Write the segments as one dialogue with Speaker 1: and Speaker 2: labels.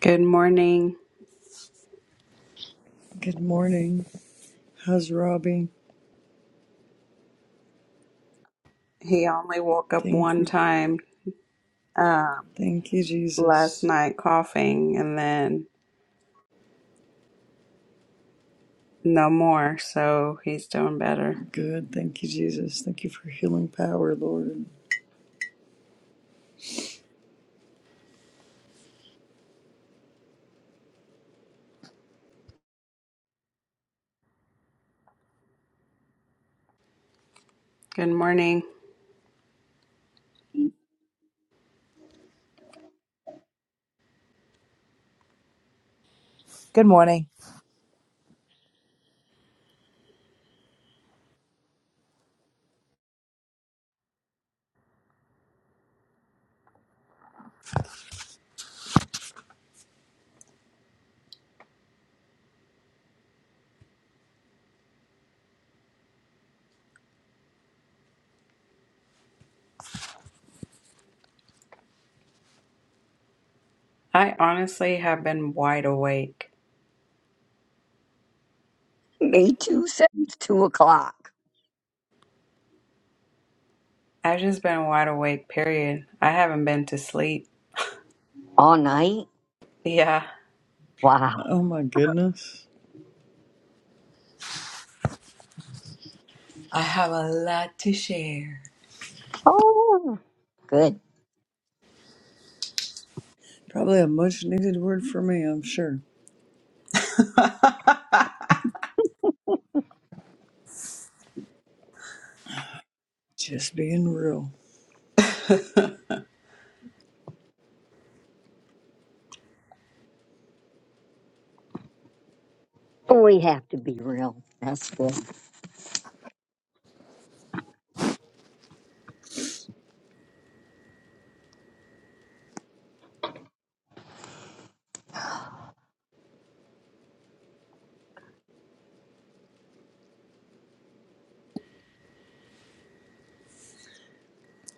Speaker 1: Good morning.
Speaker 2: Good morning. How's Robbie?
Speaker 1: He only woke up
Speaker 2: Thank
Speaker 1: one
Speaker 2: you.
Speaker 1: time um,
Speaker 2: Thank you,
Speaker 1: last
Speaker 2: Jesus.
Speaker 1: night coughing and then no more, so he's doing better.
Speaker 2: Good. Thank you, Jesus. Thank you for healing power, Lord.
Speaker 1: Good morning. I honestly have been wide awake.
Speaker 3: May 2 says 2 o'clock.
Speaker 1: I've just been wide awake, period. I haven't been to sleep.
Speaker 3: All night?
Speaker 1: Yeah,
Speaker 3: Wow.
Speaker 2: Oh, my goodness.
Speaker 1: I have a lot to share.
Speaker 3: Oh, good.
Speaker 2: Probably a much needed word for me, I'm sure. Just being real.
Speaker 3: We have to be real. That's good.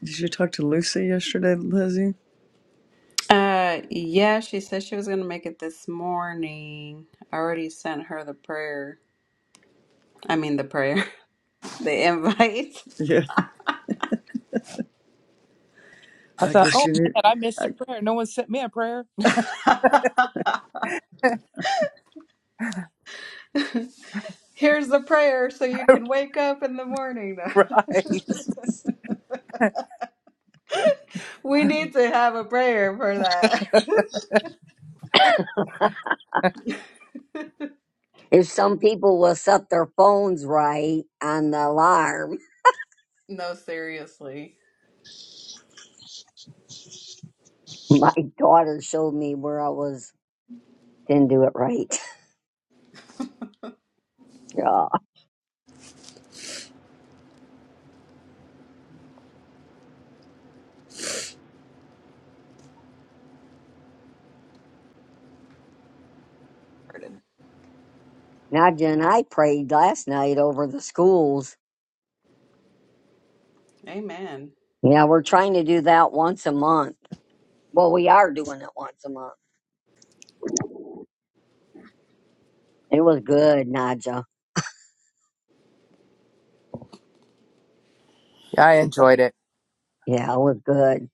Speaker 2: Did you talk to Lucy yesterday, Lizzie?
Speaker 1: Uh, yeah, she said she was gonna make it this morning. I already sent her the prayer. I mean, the prayer. the invite.
Speaker 2: Yeah. I guess you need. I,
Speaker 1: Here's the prayer so you can wake up in the morning. we need to have a prayer for that.
Speaker 3: If some people will set their phones right on the alarm,
Speaker 1: no, seriously.
Speaker 3: my daughter showed me where I was. Didn't do it right. Yeah. Now, and I prayed last night over the schools.
Speaker 1: Amen.
Speaker 3: Yeah, we're trying to do that once a month. Well, we are doing it once a month. It was good, Nadja. Yeah, it was good.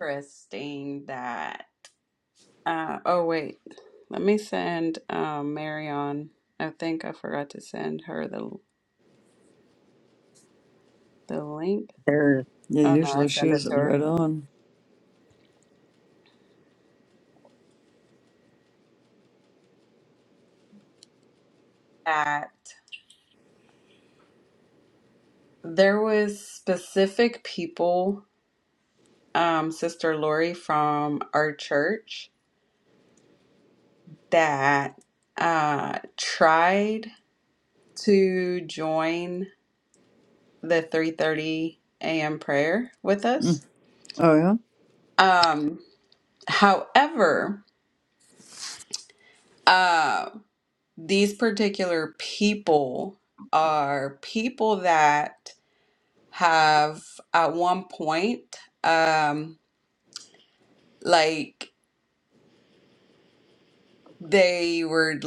Speaker 1: Christine, that. Uh, oh, wait. Let me send um, Marion. I think I forgot to send her the, the link.
Speaker 3: There's,
Speaker 2: yeah,
Speaker 1: Oh, no, I
Speaker 2: usually she
Speaker 1: sent it
Speaker 2: was
Speaker 1: to
Speaker 2: right
Speaker 1: her.
Speaker 2: on.
Speaker 1: That there was specific people, um, Sister Lori from our church that uh, tried to join the 3:30 a.m. prayer with
Speaker 2: Mm.
Speaker 1: us.
Speaker 2: Oh, yeah?
Speaker 1: Um, however, uh, these particular people are people that have at one point, um, like they were,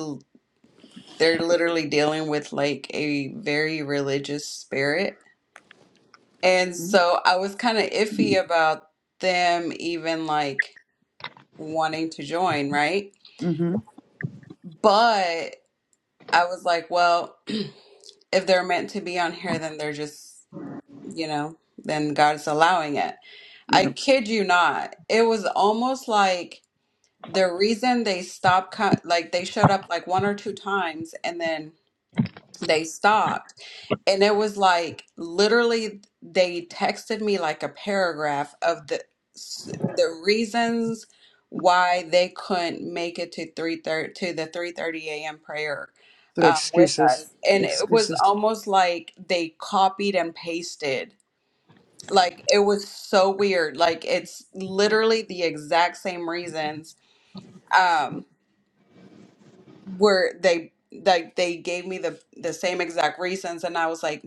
Speaker 1: they're literally dealing with like a very religious spirit And so I was kind of iffy about them even like wanting to join, right?
Speaker 2: Mm
Speaker 1: But I was like, well, if they're meant to be on here, then they're just, you know, then God's allowing it. I
Speaker 2: hmm.
Speaker 1: kid you not. It was almost like the reason they stopped, co- like they showed up like one or two times and then they stopped and it was like literally they texted me like a paragraph of the s- the reasons why they couldn't make it to three thirty to the 3:30 a.m. prayer
Speaker 2: So
Speaker 1: um, with
Speaker 2: excuses.
Speaker 1: us and it was
Speaker 2: Excuses.
Speaker 1: almost like they copied and pasted like it was so weird like it's literally the exact same reasons um where they like they gave me the the same exact reasons and I was like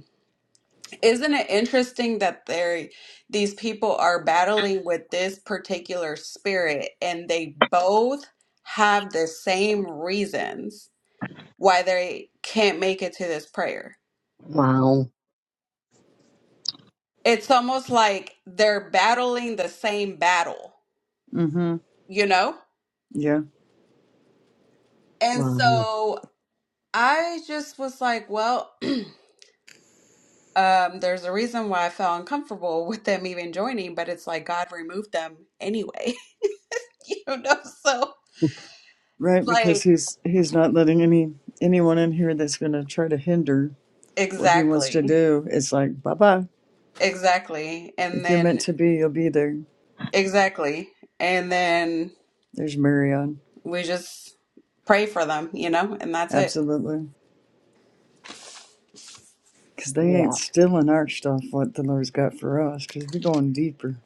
Speaker 1: Isn't it interesting that they these people are battling with this particular spirit and they both have the same reasons why they can't make it to this prayer.
Speaker 3: wow.
Speaker 1: It's almost like they're battling the same battle,
Speaker 2: Mm hmm.
Speaker 1: you know?
Speaker 2: Yeah.
Speaker 1: And
Speaker 3: Wow.
Speaker 1: so I just was like, well, um, there's a reason why I felt uncomfortable with them even joining, but it's like God removed them anyway, you know? So,
Speaker 2: Right,
Speaker 1: like,
Speaker 2: because he's he's not letting any anyone in here that's going to try to hinder what he wants to
Speaker 1: Exactly.
Speaker 2: do. It's like bye bye.
Speaker 1: Exactly. And
Speaker 2: If you're meant
Speaker 1: then,
Speaker 2: to be, you'll be there.
Speaker 1: exactly. And then
Speaker 2: There's Marion,
Speaker 1: we just pray for them, you know, and that's it.
Speaker 2: absolutely, because they
Speaker 3: Yeah.
Speaker 2: ain't stealing our stuff. What the Lord's got for us, because we're going deeper.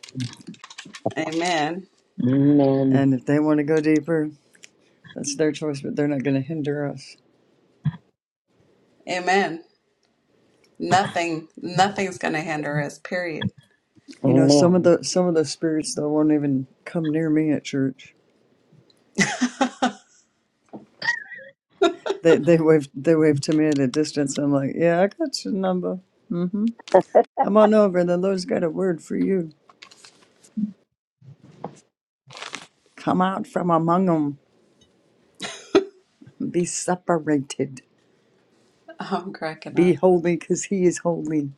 Speaker 1: Amen.
Speaker 3: Amen.
Speaker 2: And if they want to go deeper, that's their choice. But they're not going to hinder us.
Speaker 1: Amen. Nothing, nothing's going to hinder us, period.
Speaker 2: You know, some of
Speaker 3: Amen.
Speaker 2: the some of those spirits though won't even come near me at church. They they wave they wave to me at a distance. I'm like, yeah, I got your number. Mm-hmm." Come on over. The Lord's got a word for you. Come out from among them. Be separated.
Speaker 1: I'm cracking
Speaker 2: Be
Speaker 1: up.
Speaker 2: holy because He is holy.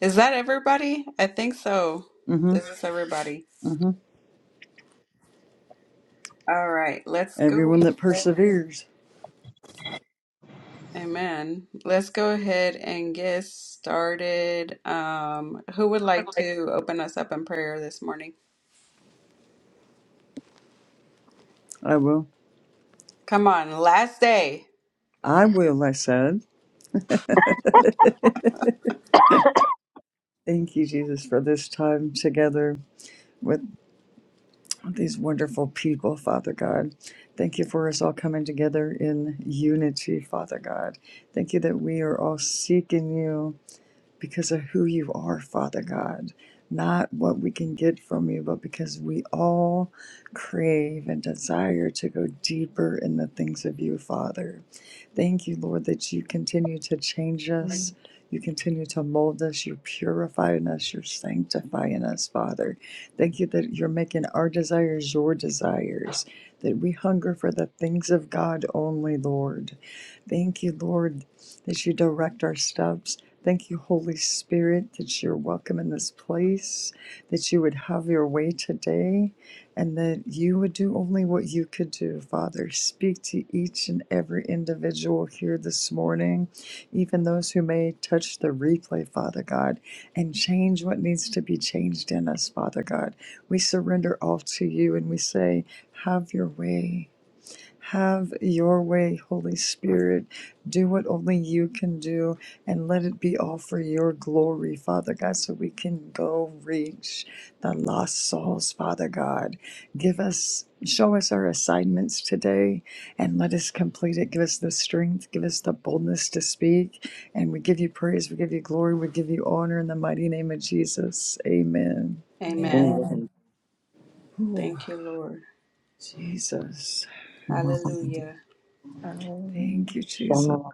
Speaker 1: Is that everybody? I think so.
Speaker 2: Mm-hmm.
Speaker 1: This is everybody.
Speaker 2: Mm-hmm.
Speaker 1: All right, let's go
Speaker 2: Everyone that
Speaker 1: ahead.
Speaker 2: perseveres.
Speaker 1: Amen. Let's go ahead and get started. Um, who would like
Speaker 4: Remember, like,
Speaker 1: to open us up in prayer this morning?
Speaker 2: I will.
Speaker 1: Come on, last day.
Speaker 2: I will, I said. Thank you, Jesus, for this time together with these wonderful people, Father God. Thank you for us all coming together in unity, Father God. Thank you that we are all seeking you because of who you are, Father God. Not what we can get from you, but because we all crave and desire to go deeper in the things of you, Father. Thank you, Lord, that you continue to change us.
Speaker 4: Amen.
Speaker 2: You continue to mold us. You're purifying us. You're sanctifying us, Father. Thank you that you're making our desires your desires, that we hunger for the things of God only, Lord. Thank you, Lord, that you direct our steps Thank you, Holy Spirit, that you're welcome in this place, that you would have your way today, and that you would do only what you could do, Father. Speak to each and every individual here this morning, even those who may touch the replay, Father God, and change what needs to be changed in us, Father God. We surrender all to you and we say, Have your way. Have your way, Holy Spirit. Do what only you can do and let it be all for your glory, Father God, so we can go reach the lost souls, Father God. Give us, show us our assignments today and let us complete it. Give us the strength, give us the boldness to speak. And we give you praise, we give you glory, we give you honor in the mighty name of Jesus. Amen.
Speaker 1: Amen.
Speaker 3: Amen.
Speaker 2: Ooh,
Speaker 1: Thank you, Lord.
Speaker 2: Jesus.
Speaker 1: Hallelujah.
Speaker 4: Hallelujah.
Speaker 2: Thank you, Jesus.
Speaker 3: Shalom.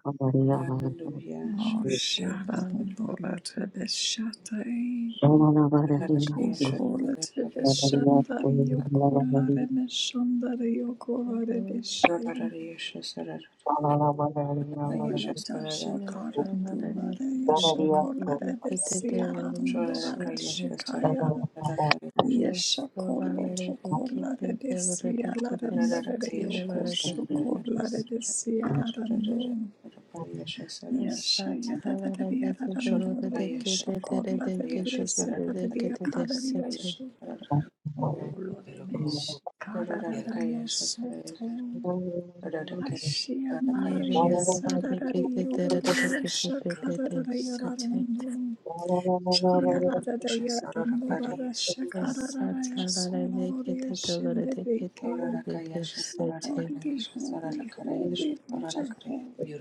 Speaker 1: Hallelujah.
Speaker 2: Oh,
Speaker 4: Your
Speaker 2: shara
Speaker 4: Father,
Speaker 2: dondora tebe shatai.
Speaker 4: you
Speaker 2: O
Speaker 4: Jesus.
Speaker 2: kola tebe shandari, o kola reme shandari, o kola rebe
Speaker 4: Hallelujah.
Speaker 2: shim. O leta
Speaker 4: Your
Speaker 2: shakara
Speaker 4: Father, that
Speaker 2: dondora
Speaker 4: is
Speaker 2: ya
Speaker 4: the one who
Speaker 2: shakola rebe
Speaker 4: did the
Speaker 2: siara
Speaker 4: devil
Speaker 2: dondora
Speaker 4: shit.
Speaker 2: shikaya.
Speaker 4: Yes,
Speaker 2: Yesha
Speaker 4: Lord, I
Speaker 2: kolo
Speaker 4: let it
Speaker 2: to kola
Speaker 4: the
Speaker 2: rebe
Speaker 4: devil to take
Speaker 2: siara
Speaker 4: the
Speaker 2: dondora
Speaker 4: city, Lord,
Speaker 2: yoko
Speaker 4: I take
Speaker 2: shokola
Speaker 4: this.
Speaker 2: rebe siara
Speaker 4: Yes,
Speaker 2: Yes, I
Speaker 4: such
Speaker 2: had that at the
Speaker 4: hallelujah,
Speaker 2: other
Speaker 4: the
Speaker 2: and
Speaker 4: Lord, I take
Speaker 2: so
Speaker 4: the
Speaker 2: called
Speaker 4: devil, they get
Speaker 2: Latvias,
Speaker 4: the devil,
Speaker 2: but the
Speaker 4: they
Speaker 2: Via
Speaker 4: get the city.
Speaker 2: Calarioso. Oh, Lord, I miss
Speaker 1: Rararakayash,
Speaker 2: Cararayaso
Speaker 1: Rararakayash,
Speaker 2: tall. I
Speaker 1: Rararapayash,
Speaker 2: see a
Speaker 4: Yeah, the
Speaker 1: Rararakayash,
Speaker 2: Maria,
Speaker 4: Lord, they take the devil, they get
Speaker 1: Rararapayash,
Speaker 2: Sadararioloroyasha
Speaker 4: the city.
Speaker 2: Cadarayararondo. She a Ladadayadandola
Speaker 1: Rararakayash, Rararakayash,
Speaker 4: Yes,
Speaker 1: Rararakayash,
Speaker 2: Shakararayaso Lororiash in the
Speaker 1: Rararakayash,
Speaker 2: Vike.
Speaker 1: Rararakayash, Rararakayash,
Speaker 2: Holy, holy,
Speaker 1: Rararakayash,
Speaker 2: holy, Roger, holy.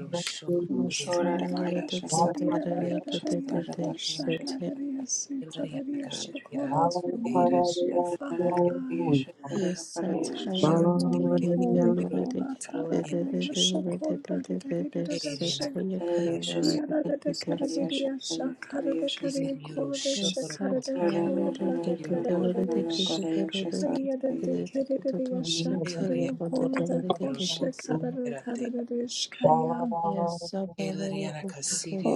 Speaker 2: Oh, la da da
Speaker 1: Rararakayash,
Speaker 2: si, la da da da, your kosha,
Speaker 1: Rararapayash,
Speaker 2: la da da si, da da da,
Speaker 1: Rararakayash,
Speaker 2: shakolos, you one is you, Father God. Holy,
Speaker 1: Rararakayash,
Speaker 2: holy, holy,
Speaker 3: Shalom.
Speaker 2: holy, ta da da da, your shakol, da da da da da da da, she. Kia da da da, ka da da da, sha, ka da da ka
Speaker 1: Rararakayash,
Speaker 2: da, your kol, da she, ka da da,
Speaker 1: Does
Speaker 2: kol, la da ka da da da, da, she. Kia da da da, ka da da da, sha, ka da, your kol, da kosha, ka da da ka da da, da, she, ka ya.
Speaker 4: Yes, Sabbath,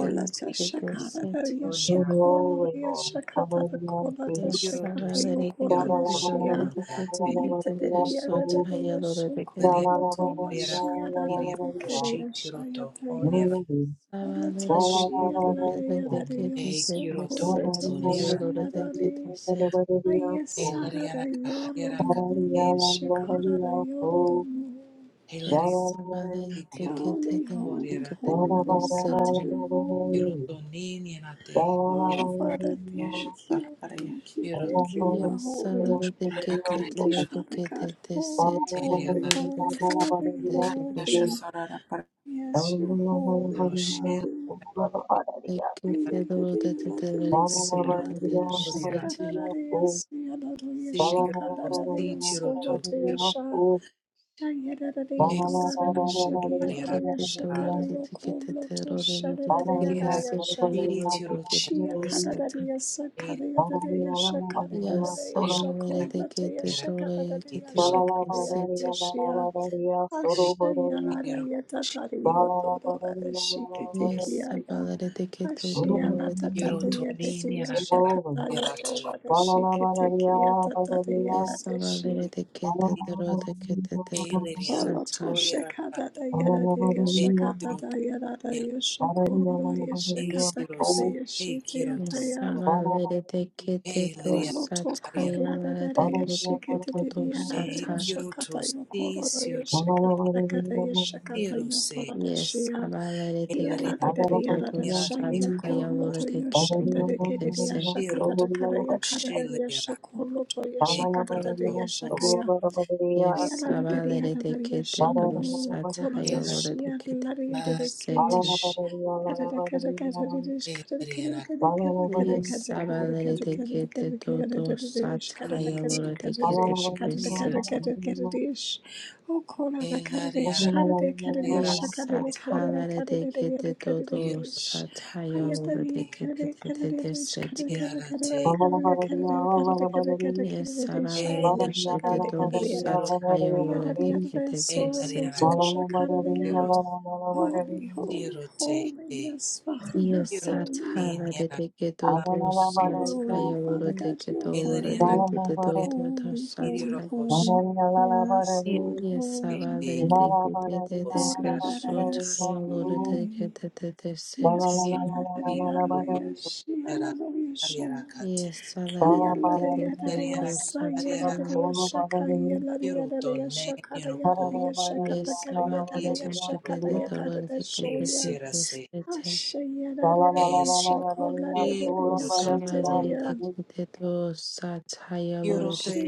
Speaker 4: then get the
Speaker 2: shakata
Speaker 4: set.
Speaker 2: yeshokolaya shakata the kolata
Speaker 4: Yes,
Speaker 2: shakata
Speaker 4: Sabbath, then get
Speaker 2: yokolata
Speaker 4: the
Speaker 2: shia
Speaker 4: Sabbath, then get the Peter, the
Speaker 2: yetadiriya da
Speaker 4: short,
Speaker 2: da
Speaker 4: higher, or the get
Speaker 2: yeshokola
Speaker 4: the
Speaker 2: toma
Speaker 4: Venus.
Speaker 2: shia da da tekereya shaya taya
Speaker 3: Shalala
Speaker 4: Sabbath, then
Speaker 2: holata
Speaker 4: get the
Speaker 2: shia la da
Speaker 4: Peter,
Speaker 2: ya da
Speaker 4: the
Speaker 2: da
Speaker 4: get the Peter,
Speaker 2: yosokola
Speaker 4: set,
Speaker 2: toma
Speaker 4: higher, or
Speaker 2: shia
Speaker 4: the
Speaker 2: da
Speaker 4: get the
Speaker 2: de
Speaker 4: set.
Speaker 2: ayesara da yolo da mu yeshakara da yolo da mu
Speaker 4: Yes, Sabbath, then get the get
Speaker 2: Holy, holy,
Speaker 4: the
Speaker 2: holy,
Speaker 4: set.
Speaker 2: God, you're holy. Oh, Father, thank you, thank you,
Speaker 3: Solo
Speaker 2: thank you. You are
Speaker 4: Yes,
Speaker 2: holy.
Speaker 4: Sabbath, then get the
Speaker 2: Thank you, Father God.
Speaker 4: get the
Speaker 2: Holy,
Speaker 4: set, higher,
Speaker 2: holy,
Speaker 4: or the
Speaker 2: holy,
Speaker 4: get
Speaker 2: holy,
Speaker 4: the set.
Speaker 2: holy. Yes, you're holy, Father.
Speaker 4: Yes,
Speaker 2: Yasha Shia Kanadaria Sakaya Dadaya Shakaya
Speaker 4: Yes,
Speaker 2: Dadaya Shakol Lataya Shakadadaria Shakaya Shia Ashaya Ladaya Tatari Yodora Shikitikiaya
Speaker 3: Thank
Speaker 2: Ashia
Speaker 3: you.
Speaker 2: Latataya Dadaya Shakadaya Tola Shikitikia Tataya Dadeshi Oloto
Speaker 4: Yes,
Speaker 2: Shakadaya Dadaya Shakadaya Dadaya Shokoro Shakatakataya Shitaya
Speaker 4: Samalere de kete
Speaker 2: Olo
Speaker 4: dosa
Speaker 2: toko la da
Speaker 4: tayalere
Speaker 2: da da
Speaker 4: de kete
Speaker 2: yeshe kete
Speaker 4: kutu
Speaker 2: de de ya da
Speaker 4: dosa
Speaker 2: da
Speaker 4: ta.
Speaker 2: yeshe kata yoko la da yeshe la da
Speaker 4: Yes,
Speaker 2: she ya.
Speaker 4: samalere de
Speaker 2: Kia la da
Speaker 4: kete
Speaker 2: da da ya
Speaker 4: kutu
Speaker 2: da da sha
Speaker 4: dosa
Speaker 2: yoko lo
Speaker 4: tayalere de kete te te te
Speaker 2: kete de
Speaker 4: se.
Speaker 2: yeshe kata da kata ya kata kaya. Yes,
Speaker 4: Yes, samalere de kete dosa tayalere de kete te te se te.
Speaker 3: La la
Speaker 4: Yes, samalere de kete do dosa tayalere de kete te te se too. Yes, satala de kete dodo satayolo de kete tete de sete. Yes, sabale de kete do satayolo de
Speaker 2: Ayadadiyadada,
Speaker 4: kete de sete.
Speaker 2: soloto shakadadaya. Holy, holy, holy. Yes, Father, you're
Speaker 4: Yes,
Speaker 2: holy.
Speaker 4: satala de kete dodo
Speaker 2: Holy, Father
Speaker 4: satayolo de
Speaker 2: God,
Speaker 4: kete
Speaker 2: you're
Speaker 4: loro de
Speaker 2: holy.
Speaker 4: kete dodo do
Speaker 2: Holy, holy,
Speaker 4: satay.
Speaker 2: holy. Yes, Lord,
Speaker 4: Yes, sabale
Speaker 2: holy.
Speaker 4: de kete de de de sotayolo de
Speaker 2: Holadadayasi.
Speaker 4: kete de de sete.
Speaker 2: Yes,
Speaker 3: la la la
Speaker 2: Adadadiyaleyasi,
Speaker 4: Yes, salad de de de
Speaker 3: Shalom.
Speaker 4: de
Speaker 2: Oh,
Speaker 4: go satayolo Yes, Sabbath, they take it, the dollar, they get it, the Sataya
Speaker 2: she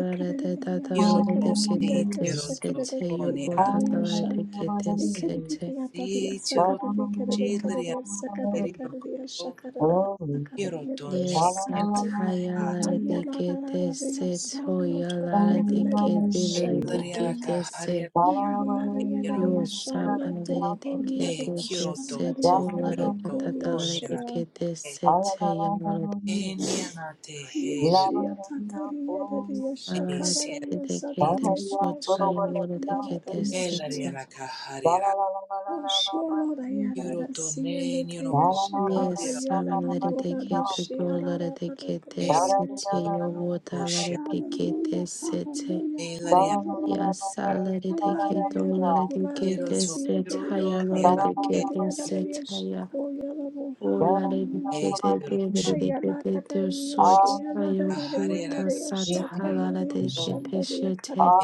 Speaker 4: Lara de Kete Set Hoya Lara de Kete Lere de Kete Yo sabalere de que te desecho lara
Speaker 3: Hallelujah.
Speaker 4: catalara de que te secha y amor
Speaker 3: Hallelujah.
Speaker 2: Oh, Lord,
Speaker 4: sabalere de que te socha y amor de que te secha
Speaker 2: I had a sea, little Shakata,
Speaker 4: yes sabalere de
Speaker 2: Yelandola,
Speaker 4: que te dolara
Speaker 2: Shiara,
Speaker 4: de que te
Speaker 2: Glory
Speaker 4: secha
Speaker 2: to
Speaker 4: yo
Speaker 2: God.
Speaker 4: wotalara de que
Speaker 2: Hallelujah,
Speaker 4: te secha
Speaker 2: hallelujah, hallelujah.
Speaker 4: yes sabalere de que
Speaker 2: Alara Yaro,
Speaker 4: dolara de que
Speaker 2: Hulade,
Speaker 4: te
Speaker 2: Sea,
Speaker 4: secha y amor
Speaker 2: Kaya,
Speaker 4: de
Speaker 2: Ladia, Shakoya,
Speaker 4: Ola
Speaker 2: Hallelujah.
Speaker 4: dedicate
Speaker 2: Yalla
Speaker 4: dedicate to such ayo buta satala dedicate peshete.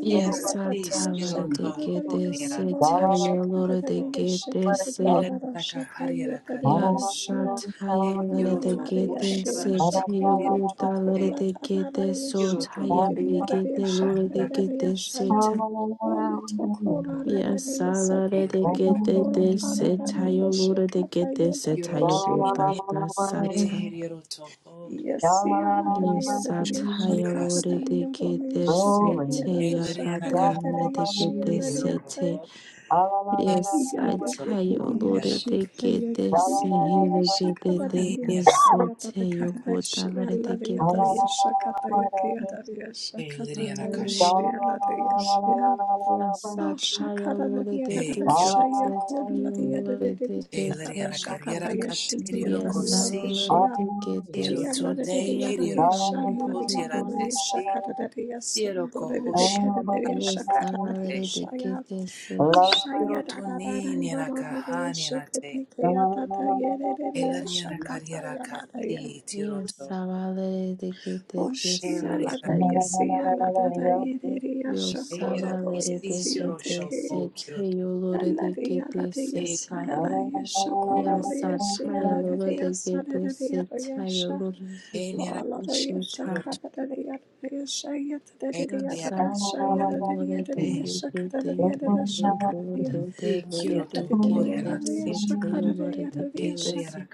Speaker 4: Yes, satala dedicate
Speaker 3: Glory.
Speaker 4: setayo lora dedicate se. Yes,
Speaker 2: Ono tokora rarare
Speaker 4: I love it. They
Speaker 2: yesataka
Speaker 4: get
Speaker 2: yokora
Speaker 4: this, it's
Speaker 2: tararare
Speaker 4: how you lure, they
Speaker 2: yeshekata
Speaker 4: get this, it's how you build
Speaker 2: yolotoshia.
Speaker 4: that,
Speaker 2: Yesi anadare yadare
Speaker 4: Yesataya
Speaker 2: yeshakata
Speaker 4: Lord
Speaker 2: dare
Speaker 4: de
Speaker 2: yodole
Speaker 4: Gete
Speaker 2: yeshetare
Speaker 4: Sete
Speaker 2: yadare
Speaker 4: Yagata
Speaker 2: shakayatere
Speaker 4: de Gete
Speaker 2: yeshiadare yatai.
Speaker 4: Sete. Yes, I tell
Speaker 2: Yagagetare
Speaker 4: you, Lord de Gete
Speaker 2: yeshikayatare yadare
Speaker 4: Sihile Gete
Speaker 2: yeshakata dare
Speaker 4: de Sete
Speaker 2: yasayatate katare
Speaker 4: Yogota de
Speaker 2: shialare
Speaker 4: Gete
Speaker 2: yadare
Speaker 4: Se.
Speaker 2: yeshakata yakayadare yeshakata dare
Speaker 4: Hallelujah.
Speaker 2: yeshialare yeshia. rara yada yeshaka tayo kaya rara yeshaka tata yeshia rara yeshia.
Speaker 4: Yes, I
Speaker 2: Shakata
Speaker 4: tell you, Lord de Gete Sataya Lord de Gete.
Speaker 3: Thank
Speaker 4: Yes, I will let it de Gete Sete Yogota de Gete. Yes, I will let it de Gete Yo sabalere de que te te sete. Yo sabalere de que te sete. Yo
Speaker 2: Oh,
Speaker 4: lore de
Speaker 2: she
Speaker 4: que
Speaker 2: yelled at
Speaker 4: te
Speaker 2: that, yes,
Speaker 4: seta.
Speaker 2: she
Speaker 4: Ya sata ya lore de que te seta. Yo lore de que te seta.
Speaker 2: cut that,
Speaker 4: Ya sata ya lore de que te te te te bo te te lere de que te sete. Yo lore de que te sete.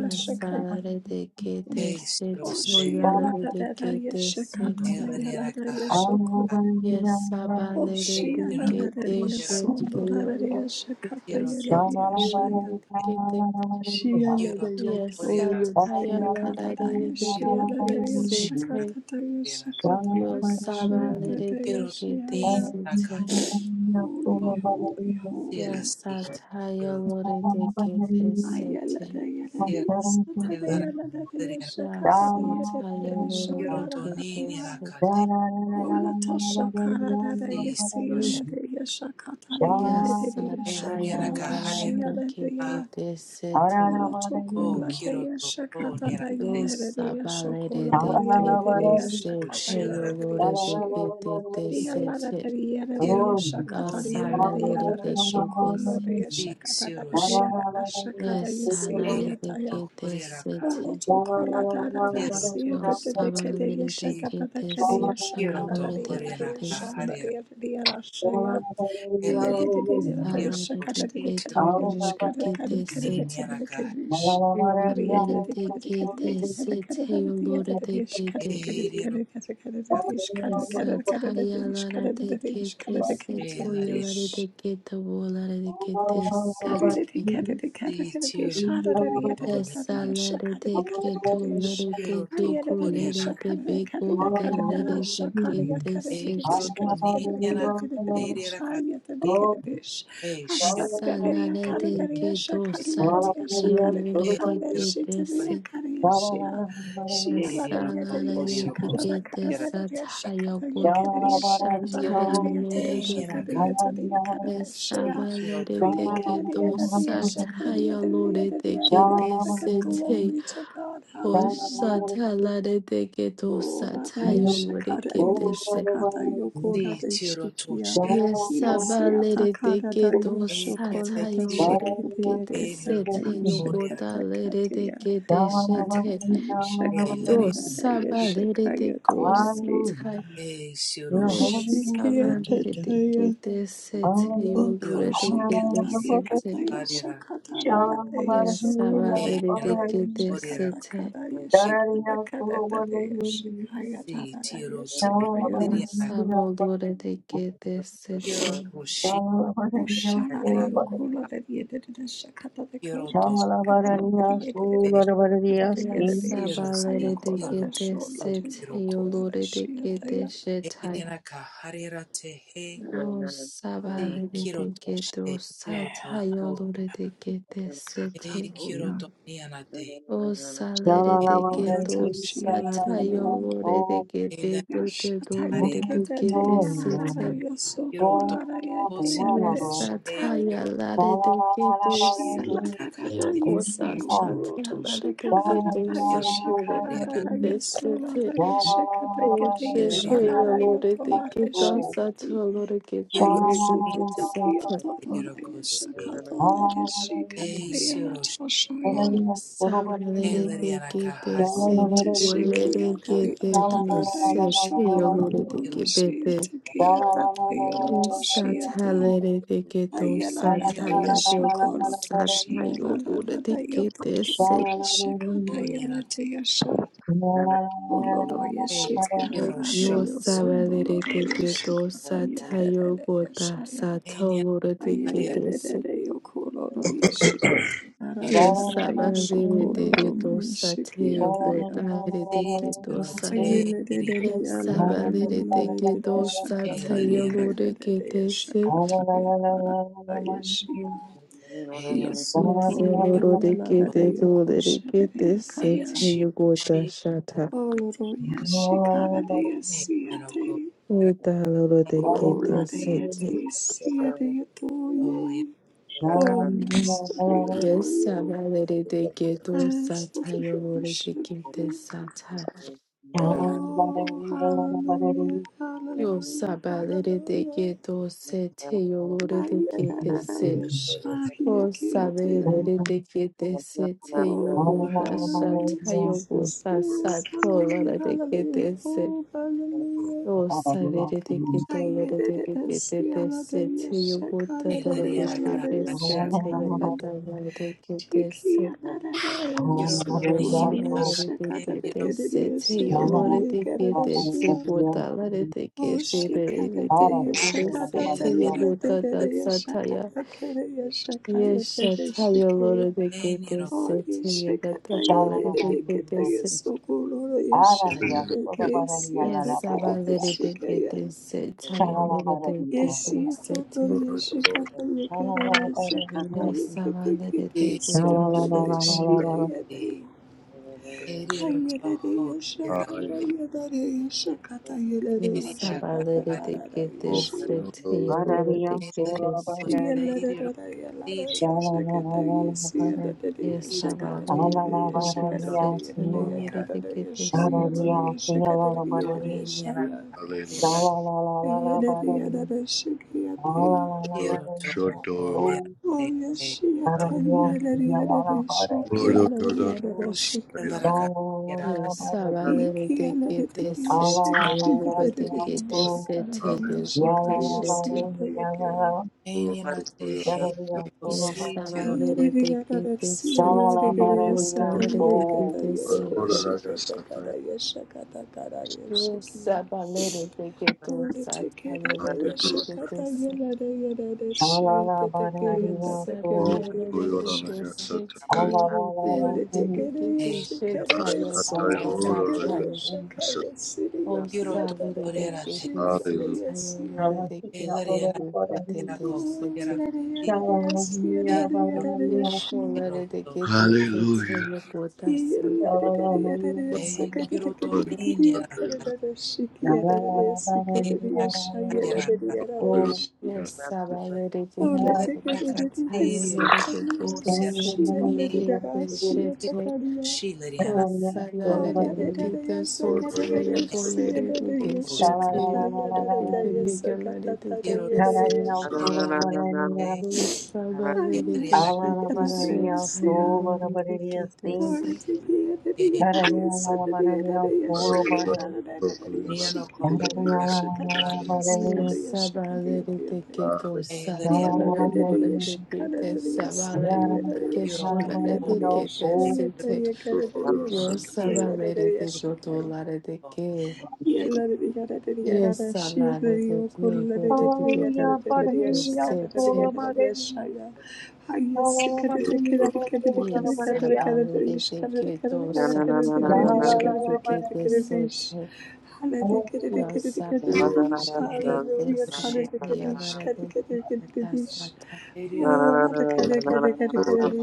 Speaker 4: Yo sabalere de que te sete. Yo lore de que te
Speaker 3: you.
Speaker 4: sete.
Speaker 2: yelled at yes, so cool.
Speaker 3: Shalala
Speaker 4: Yes, Sabalere Brigade
Speaker 2: Oshialararea
Speaker 4: Shatayala
Speaker 2: sondorarea shakatayaleria shaya.
Speaker 4: Satayala
Speaker 2: Shialaria
Speaker 4: Yes,
Speaker 2: toya seya
Speaker 4: Satayala
Speaker 2: katadaya
Speaker 4: Brigade
Speaker 2: shialaria
Speaker 4: Sete
Speaker 2: shakatataya
Speaker 4: Yo
Speaker 2: shakatakashia
Speaker 4: Sabalere
Speaker 2: tataya
Speaker 4: Brigade
Speaker 2: shiaria.
Speaker 4: Sete
Speaker 2: Holy, holy, holy.
Speaker 4: Yes, Satayala Brigade
Speaker 2: Ayala
Speaker 4: Sete
Speaker 2: daya raria sata daya la raria shakata
Speaker 4: Yes,
Speaker 2: Ayaladayalaria satadayalaria
Speaker 4: Satayala
Speaker 2: shakatayalaria
Speaker 4: Brigade
Speaker 2: shoyalaria.
Speaker 4: Sete
Speaker 2: Ola tasha karada yesi yala de yasha katari
Speaker 4: Yes,
Speaker 2: yede de de yasha kola
Speaker 4: Satayala
Speaker 2: tashi yala de de ya.
Speaker 4: Brigade Sete
Speaker 2: Ola to kola de yasha kata da yede de de
Speaker 4: Dosa
Speaker 2: yasha
Speaker 4: balere
Speaker 2: kola
Speaker 4: de
Speaker 2: da
Speaker 3: Thank
Speaker 4: que
Speaker 2: yede de de
Speaker 4: te
Speaker 2: yasha kata
Speaker 4: sete yo
Speaker 2: yede de de
Speaker 4: lore de
Speaker 2: yashi.
Speaker 4: que te te
Speaker 2: Yala da
Speaker 4: sete
Speaker 2: de yede de yasha katari
Speaker 4: dosa
Speaker 2: yede de
Speaker 4: balere
Speaker 2: yada de
Speaker 4: de que
Speaker 2: yasha
Speaker 4: te
Speaker 2: kola
Speaker 4: se-
Speaker 2: de yasha kata da da de yada asha kada
Speaker 4: yes
Speaker 2: yesi de
Speaker 4: alare de
Speaker 2: yata ya
Speaker 4: que te sete
Speaker 2: Moloto kola da da da siya da da da
Speaker 4: dosa
Speaker 2: ka da ya
Speaker 4: balere de
Speaker 2: shaka
Speaker 4: que
Speaker 2: da da
Speaker 4: te
Speaker 2: ka da ya
Speaker 4: sete
Speaker 2: shaka
Speaker 4: yo
Speaker 2: da da
Speaker 4: lore
Speaker 2: da
Speaker 4: de
Speaker 2: ya da da
Speaker 4: que
Speaker 2: ya
Speaker 4: te
Speaker 2: shon
Speaker 4: se
Speaker 2: da da ya da da ya da shaya. Kaya da da da da da da
Speaker 4: salere
Speaker 2: shaka da
Speaker 4: de
Speaker 2: da da
Speaker 4: que
Speaker 2: ka
Speaker 4: to
Speaker 2: da da ka da
Speaker 4: lore de
Speaker 2: shaka da da
Speaker 4: que
Speaker 2: ka da da
Speaker 4: te
Speaker 2: ka da da ka
Speaker 4: sete
Speaker 2: da da ka da sh. Kariya da da
Speaker 4: balere
Speaker 2: da ka
Speaker 4: de
Speaker 2: da da ka
Speaker 4: que
Speaker 2: da da
Speaker 4: te
Speaker 2: ka da ka da
Speaker 4: sete
Speaker 2: da da
Speaker 4: yo
Speaker 2: da ya da
Speaker 4: lore
Speaker 2: da da ya
Speaker 4: de que
Speaker 2: shaka da
Speaker 4: te
Speaker 2: da ka da da ka da da ka da ka da da da ya shaka da da ka da da ka da da da ya
Speaker 4: Satayala
Speaker 2: shaka da da
Speaker 4: de
Speaker 2: da da ya shaka
Speaker 4: Kete
Speaker 2: da da ka da da ka da da
Speaker 4: Setoyala de
Speaker 2: sh.
Speaker 4: Kete Wola de Kete Seti. Esala de Keto Lede de Kiko Lede de Beko de Lede de
Speaker 3: you.
Speaker 4: Kete Seti.
Speaker 3: Hallelujah.
Speaker 4: Asala de Keto Satayala de Kete Seti. Asala de Kete Satayakota Shatayala Yes,
Speaker 2: Shia
Speaker 4: Abba, let it
Speaker 2: Hiya,
Speaker 4: take it,
Speaker 2: Kennedy,
Speaker 4: oh,
Speaker 2: Adadi, Shakadi,
Speaker 4: Sataya,
Speaker 2: Adadi,
Speaker 4: Lord, it
Speaker 2: Adadi,
Speaker 4: take it,
Speaker 2: Adadi,
Speaker 4: this
Speaker 2: Shakad,
Speaker 4: it, hey,
Speaker 2: Glory to God.
Speaker 4: oh,
Speaker 2: Hallelujah.
Speaker 4: Sataya, let it take it, oh,
Speaker 2: Oh, Adadi,
Speaker 4: Sataya, Lord, it get
Speaker 2: Shakadadi,
Speaker 4: this. it.
Speaker 2: Shakata, Yokola, De Shikia.
Speaker 4: Yes,
Speaker 2: Yes,
Speaker 4: Abba, let it take
Speaker 2: Yatakada, Da
Speaker 4: it, oh,
Speaker 2: Yoshokola, Da
Speaker 4: Sataya, Lord, it
Speaker 2: Shikiti,
Speaker 4: get this, it,
Speaker 2: Yakataka,
Speaker 4: hey, oh, God, let it
Speaker 2: Yashakatakatia.
Speaker 4: take it, this it, hey,
Speaker 2: Akata, Yashakata,
Speaker 4: oh,
Speaker 2: Da
Speaker 4: Saba, let it take,
Speaker 2: Yashakayati,
Speaker 4: oh,
Speaker 2: Ati.
Speaker 4: Sataya.
Speaker 3: You're
Speaker 4: Yo, Saba, let it
Speaker 3: holy.
Speaker 4: take
Speaker 2: Shikia,
Speaker 4: it, this it, hey,
Speaker 3: Om
Speaker 4: oh, Lord, it
Speaker 2: Okoshi
Speaker 4: get this,
Speaker 2: kataya
Speaker 4: it,
Speaker 3: Anapati
Speaker 4: hey.
Speaker 2: kataya shakatara rataya
Speaker 4: Yes,
Speaker 3: Shabarahi
Speaker 2: shokola
Speaker 4: sabadere de
Speaker 2: rataya
Speaker 3: Rabarahi
Speaker 4: gete
Speaker 2: shakata
Speaker 4: sete.
Speaker 2: karaya shikata
Speaker 3: Darariya
Speaker 2: karataya
Speaker 3: Surabarahi
Speaker 2: shikaya rataya shikaya
Speaker 4: Yes,
Speaker 3: Shabarahi Rabarahi
Speaker 4: sabodore de gete sete.
Speaker 3: Shabarahiya
Speaker 2: oshara
Speaker 3: Surabarahi
Speaker 2: yokola rataya shakata dekora shakata
Speaker 3: Shabarahiya
Speaker 2: de rataya
Speaker 3: Surabarahiya
Speaker 2: shakata de
Speaker 4: Yes,
Speaker 3: Sri
Speaker 2: rataya shakaya
Speaker 4: sabalere de
Speaker 2: kola
Speaker 4: gete
Speaker 2: shola
Speaker 4: sete.
Speaker 2: rataya yokola
Speaker 4: Yolore de gete
Speaker 2: rataya
Speaker 4: shetai. Yo sabalere de gete osata. Yolore de gete sete.
Speaker 2: oya
Speaker 4: O salere de
Speaker 2: ola
Speaker 4: gete
Speaker 3: Shabarahi
Speaker 2: tashia
Speaker 4: osata.
Speaker 3: Rabarahiya
Speaker 2: la
Speaker 4: Yolore de
Speaker 3: Om
Speaker 4: gete te
Speaker 2: Yashata
Speaker 4: dolore de
Speaker 2: yeketete
Speaker 4: gete
Speaker 3: Bhutano
Speaker 2: yararara
Speaker 4: sete.
Speaker 3: Om
Speaker 2: yosokolara yete
Speaker 5: Nana,
Speaker 4: Yes,
Speaker 2: yarare shakaya.
Speaker 4: Satya Larediketu
Speaker 2: Shiela darara
Speaker 4: Satya Gota
Speaker 2: yesi
Speaker 3: Oh,
Speaker 4: Satya
Speaker 2: yokoroto shekarara
Speaker 3: Shalala
Speaker 4: Larediketu Satya
Speaker 2: yashakarara
Speaker 4: Laredikete
Speaker 2: yasolara
Speaker 4: Sete
Speaker 2: yashakata kete
Speaker 4: Oshete
Speaker 2: yashalara yotolara
Speaker 4: Yalorediketa Satya
Speaker 2: shikiti.
Speaker 4: Loredikete Veduko
Speaker 2: Ayasitete
Speaker 4: Satya
Speaker 2: kiyotorora yashakadolara shikata yala toshoya.
Speaker 4: Savaleredikete
Speaker 2: Yes,
Speaker 4: Sehuleredikete Tu Sete Yaloredikete Satya Larediketu Satya Gota Satya Loredikete Yo sabalere te keto satayo gota satolore te ketese. Yo sabalere te keto satayo gota re te keto sa.
Speaker 2: Ayelelelele
Speaker 4: Yo
Speaker 3: Thank you.
Speaker 4: sabalere te
Speaker 2: yalarımlolelelele
Speaker 4: keto
Speaker 2: şakata
Speaker 4: satayo lore
Speaker 2: yekelelele
Speaker 4: ketese.
Speaker 2: şakata yakara yeşi.
Speaker 4: Yo
Speaker 2: Yasotololo
Speaker 4: seloro te
Speaker 2: yalarere
Speaker 4: kete lore te
Speaker 2: yokoşelele
Speaker 4: ketese
Speaker 2: yakaya.
Speaker 4: gota shata.
Speaker 2: Oloro yeşi karede yesiyete.
Speaker 4: Eta lore te
Speaker 2: Olare
Speaker 4: ketese te.
Speaker 2: yeti siyede yetoye. Oh yasuru
Speaker 4: Yes,
Speaker 2: yetoye.
Speaker 4: sabalere te keto
Speaker 2: Yasuru
Speaker 4: satayo lore te
Speaker 2: worship you.
Speaker 4: ketese
Speaker 6: Hallelujah.
Speaker 2: Oh hallelujah,
Speaker 4: Yo
Speaker 2: hallelujah,
Speaker 4: sabalere de
Speaker 2: hallelujah.
Speaker 4: que do se te yo lore de
Speaker 2: Oh,
Speaker 4: que te se. O sabalere de que te se te yo bota sa
Speaker 2: hallelujah,
Speaker 4: ta yo
Speaker 2: Jesus.
Speaker 4: bota sa
Speaker 2: Yes,
Speaker 4: to
Speaker 2: hallelujah,
Speaker 4: lore de que
Speaker 2: hallelujah.
Speaker 4: te se.
Speaker 2: Oh, hallelujah.
Speaker 4: O sabalere de que do lore de que te te se te yo bota do de que te se te yo kata lore de que te se. Yes, Saba, let it get this set, Taya, Lord, they get this
Speaker 2: Oh, shikadate
Speaker 3: Ahora sí,
Speaker 2: yasakadate
Speaker 3: la
Speaker 2: yelete yasakata kere yasakayate shiki. Oh,
Speaker 5: Thank
Speaker 2: Ishakata
Speaker 3: Shalala
Speaker 2: Yedekata
Speaker 3: baradiya,
Speaker 4: set.
Speaker 2: Yasokoro
Speaker 3: aradiya,
Speaker 2: Yeshayede
Speaker 3: soda baradiya,
Speaker 4: Yes,
Speaker 2: Kesiata
Speaker 3: lala
Speaker 4: Saba, let
Speaker 3: baradiya,
Speaker 4: it get
Speaker 2: Kedeshikaya.
Speaker 4: them
Speaker 3: shalala baradiya,
Speaker 2: Yeshiato Yeshakata
Speaker 3: shalala
Speaker 2: Yakare
Speaker 3: baradiya,
Speaker 2: Shakata Yakete
Speaker 3: shalala la
Speaker 2: Sokoro
Speaker 3: la
Speaker 4: short
Speaker 3: la la
Speaker 4: time.
Speaker 3: la la
Speaker 2: Yeshayade. Ayere Yashakata
Speaker 6: Hallelujah.
Speaker 2: Yadare Yashakata Yedere
Speaker 4: Yes, Saba,
Speaker 2: Yashakata
Speaker 4: let it
Speaker 2: Karada
Speaker 4: get this
Speaker 2: Yeshia.
Speaker 4: set, Taya, Lord,
Speaker 3: baradiya,
Speaker 4: they get
Speaker 3: soda
Speaker 4: this
Speaker 2: Yes,
Speaker 4: set.
Speaker 3: baradiya, shalala la, la la la baradiya,
Speaker 4: Yes, Sabalere
Speaker 3: alala
Speaker 4: Kete
Speaker 3: baradiya,
Speaker 4: Sete Yolure de Kete Sete.
Speaker 3: baradiya, shalala la baradiya,
Speaker 6: Hallelujah.
Speaker 3: shalala la la la la baradiya, alala la, la la la
Speaker 6: Shoto.
Speaker 3: Oh, baradiya, shalala la
Speaker 6: Lord,
Speaker 3: baradiya,
Speaker 6: Lord, Lord. Hallelujah.
Speaker 3: shalala la la
Speaker 4: Yes,
Speaker 3: baradiya.
Speaker 4: Sabalere de Kete
Speaker 3: Oh,
Speaker 4: Sete Yolure de Kete Sete
Speaker 6: Hallelujah.
Speaker 4: Yegote Sete. Yes,
Speaker 2: Yes,
Speaker 4: Sabalere de
Speaker 2: yeah. Oh, let it, let it,
Speaker 4: Kete
Speaker 2: yes, yeah,
Speaker 4: Sete
Speaker 2: let
Speaker 6: Hallelujah.
Speaker 4: Yegotalere de Kete Sete. Yes, Sabalere de Kete Sete Yolure de sete. Yes,
Speaker 5: you.
Speaker 4: Sabality, get the satire, Lord,
Speaker 2: it, let it, yes, yeah.
Speaker 4: the
Speaker 2: Yes,
Speaker 4: get the O salale de dikete so taya
Speaker 6: Hallelujah.
Speaker 4: bolere dike
Speaker 6: Hallelujah.
Speaker 4: se te yodore kete higalare dikete se. O sabale de dikete so taya bolere dikete
Speaker 2: Glory
Speaker 4: se.
Speaker 2: to the end of the end of the yes, and the end of the yes, shall
Speaker 6: Hallelujah.
Speaker 2: yet out of
Speaker 3: Hallelujah.
Speaker 2: the end of the yes,
Speaker 6: Hallelujah.
Speaker 2: she can do the yes, she can do the yes, she can do
Speaker 4: Yes,
Speaker 2: the yes, she can do
Speaker 4: sabale de
Speaker 2: the yes, the end.
Speaker 4: dikete o sa
Speaker 2: He and the
Speaker 4: taya
Speaker 2: end of the
Speaker 4: bolere
Speaker 2: yes, she can
Speaker 4: dikete
Speaker 2: do the yes, and
Speaker 4: sabale
Speaker 2: the
Speaker 4: de
Speaker 2: end of the yes,
Speaker 4: dikete
Speaker 2: she can
Speaker 4: olare
Speaker 2: do the yes, the
Speaker 4: dikete
Speaker 2: end, the
Speaker 4: se
Speaker 2: end, the
Speaker 4: te.
Speaker 2: end, the end, the yes,
Speaker 4: Yo
Speaker 2: she can do the end of
Speaker 4: sabale
Speaker 2: the
Speaker 4: de
Speaker 2: yes, she
Speaker 4: dikete
Speaker 2: can.
Speaker 4: olare dike.
Speaker 2: Hallelujah. Oh, another
Speaker 4: Yes, Alana, the
Speaker 2: Kennedy,
Speaker 4: Diego, the Diego, the Sete.
Speaker 2: Kennedy, Kennedy, Kennedy,
Speaker 4: Yes,
Speaker 2: another
Speaker 4: Abare,
Speaker 2: Kennedy, Kennedy,
Speaker 4: the
Speaker 2: another
Speaker 4: Keto, Satire,
Speaker 3: Shalala
Speaker 4: the Kete Sete. Yes, Abare, the Kete Satire, the Kete Sata.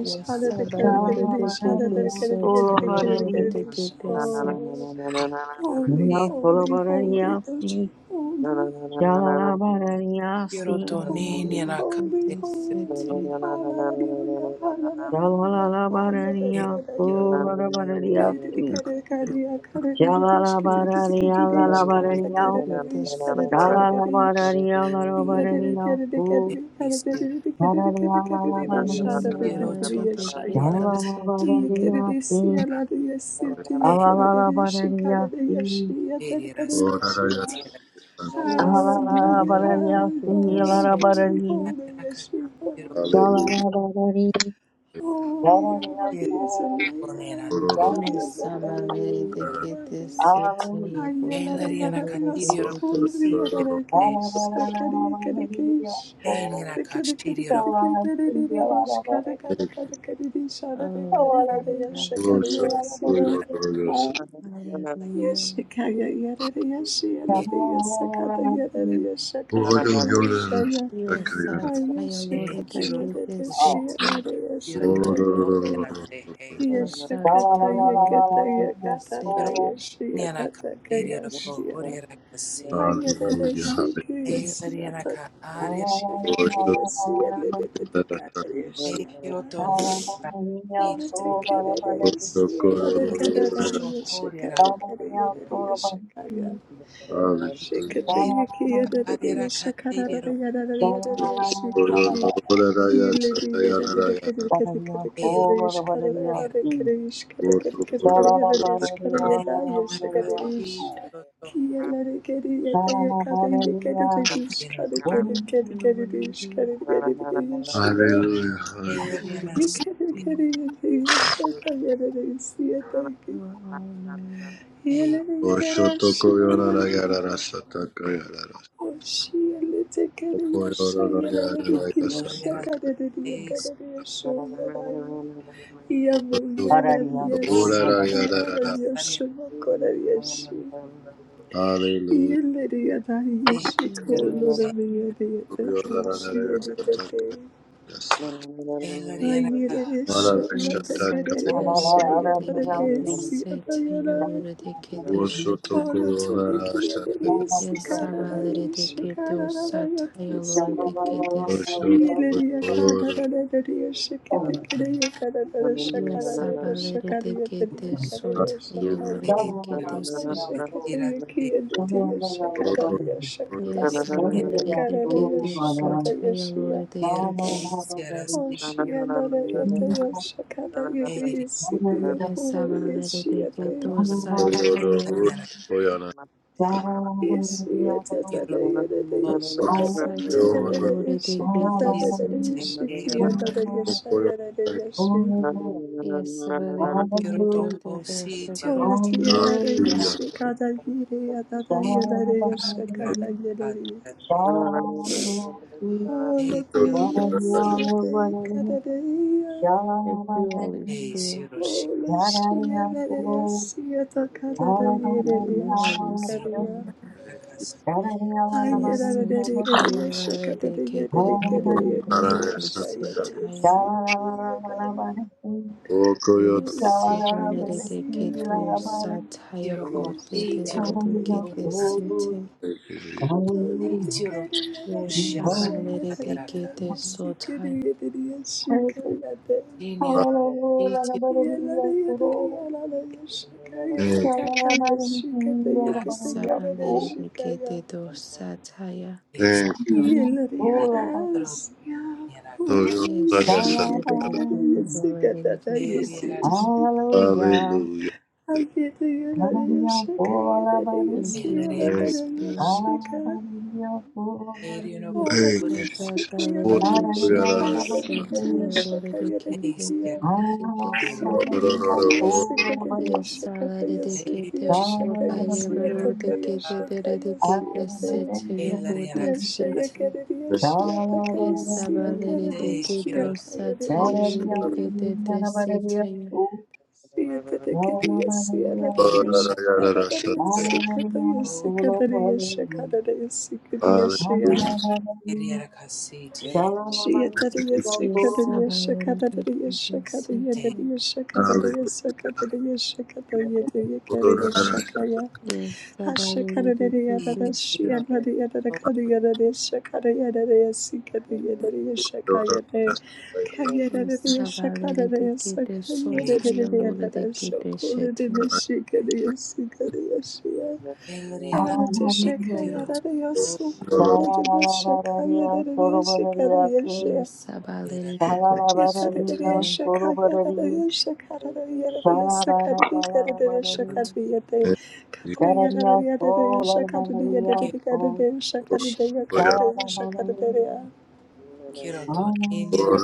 Speaker 4: Yes, Abare, the Kete
Speaker 2: Kennedy, Kennedy, Kennedy,
Speaker 4: Sotire,
Speaker 2: Kennedy,
Speaker 4: the Kete
Speaker 2: oh.
Speaker 4: Sete.
Speaker 2: Holy, holy, holy, that you holy,
Speaker 4: Abare,
Speaker 2: holy,
Speaker 4: the
Speaker 2: holy,
Speaker 4: Kete
Speaker 2: holy.
Speaker 4: Sete.
Speaker 2: Hallelujah, hallelujah, hallelujah. Kadidi kadidi kadia, kadidi dish, kadidi
Speaker 4: Yes,
Speaker 2: kadidi dish,
Speaker 4: Abare,
Speaker 2: kadidi
Speaker 4: the
Speaker 2: kadidi
Speaker 4: Kete
Speaker 2: dish, kadidi
Speaker 4: Sete.
Speaker 2: kadidi dish. Yadidi kadidi kadidi kadidi kadidi kadidi kadidi dish,
Speaker 4: Yes,
Speaker 2: kadidi
Speaker 4: Sabare
Speaker 2: kadidi
Speaker 4: de
Speaker 2: yeshaya.
Speaker 4: Dekete
Speaker 2: Hey,
Speaker 4: Sotaya.
Speaker 2: kadidi siyaladi yesiti, kadidi dish, kadidi yeshaya, kadidi yeshaya.
Speaker 4: Yes,
Speaker 3: Oh,
Speaker 2: Hallelujah,
Speaker 4: Sabare de
Speaker 2: hallelujah,
Speaker 4: Dekete
Speaker 2: holy, holy,
Speaker 4: Sotaya.
Speaker 2: holy, yes, you're holy. Holy, you're worthy as a lamb, worthy as
Speaker 4: Yes,
Speaker 2: a lamb,
Speaker 4: Sabare de
Speaker 2: you're
Speaker 4: Dekete
Speaker 2: worthy.
Speaker 4: Sotaya.
Speaker 2: Ayala,
Speaker 4: Bota de
Speaker 2: yada, yada, so cool,
Speaker 4: Dekete
Speaker 2: yada,
Speaker 4: Sotaya.
Speaker 2: yada, kesh, akari, akari, kesh. Kada, kada, kada, kada, kada, yada, yada, ish, kada, kada, kada, kada, yada, ish, yada, yada,
Speaker 4: Oh,
Speaker 2: kada, yada,
Speaker 4: Father,
Speaker 2: yes, kada, yes, yeah.
Speaker 4: hallelujah.
Speaker 2: Yes, kada, yada, yada, yes, yada, yada, yes, kada, yada, yada, yes, kada, kada, yes, yeah.
Speaker 4: Yes, Sataya
Speaker 2: Hallelujah.
Speaker 4: Lord de Dekete Sotaya. Yes, Sataya Lord de Dekete Sotaya. Thank
Speaker 3: Shalala
Speaker 6: Hallelujah.
Speaker 2: Yellow,
Speaker 4: you,
Speaker 6: Hallelujah,
Speaker 4: worthy. You
Speaker 6: hallelujah.
Speaker 4: are worthy. You are all knowing.
Speaker 6: Oshotokoyonarayarara satakayanara.
Speaker 2: Oğlu
Speaker 6: Okoyonorayarara satakayo.
Speaker 5: Thank
Speaker 6: Orarayarara. Hallelujah. Koyonarayarara satakayo. Orarayarara satakayo.
Speaker 4: Yasataya Lodekete Setaya Lodekete Shata
Speaker 2: tüme
Speaker 6: Oshotokoyonarayarara
Speaker 2: giyeleri,
Speaker 6: satakayo.
Speaker 2: sikarara,
Speaker 4: Yasabaledeketo
Speaker 2: şikarara,
Speaker 4: Sataya
Speaker 2: yatırısı, yatırısı.
Speaker 4: Lodekete
Speaker 2: Yeleriya
Speaker 6: Oshotokoyonarayarara.
Speaker 2: kadararararaya şeketekereye kararara şakararara
Speaker 5: you.
Speaker 2: şakarıya teriye
Speaker 4: Yasabaledeketo
Speaker 2: kararıya
Speaker 4: Sotaya
Speaker 2: şakaya.
Speaker 5: Thank
Speaker 4: Lodekete
Speaker 2: Ay şeketeriye kiyeletiye şakararıya
Speaker 6: Hallelujah.
Speaker 2: şakataya kataya kararaya
Speaker 4: Yasabaledeketo
Speaker 2: şakataya
Speaker 4: Sotaya
Speaker 2: şiya.
Speaker 4: Lodekete
Speaker 2: Ay şiyalara yataya şakaraya reisi diye kurur yeşiye de.
Speaker 4: Yasabaledeketo
Speaker 6: Hallelujah.
Speaker 4: Sataya
Speaker 2: Yeşiye tetere yerede
Speaker 4: Yes,
Speaker 2: yeşekatan
Speaker 4: Satana
Speaker 2: yetere
Speaker 4: Lore de Gete
Speaker 2: yeşekatarere
Speaker 4: Satan.
Speaker 2: yeşekiyelere yaşayerere yaşiye.
Speaker 4: Yes, Sabalin de Gete de Dorsaka.
Speaker 2: Oradaki yerlere yaşı kadar yere yadada yerlere yaşı kadar yerlere.
Speaker 3: Shalom.
Speaker 2: Oradaki yaşı yada kadar ya.
Speaker 4: Thank you, Holy Spirit.
Speaker 2: Oradaki yerlere yaşı yada kadar
Speaker 4: Thank
Speaker 2: yerlere
Speaker 4: you,
Speaker 2: yaşı
Speaker 4: Holy
Speaker 2: kadar ya.
Speaker 4: Spirit.
Speaker 2: Ay
Speaker 4: Yes,
Speaker 2: yerlere
Speaker 4: Satana
Speaker 2: yerlere
Speaker 3: Hallelujah.
Speaker 2: yaşı
Speaker 4: Lore
Speaker 2: kadar
Speaker 4: de Gete de
Speaker 2: yerlere
Speaker 4: Lore
Speaker 2: kadar
Speaker 4: de
Speaker 2: kadar
Speaker 4: Gete
Speaker 2: yaşa yere yaşı
Speaker 4: Sataya.
Speaker 2: yada kadar.
Speaker 4: Yes,
Speaker 2: Oradaki
Speaker 4: Satana Lore
Speaker 2: yaşı
Speaker 4: de Gete
Speaker 2: yerlere
Speaker 4: Sataya Bote
Speaker 2: yaşı
Speaker 4: de Lore
Speaker 2: yada
Speaker 4: de Gete
Speaker 2: kadar.
Speaker 4: Satan.
Speaker 6: Thank you,
Speaker 2: the the
Speaker 4: Yes, Shabalere de Gete Sotai. Sabalere de Gete Dorsataya. Yes, I'm
Speaker 6: Jesus.
Speaker 4: already grateful for already with you this a time.
Speaker 6: Hallelujah.
Speaker 2: I
Speaker 4: Thank you,
Speaker 2: I
Speaker 4: Holy Spirit.
Speaker 3: Shalom,
Speaker 2: Shika, Hallelujah,
Speaker 4: Thank God, I
Speaker 2: Shikaya,
Speaker 4: already
Speaker 2: Hallelujah,
Speaker 4: did give
Speaker 2: Shakaya,
Speaker 4: this. a
Speaker 2: Dedikaya,
Speaker 4: time. I already
Speaker 2: Shakaya,
Speaker 4: gave it,
Speaker 2: Dedikia,
Speaker 4: did this. a
Speaker 2: Shikaya, Yakaya, Sikaya,
Speaker 4: Yes, I already
Speaker 2: Shakaya,
Speaker 4: did give
Speaker 2: Sikia,
Speaker 4: this. So by
Speaker 2: Shakaya,
Speaker 4: you, already
Speaker 2: Siatakaya,
Speaker 4: did it,
Speaker 2: Shakaya,
Speaker 4: already did this.
Speaker 2: Siate,
Speaker 4: It's your good, that's
Speaker 2: Yashaya,
Speaker 4: it.
Speaker 2: Kedia, Shiatakaya,
Speaker 4: Yes, I already did
Speaker 2: Siakaya,
Speaker 4: this.
Speaker 2: Shiakaya,
Speaker 4: I
Speaker 2: Dedia,
Speaker 4: already
Speaker 2: Shiki,
Speaker 4: did this. It's your
Speaker 2: Siatakedia, Siana, Dedia, Shakada, Dedia, Sikataya, Sikadaya, Shakada, Dedia, Sikadia, Shia.
Speaker 4: Yes, I already did give this. a time.
Speaker 2: Shakaya,
Speaker 4: Yes, Sabaliri de Kides,
Speaker 5: you. Thank you.
Speaker 4: yes, Sabaliri de Kides, Sotaya Lura de Kides Shetan,
Speaker 2: Olha, te checa e era eu sou culo de me checa e
Speaker 3: Shalalalabarariya
Speaker 2: era eu
Speaker 3: sorobarariyasi.
Speaker 2: checa
Speaker 4: yes, Sabaliri de
Speaker 2: yeah.
Speaker 4: Kides
Speaker 3: Shalalabarariya
Speaker 4: Sotaya,
Speaker 3: sorobarari. Shalabarabarabarabarari.
Speaker 6: Thank you,
Speaker 3: Karariya solarabarariya so. Shalalabarari. Alalabarari.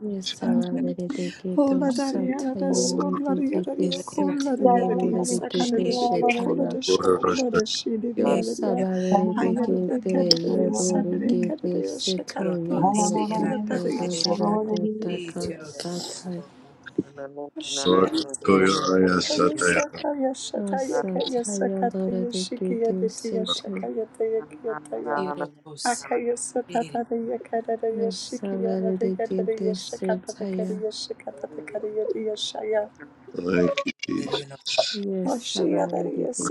Speaker 4: yes, Sabaliri de
Speaker 2: Hola
Speaker 4: Kides
Speaker 2: Dariana de
Speaker 3: So.
Speaker 4: Sataya Lura
Speaker 2: Sola
Speaker 4: de Kides
Speaker 2: Diario Cola
Speaker 4: Setaya
Speaker 2: Diaria
Speaker 4: Lura
Speaker 3: Shalabarari.
Speaker 4: de
Speaker 2: Sakara
Speaker 4: Kides
Speaker 2: Dio Cola
Speaker 3: Alalabarariya
Speaker 2: de
Speaker 4: Shetaya,
Speaker 3: so.
Speaker 2: Shokola de Shidi
Speaker 4: Yo
Speaker 2: Diaria
Speaker 4: Sabaliri de
Speaker 2: Hayana
Speaker 3: Shalabarari.
Speaker 4: Kides,
Speaker 2: de Cadade
Speaker 4: Yego de
Speaker 3: Sorobarari.
Speaker 2: Sakare
Speaker 4: Kides
Speaker 2: Cadade Shakat
Speaker 4: Seto,
Speaker 2: Dia
Speaker 4: Yego
Speaker 2: Siki
Speaker 4: da
Speaker 2: of
Speaker 4: da da
Speaker 3: Alalabarariya
Speaker 2: Dadia
Speaker 4: da da
Speaker 2: Shakaya
Speaker 4: da
Speaker 3: sorobarari.
Speaker 4: da da Sataya.
Speaker 2: Shia Shakataya Sakaya Shataya Kaya
Speaker 4: Sataya Lord,
Speaker 2: Sakataya
Speaker 4: they get
Speaker 2: Shikia
Speaker 4: this
Speaker 2: Ditia
Speaker 4: shit.
Speaker 2: Shakaya Taya Kiataya Akaya Satata de Yakada de
Speaker 4: Yes,
Speaker 2: Shikia de
Speaker 4: Savarete
Speaker 2: Yakada de Shakata the
Speaker 4: Setaya.
Speaker 2: Kadia
Speaker 3: Oh,
Speaker 2: Shakata the Kadia Shaya
Speaker 6: Jesus.
Speaker 4: Yes, Savarete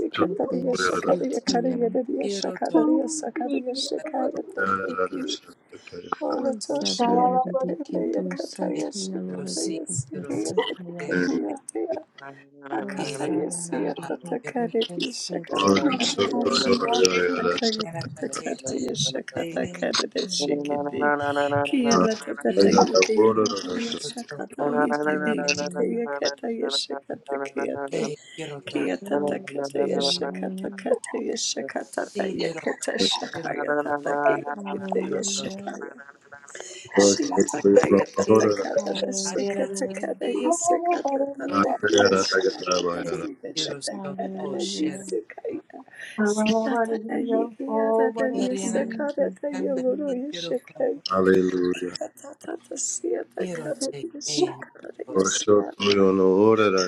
Speaker 4: Setaya. Yes, Savarete Sataya, Lord, Setaya. Oh, Savarete Setaya. Glory
Speaker 5: Thank
Speaker 4: to your name. Glory to your name. Glory to your name.
Speaker 2: Shakata Shakaya
Speaker 4: Hallelujah.
Speaker 6: Hallelujah.
Speaker 4: Hallelujah. Hallelujah. Thank you, Father.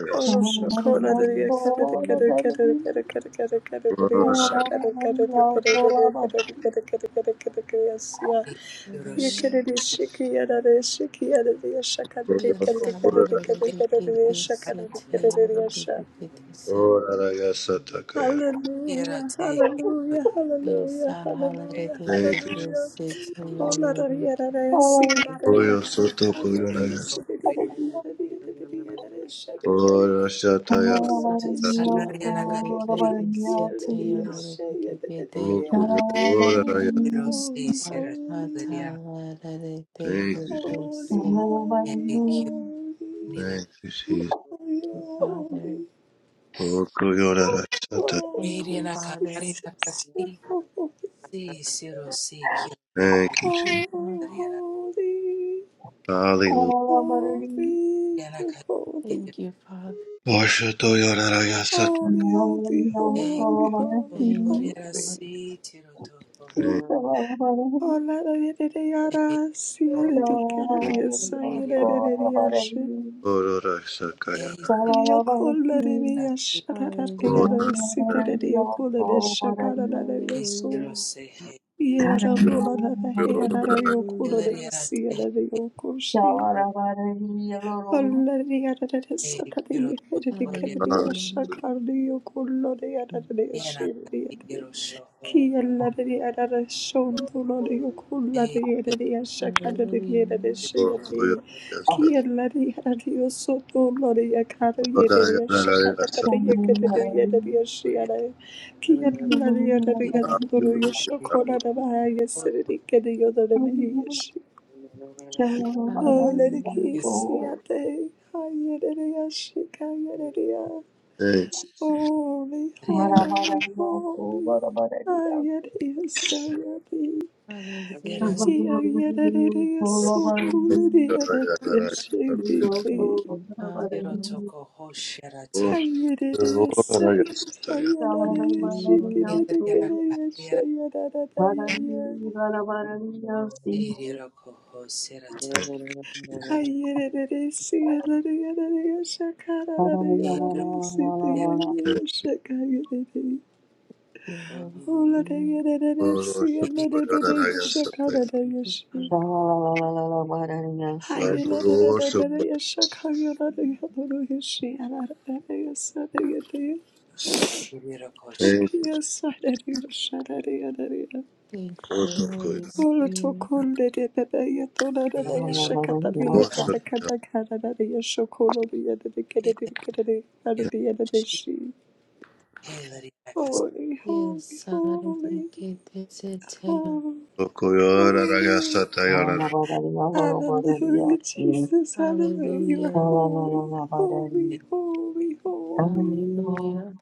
Speaker 2: Hallelujah,
Speaker 4: Thank you, Holy
Speaker 2: hallelujah,
Speaker 4: Spirit.
Speaker 2: hallelujah,
Speaker 4: Hallelujah. Yes, I hallelujah. This it hallelujah. This it.
Speaker 6: Ora Satakaya.
Speaker 4: Yes, I
Speaker 2: hallelujah,
Speaker 4: hallelujah.
Speaker 6: Thank you.
Speaker 2: hallelujah.
Speaker 4: This it
Speaker 2: Oh, la da
Speaker 4: hallelujah.
Speaker 2: ya da da ya si ya da da ya
Speaker 6: Royal
Speaker 2: ka.
Speaker 6: Soto
Speaker 2: Ha da da ya
Speaker 6: Koyonayas.
Speaker 2: si da da da da da da da da da da da da shaka.
Speaker 6: Ora Shataya.
Speaker 4: Yes,
Speaker 2: Ora
Speaker 4: I
Speaker 2: te
Speaker 4: hallelujah. This it hallelujah.
Speaker 6: Okuyo. Ora Raya.
Speaker 2: Holy,
Speaker 3: Oh,
Speaker 2: holy,
Speaker 4: I
Speaker 2: holy,
Speaker 4: hallelujah.
Speaker 6: Thank you. Jesus.
Speaker 4: This
Speaker 2: holy,
Speaker 4: it.
Speaker 2: holy, holy,
Speaker 6: Thank you, Jesus. Okuyo Rara
Speaker 2: holy, holy,
Speaker 6: Sata.
Speaker 4: Thank you,
Speaker 2: holy,
Speaker 4: Father.
Speaker 2: Jesus, you're holy.
Speaker 6: Thank you,
Speaker 4: Thank
Speaker 6: Jesus.
Speaker 4: you,
Speaker 2: Oh,
Speaker 4: Father.
Speaker 2: holy,
Speaker 6: Hallelujah.
Speaker 2: holy, you're holy.
Speaker 4: Thank you, Father.
Speaker 6: Washa Toyora Raya Sata.
Speaker 2: Holy, holy, holy, holy,
Speaker 4: Thank you, Father. Thank you,
Speaker 2: holy.
Speaker 4: Father.
Speaker 6: Thank
Speaker 2: Ola da yere de
Speaker 5: you.
Speaker 2: yara
Speaker 5: Thank
Speaker 2: siyere
Speaker 5: you.
Speaker 2: de
Speaker 6: you.
Speaker 4: Thank
Speaker 2: kararıya
Speaker 4: you, Father.
Speaker 2: sayere de de yaşı.
Speaker 6: Ora Raya Sakaya.
Speaker 2: Yok oları bir yaşararar ki
Speaker 6: Ora
Speaker 4: Hallelujah.
Speaker 2: yara
Speaker 6: Raya.
Speaker 2: sitere de yok ola de şakararar da yosun.
Speaker 4: Hallelujah.
Speaker 2: Yararam dolara da
Speaker 6: Ora
Speaker 2: yarara
Speaker 6: Raya.
Speaker 2: yok ola
Speaker 4: Hallelujah.
Speaker 2: da siyere de yok oşi. Oları yarara da satara yere de kararı
Speaker 4: Hallelujah.
Speaker 6: Hallelujah.
Speaker 2: yaşakardı yok ola da yarara da yaşayın diye. Oh, let
Speaker 4: Hallelujah.
Speaker 6: Okuyo Raya Sata. Ora Raya Sata. Hallelujah.
Speaker 3: Shalala
Speaker 2: it
Speaker 4: Hallelujah.
Speaker 2: kiss, yeah, they. Hi, yeah, yeah, yeah, yeah, yeah, yeah.
Speaker 6: Thank
Speaker 2: Holy, holy, holy, Ayariyasayari,
Speaker 4: Hallelujah.
Speaker 6: you.
Speaker 2: Kiyayarariyasukuliriyarariyashikiki,
Speaker 4: Thank you, Father.
Speaker 6: Amen.
Speaker 4: Thank you, Lord.
Speaker 2: Ayariyasayasayarariyashikidikariyashayarararayayari, Ayariyasiyarariyarariyashakararariyarariyasitiyarariyashakayarari,
Speaker 4: Your Holy Spirit. Thank you,
Speaker 2: Holariyarariyasiyarariyashakarashi.
Speaker 4: Father.
Speaker 2: Holy, holy, holy,
Speaker 4: Thank you, Holy Spirit. Yes, Hallelujah.
Speaker 2: holy, holy. Hallelujah, Jesus, hallelujah. You are
Speaker 4: Hallelujah.
Speaker 2: holy, holy, holy, holy.
Speaker 4: Hallelujah.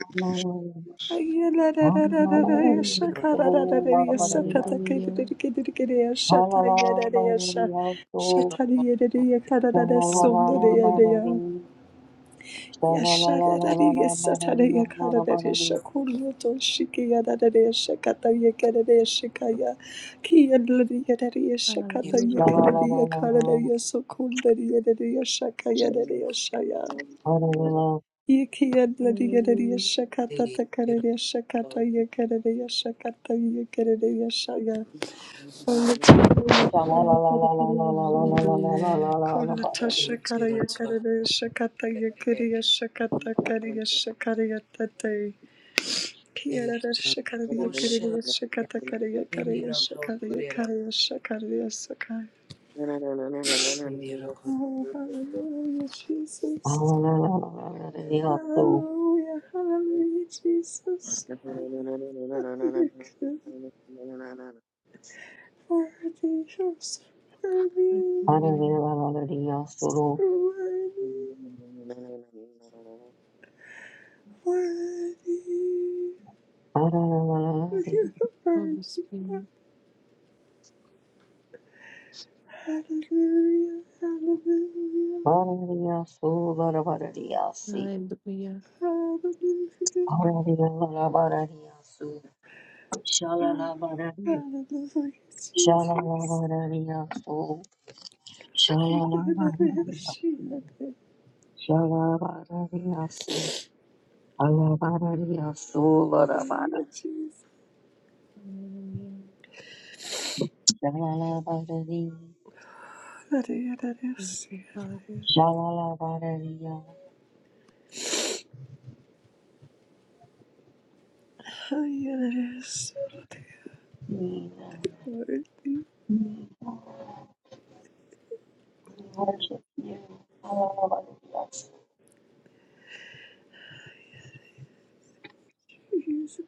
Speaker 3: Hallelujah.
Speaker 2: Ayalalalalalayasha, karalalayasha,
Speaker 4: Hallelujah.
Speaker 2: tatakedidedekedidekeyasha, tayalayasha, shataliyededeye,
Speaker 4: Hallelujah.
Speaker 2: karalalasundureyaleya. Yashalalayasha, talaya, karalalayasha, kuruyotoshikeyalayasha, katayekerelayashikaya, kiyalalayasha,
Speaker 4: Hallelujah.
Speaker 2: katayekereleye, karalalayasha, kundalayasha, kayalashaya. Yekia bloody yereya
Speaker 4: Hallelujah.
Speaker 2: shakata takareya shakata yekereya shakata yekereya shaya. Ola takareya shaya takareya shaya.
Speaker 4: Hallelujah.
Speaker 2: Kola tasha kareya kareya shakata yekereya shakata kareya shakareya tate. Kiara shakareya kareya shakata kareya kareya shakareya kareya shakareya sakai. Oh, hallelujah, Jesus. Hallelujah, hallelujah, Jesus.
Speaker 5: Me.
Speaker 2: Hallelujah. Worthy, you're so worthy,
Speaker 4: Hallelujah.
Speaker 2: you're worthy, worthy, you're
Speaker 4: Thank you,
Speaker 2: worthy.
Speaker 4: Holy Spirit.
Speaker 2: Hallelujah, hallelujah,
Speaker 4: Hallelujah.
Speaker 2: hallelujah, hallelujah, Jesus. Hallelujah,
Speaker 3: Shalalabarari,
Speaker 2: hallelujah, Jesus.
Speaker 3: shalalabarariyaso,
Speaker 2: Hallelujah,
Speaker 3: shalalabarariyaso, shalalabarariyasi, alabarariyaso, larabara,
Speaker 4: Hallelujah.
Speaker 3: shalalabarari,
Speaker 4: Thank
Speaker 2: hallelujah.
Speaker 4: you, Father.
Speaker 3: shalalabarariya. Jesus,
Speaker 2: Lord,
Speaker 3: we worship you. Hallelujah.
Speaker 2: Jesus,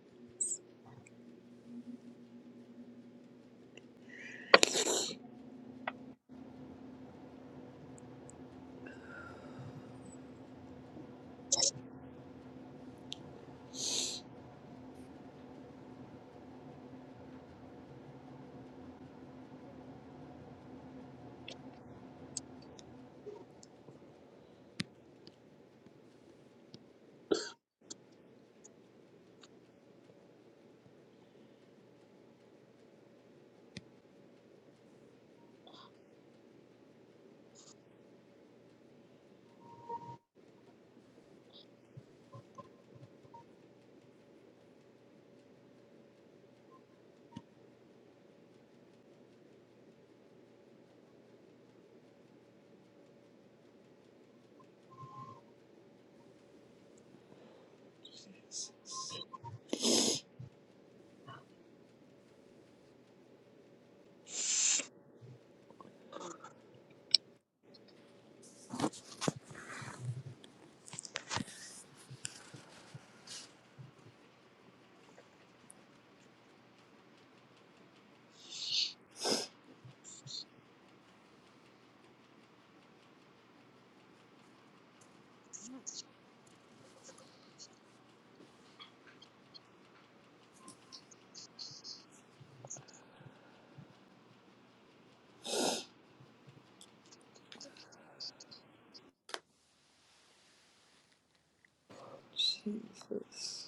Speaker 2: Jesus, Jesus,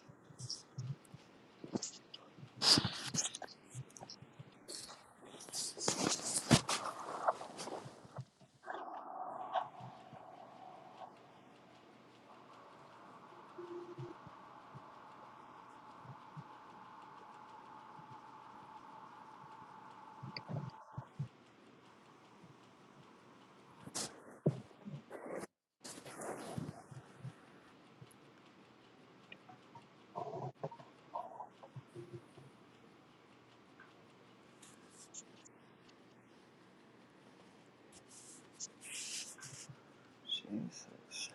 Speaker 2: Jesus.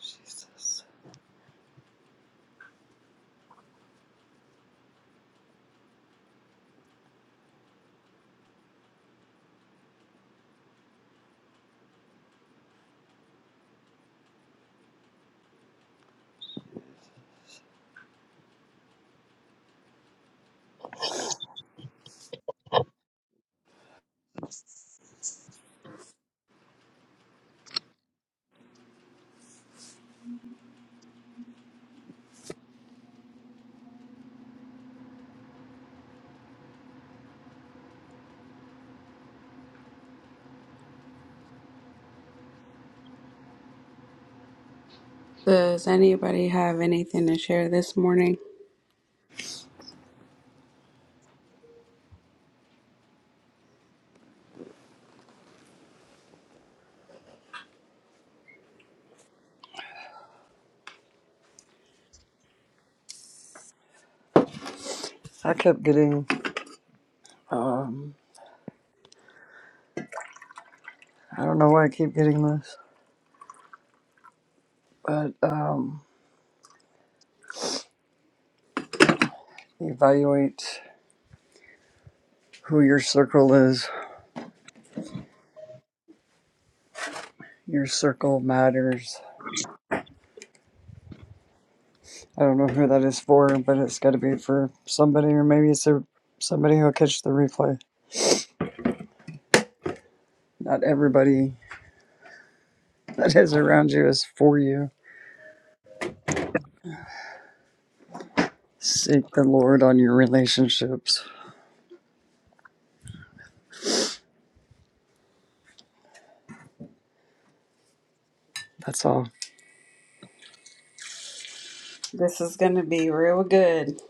Speaker 2: Jesus.
Speaker 1: anybody have anything to share this morning?
Speaker 2: I kept getting, um, I don't know why I keep getting this, but um, evaluate who your circle is. Your circle matters. I don't know who that is for, but it's got to be for somebody, or maybe it's a, somebody who'll catch the replay. Not everybody that is around you is for you. Seek the Lord on your relationships. That's all.
Speaker 1: This is going to be real good.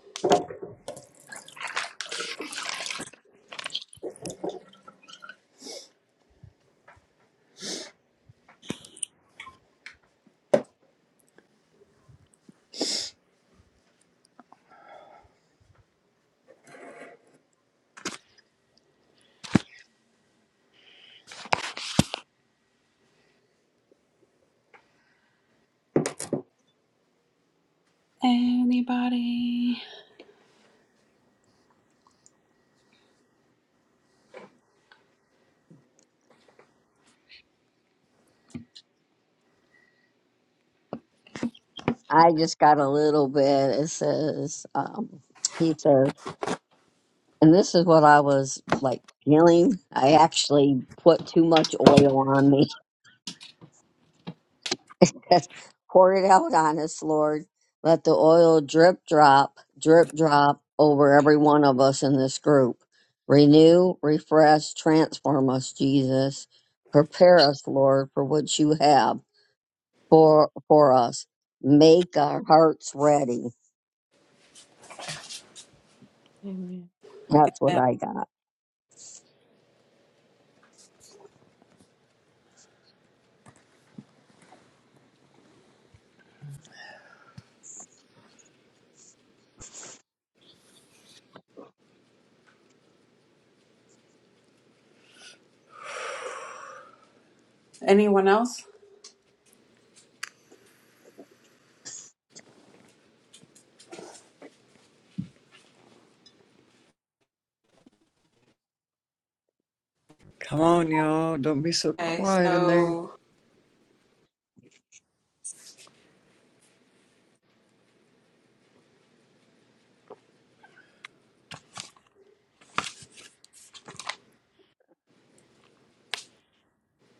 Speaker 1: Anybody?
Speaker 3: I just got a little bit. It says, um, he says, and this is what I was like feeling. I actually put too much oil on me Yes. Pour it out on us, Lord. Let the oil drip drop, drip drop over every one of us in this group. Renew, refresh, transform us, Jesus. Prepare us, Lord, for what you have for for us. Make our hearts ready.
Speaker 4: Amen.
Speaker 3: That's what
Speaker 1: Yeah.
Speaker 3: I got.
Speaker 1: Anyone else?
Speaker 2: Come on, y'all. Don't be so
Speaker 1: Okay,
Speaker 2: quiet in there.
Speaker 1: so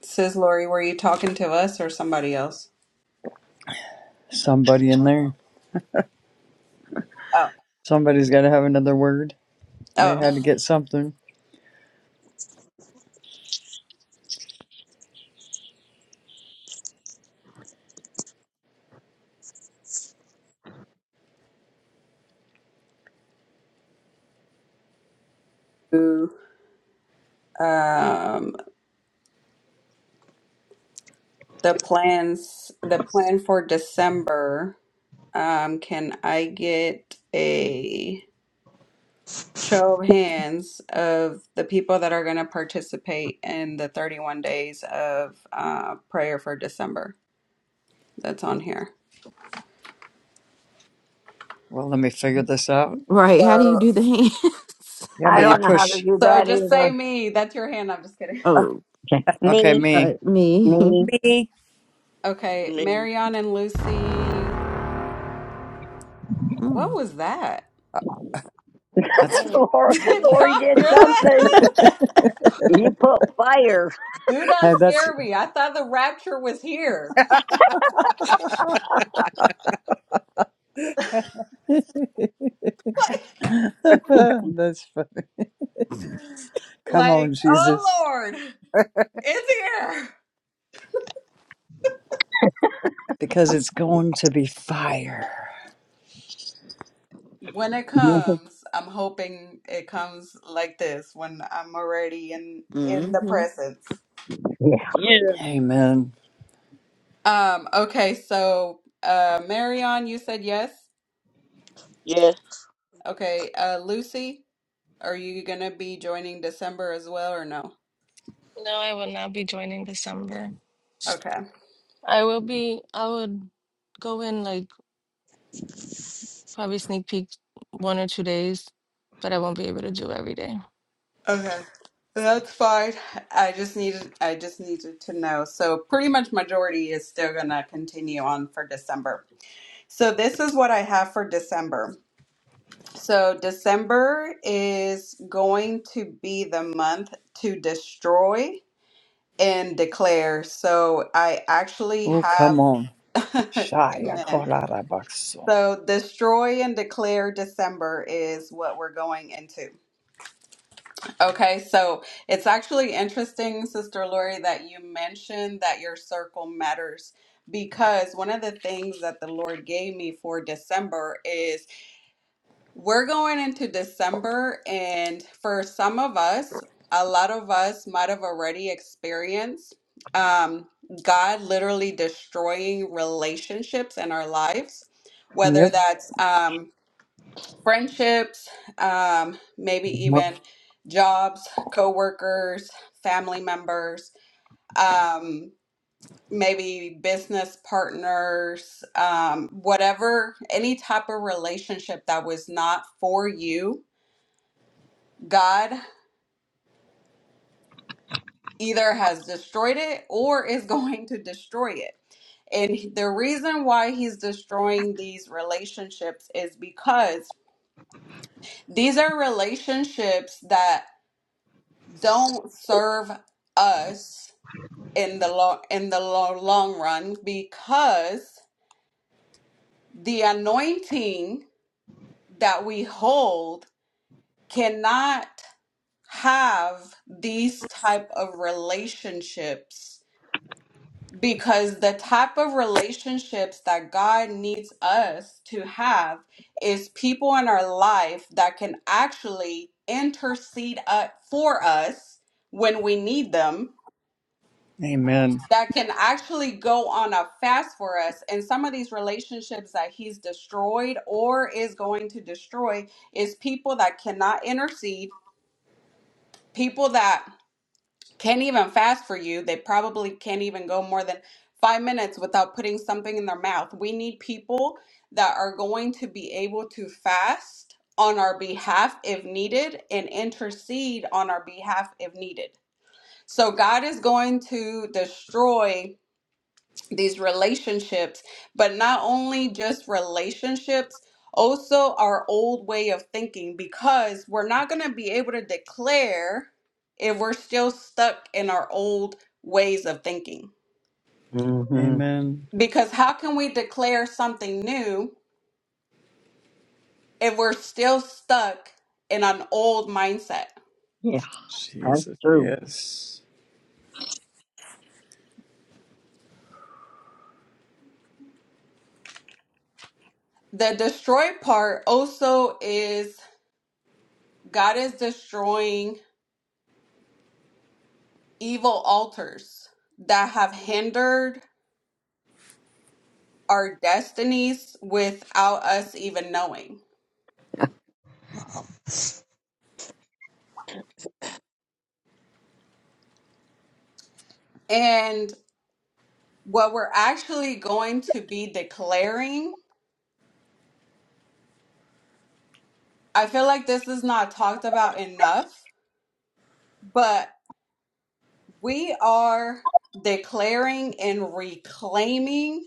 Speaker 1: says Lori, were you talking to us or somebody else?
Speaker 2: Somebody in there.
Speaker 1: Oh,
Speaker 2: Somebody's got to have another word. They
Speaker 1: oh.
Speaker 2: had to get something.
Speaker 1: Ooh, Um, the plans, the plan for December. Um, can I get a show of hands of the people that are going to participate in the 31 days of uh, prayer for December that's on here?
Speaker 2: Well, let me figure this out.
Speaker 4: Right.
Speaker 1: So,
Speaker 2: Oh,
Speaker 3: I
Speaker 2: you
Speaker 3: don't know how to
Speaker 2: push.
Speaker 3: do
Speaker 1: so
Speaker 3: that
Speaker 1: just
Speaker 3: either.
Speaker 1: say me. That's your hand. I'm just kidding.
Speaker 4: Oh,
Speaker 3: Me,
Speaker 2: Okay, me.
Speaker 4: right. mm.
Speaker 3: me.
Speaker 1: Okay, Marion and Lucy. What was that?
Speaker 5: I
Speaker 2: That's
Speaker 5: don't-
Speaker 3: Lori,
Speaker 1: Did
Speaker 3: Lori
Speaker 1: y'all
Speaker 3: did
Speaker 1: hear that?
Speaker 3: something. You put fire.
Speaker 1: Do not
Speaker 2: hey, that's
Speaker 1: scare me. I thought the rapture was here.
Speaker 2: that's. fu-
Speaker 1: Like,
Speaker 2: Come
Speaker 1: like,
Speaker 2: on,
Speaker 1: oh
Speaker 2: Jesus,
Speaker 1: Lord, it's here.
Speaker 2: because it's going to be fire.
Speaker 1: When it
Speaker 3: yeah.
Speaker 1: comes, I'm hoping it comes like this when I'm already in in the
Speaker 4: Mm-hmm.
Speaker 1: presence.
Speaker 5: Yeah.
Speaker 2: Amen.
Speaker 1: Um, okay, so uh Marion, you said yes.
Speaker 5: Yeah.
Speaker 1: Okay, uh Lucy, are you gonna be joining December as well or no?
Speaker 7: No, I will not be joining December.
Speaker 1: Okay.
Speaker 7: I will be, I would go in like probably sneak peek one or two days, but I won't be able to do every day.
Speaker 1: Okay. That's fine. I just needed I just needed to know. So pretty much majority is still gonna continue on for December. So this is what I have for December. So December is going to be the month to destroy and declare. So I actually
Speaker 2: Oh,
Speaker 1: have
Speaker 2: come on. Shia
Speaker 1: Amen.
Speaker 2: korarabakso.
Speaker 1: So destroy and declare December is what we're going into. Okay, so it's actually interesting, Sister Lori, that you mentioned that your circle matters because one of the things that the Lord gave me for December is We're going into December, and for some of us, a lot of us might have already experienced um, God literally destroying relationships in our lives, whether
Speaker 2: Yep.
Speaker 1: Mhm. that's um, friendships, um, maybe even jobs, coworkers, family members, um, maybe business partners, um, whatever, any type of relationship that was not for you God either has destroyed it or is going to destroy it. And the reason why he's destroying these relationships is because these are relationships that don't serve us in the long in the lo- long run because the anointing that we hold cannot have these type of relationships Because the type of relationships that God needs us to have is people in our life that can actually intercede uh, for us when we need them,
Speaker 2: Amen.
Speaker 1: that can actually go on a fast for us. And some of these relationships that He's destroyed or is going to destroy is people that cannot intercede, people that can't even fast for you. They probably can't even go more than five minutes without putting something in their mouth. We need people that are going to be able to fast on our behalf if needed and intercede on our behalf if needed. So God is going to destroy these relationships, but not only just relationships, also our old way of thinking, because we're not going to be able to declare if we're still stuck in our old ways of thinking.
Speaker 3: mm hmm
Speaker 2: Amen.
Speaker 1: Because how can we declare something new if we're still stuck in an old mindset?
Speaker 3: Yeah, that's
Speaker 2: Jesus,
Speaker 3: true.
Speaker 2: yes.
Speaker 1: The destroy part also is God is destroying evil altars that have hindered our destinies without us even knowing. And what we're actually going to be declaring, I feel like this is not talked about enough, but we are declaring and reclaiming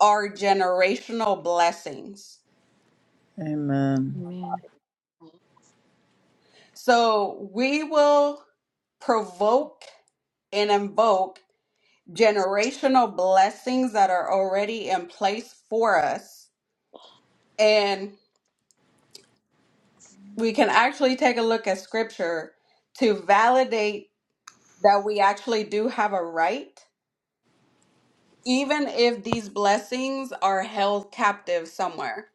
Speaker 1: our generational blessings.
Speaker 2: Amen.
Speaker 4: Amen.
Speaker 1: So we will provoke and invoke generational blessings that are already in place for us. and. we can actually take a look at scripture to validate that we actually do have a right, even if these blessings are held captive somewhere.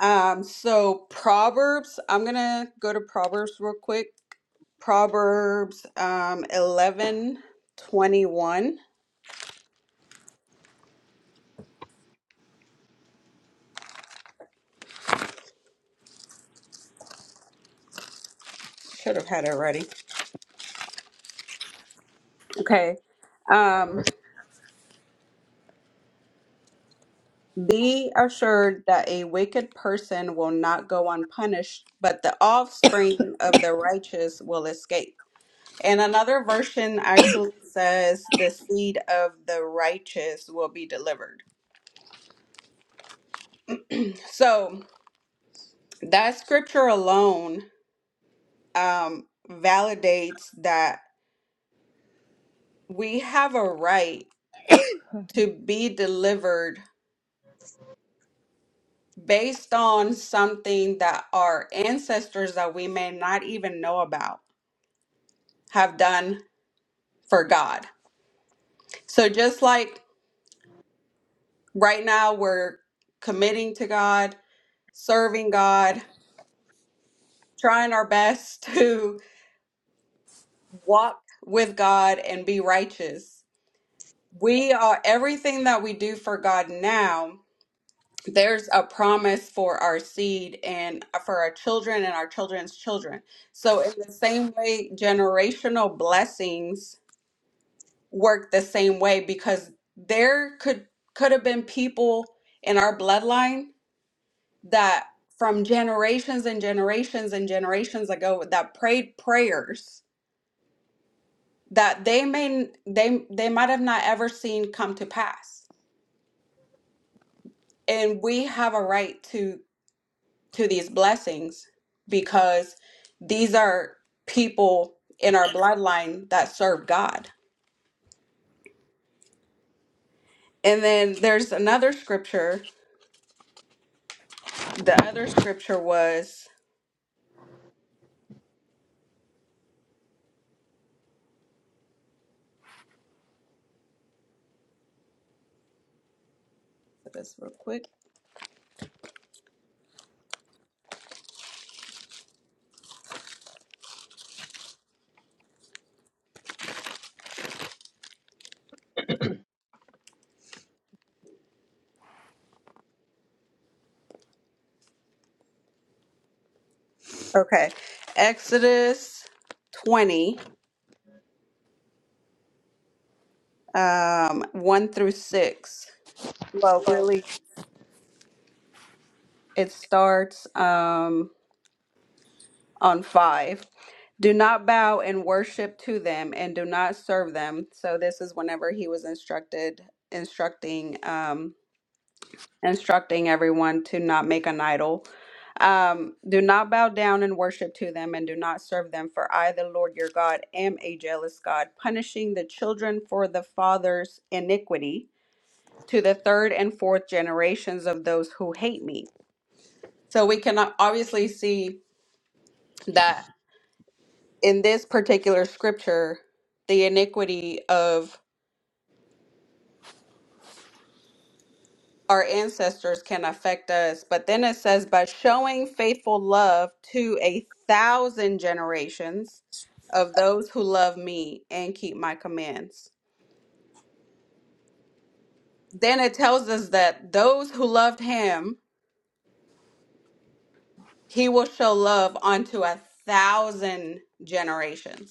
Speaker 1: Um, so Proverbs, I'm gonna go to Proverbs real quick. Proverbs um, 11, twenty-one. Should have had it ready. Okay. Um, be assured that a wicked person will not go unpunished, but the offspring of the righteous will escape. And another version actually says the seed of the righteous will be delivered. So that scripture alone um, validates that we have a right to be delivered based on something that our ancestors that we may not even know about have done for God. So just like right now we're committing to God, serving God, trying our best to walk with God and be righteous. We are everything that we do for God now. There's a promise for our seed and for our children and our children's children. So, in the same way, generational blessings work the same way because there could could have been people in our bloodline that from generations and generations and generations ago that prayed prayers that they may they they might have not ever seen come to pass and we have a right to to these blessings because these are people in our bloodline that serve god and then there's another scripture the other scripture was look at this real quick okay exodus 20 um 1 through 6 well really it starts um on 5. Do not bow and worship to them and do not serve them. So this is whenever he was instructed instructing um instructing everyone to not make an idol. Um do not bow down and worship to them and do not serve them for I the Lord your God am a jealous God, punishing the children for the father's iniquity to the third and fourth generations of those who hate me. So we can obviously see that in this particular scripture, the iniquity of our ancestors can affect us. But then it says, by showing faithful love to a thousand generations of those who love me and keep my commands. Then it tells us that those who loved him, he will show love unto a thousand generations.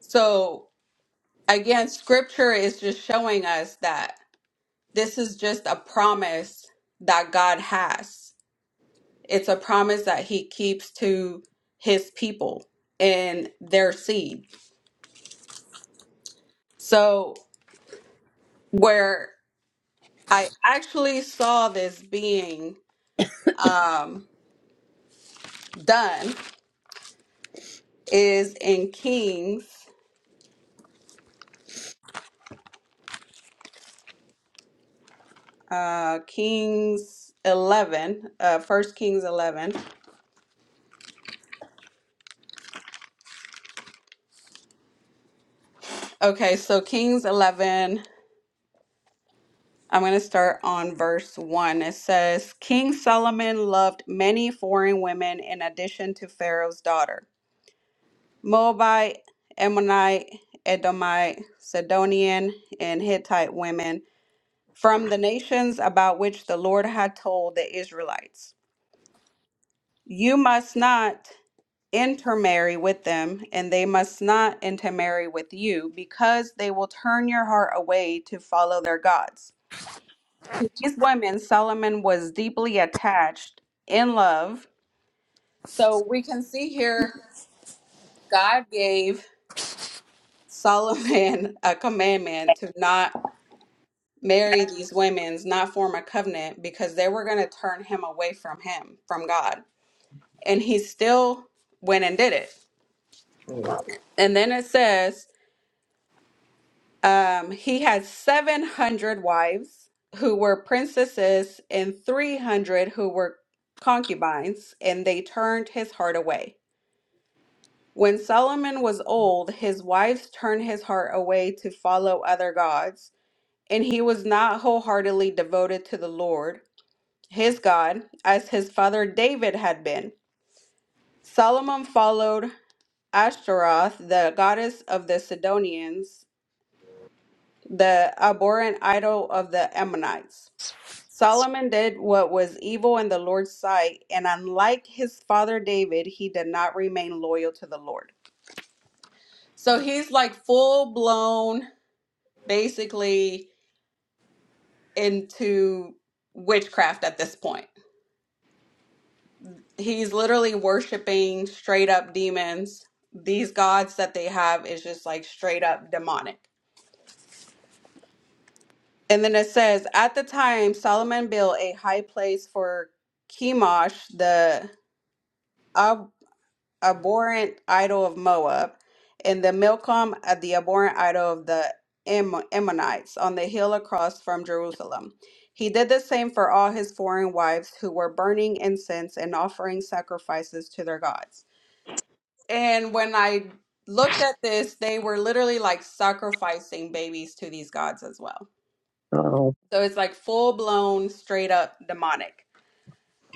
Speaker 1: So again, scripture is just showing us that. This is just a promise that God has. It's a promise that He keeps to His people and their seed. So, where I actually saw this being um, done is in Kings, uh, Kings 11, uh, 1 Kings 11. Okay, so Kings 11. I'm going to start on verse 1. It says, King Solomon loved many foreign women in addition to Pharaoh's daughter Moabite, Ammonite, Edomite, Sidonian, and Hittite women from the nations about which the Lord had told the Israelites. You must not intermarry with them, and they must not intermarry with you, because they will turn your heart away to follow their gods. To these women, Solomon was deeply attached in love. So we can see here, God gave Solomon a commandment to not marry these women, not form a covenant, because they were going to turn him away from him, from God. And he still went and did it.
Speaker 3: Yeah.
Speaker 1: And then it says, um, he had 700 wives who were princesses and 300 who were concubines, and they turned his heart away. When Solomon was old, his wives turned his heart away to follow other gods, and he was not wholeheartedly devoted to the Lord, his God, as his father David had been. Solomon followed Ashtaroth, the goddess of the Sidonians, the abhorrent idol of the Ammonites. Solomon did what was evil in the Lord's sight, and unlike his father David, he did not remain loyal to the Lord. So he's like full blown basically into witchcraft at this point. He's literally worshiping straight up demons. These gods that they have is just like straight up demonic. And then it says, at the time, Solomon built a high place for Chemosh, the Ab. abhorrent idol of Moab, and the Milcom at the abhorrent idol of the Am- Ammonites on the hill across from Jerusalem. He did the same for all his foreign wives who were burning incense and offering sacrifices to their gods. And when I looked at this, they were literally like sacrificing babies to these gods as well.
Speaker 3: Oh.
Speaker 1: So it's like full blown, straight up demonic.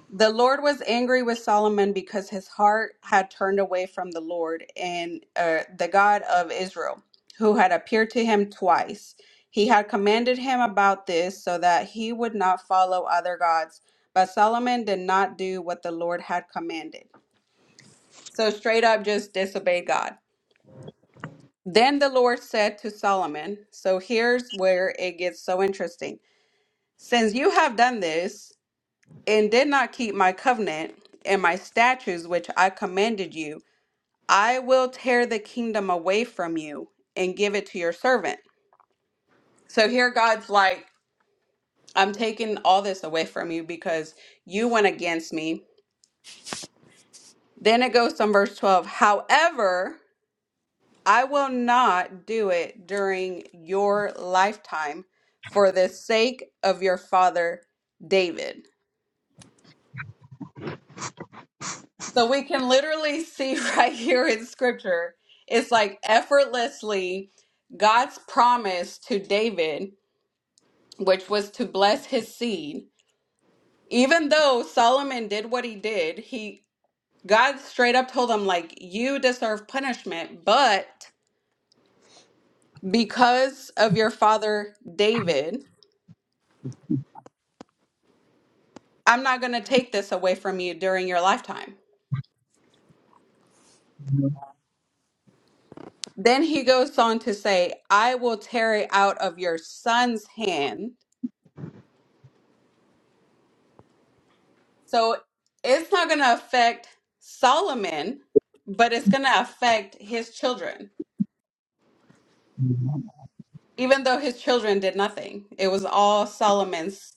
Speaker 1: The Lord was angry with Solomon because his heart had turned away from the Lord and uh, the God of Israel, who had appeared to him twice. He had commanded him about this so that he would not follow other gods. But Solomon did not do what the Lord had commanded. So, straight up, just disobeyed God. Then the Lord said to Solomon, So here's where it gets so interesting. Since you have done this, and did not keep my covenant and my statutes which I commanded you, I will tear the kingdom away from you and give it to your servant. So here God's like, I'm taking all this away from you because you went against me. Then it goes to verse 12. However, I will not do it during your lifetime for the sake of your father David. So we can literally see right here in scripture, it's like effortlessly God's promise to David, which was to bless his seed. Even though Solomon did what he did, he God straight up told him like you deserve punishment, but because of your father David, I'm not going to take this away from you during your lifetime. Then he goes on to say, I will tear it out of your son's hand So it's not going to affect Solomon, but it's going to affect his children,
Speaker 3: mhm.
Speaker 1: even though his children did nothing. It was all Solomon's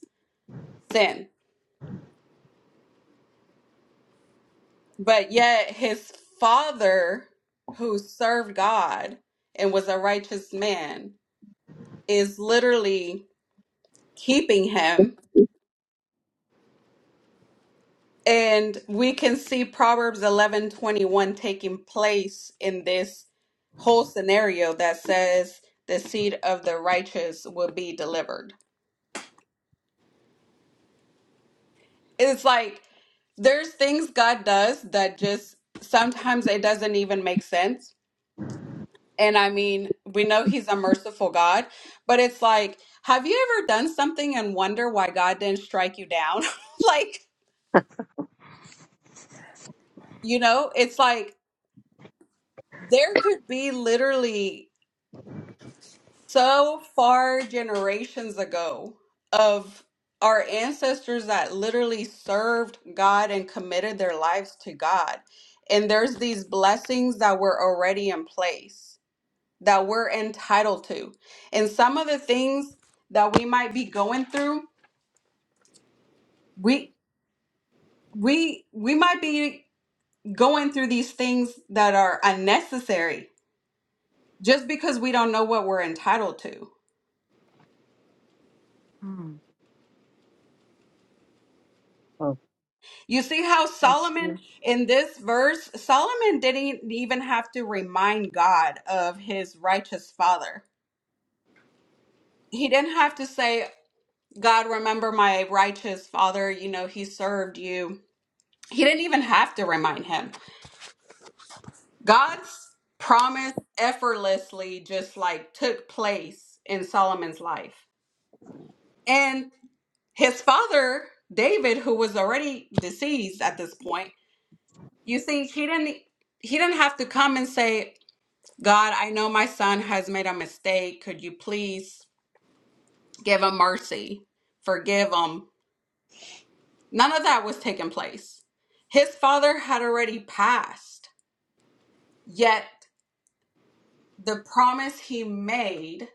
Speaker 1: sin. But yet his father, who served God and was a righteous man, is literally keeping him. And we can see Proverbs 11:21 taking place in this whole scenario that says the seed of the righteous will be delivered. It's like there's things God does that just sometimes it doesn't even make sense. And I mean, we know he's a merciful God, but it's like have you ever done something and wonder why God didn't strike you down? like, you know, it's like there could be literally so far generations ago of our ancestors that literally served God and committed their lives to God. And there's these blessings that were already in place that we're entitled to. And some of the things that we might be going through, we we we might be going through these things that are unnecessary just because we don't know what we're entitled to.
Speaker 4: Mm.
Speaker 3: Oh,
Speaker 1: You see how
Speaker 2: That's
Speaker 1: Solomon
Speaker 2: good.
Speaker 1: in this verse, Solomon didn't even have to remind God of his righteous father. He didn't have to say, God, remember my righteous father, you know, he served you. He didn't even have to remind him. God's promise effortlessly just like took place in Solomon's life. And his father, David, who was already deceased at this point, you see, he didn't he didn't have to come and say, God, I know my son has made a mistake. Could you please give him mercy? Forgive him. None of that was taking place. His father had already passed, yet the promise he made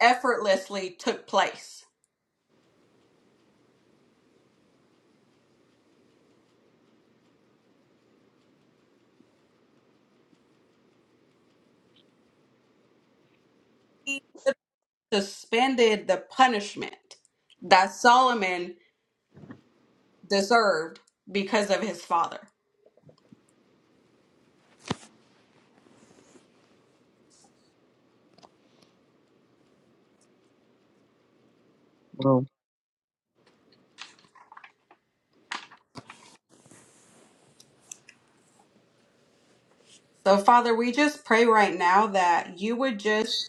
Speaker 1: effortlessly took place. He suspended the punishment that Solomon deserved because of his father.
Speaker 3: well.
Speaker 1: So, Father, we just pray right now that you would just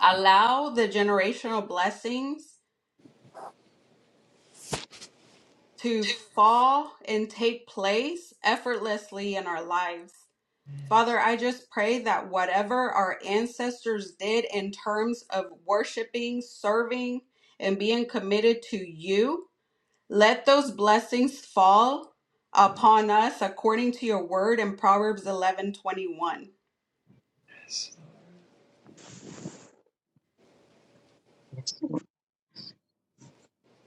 Speaker 1: allow the generational blessings to fall and take place effortlessly in our lives. Father, I just pray that whatever our ancestors did in terms of worshiping, serving, and being committed to you, let those blessings fall upon us according to your word in Proverbs 11:21.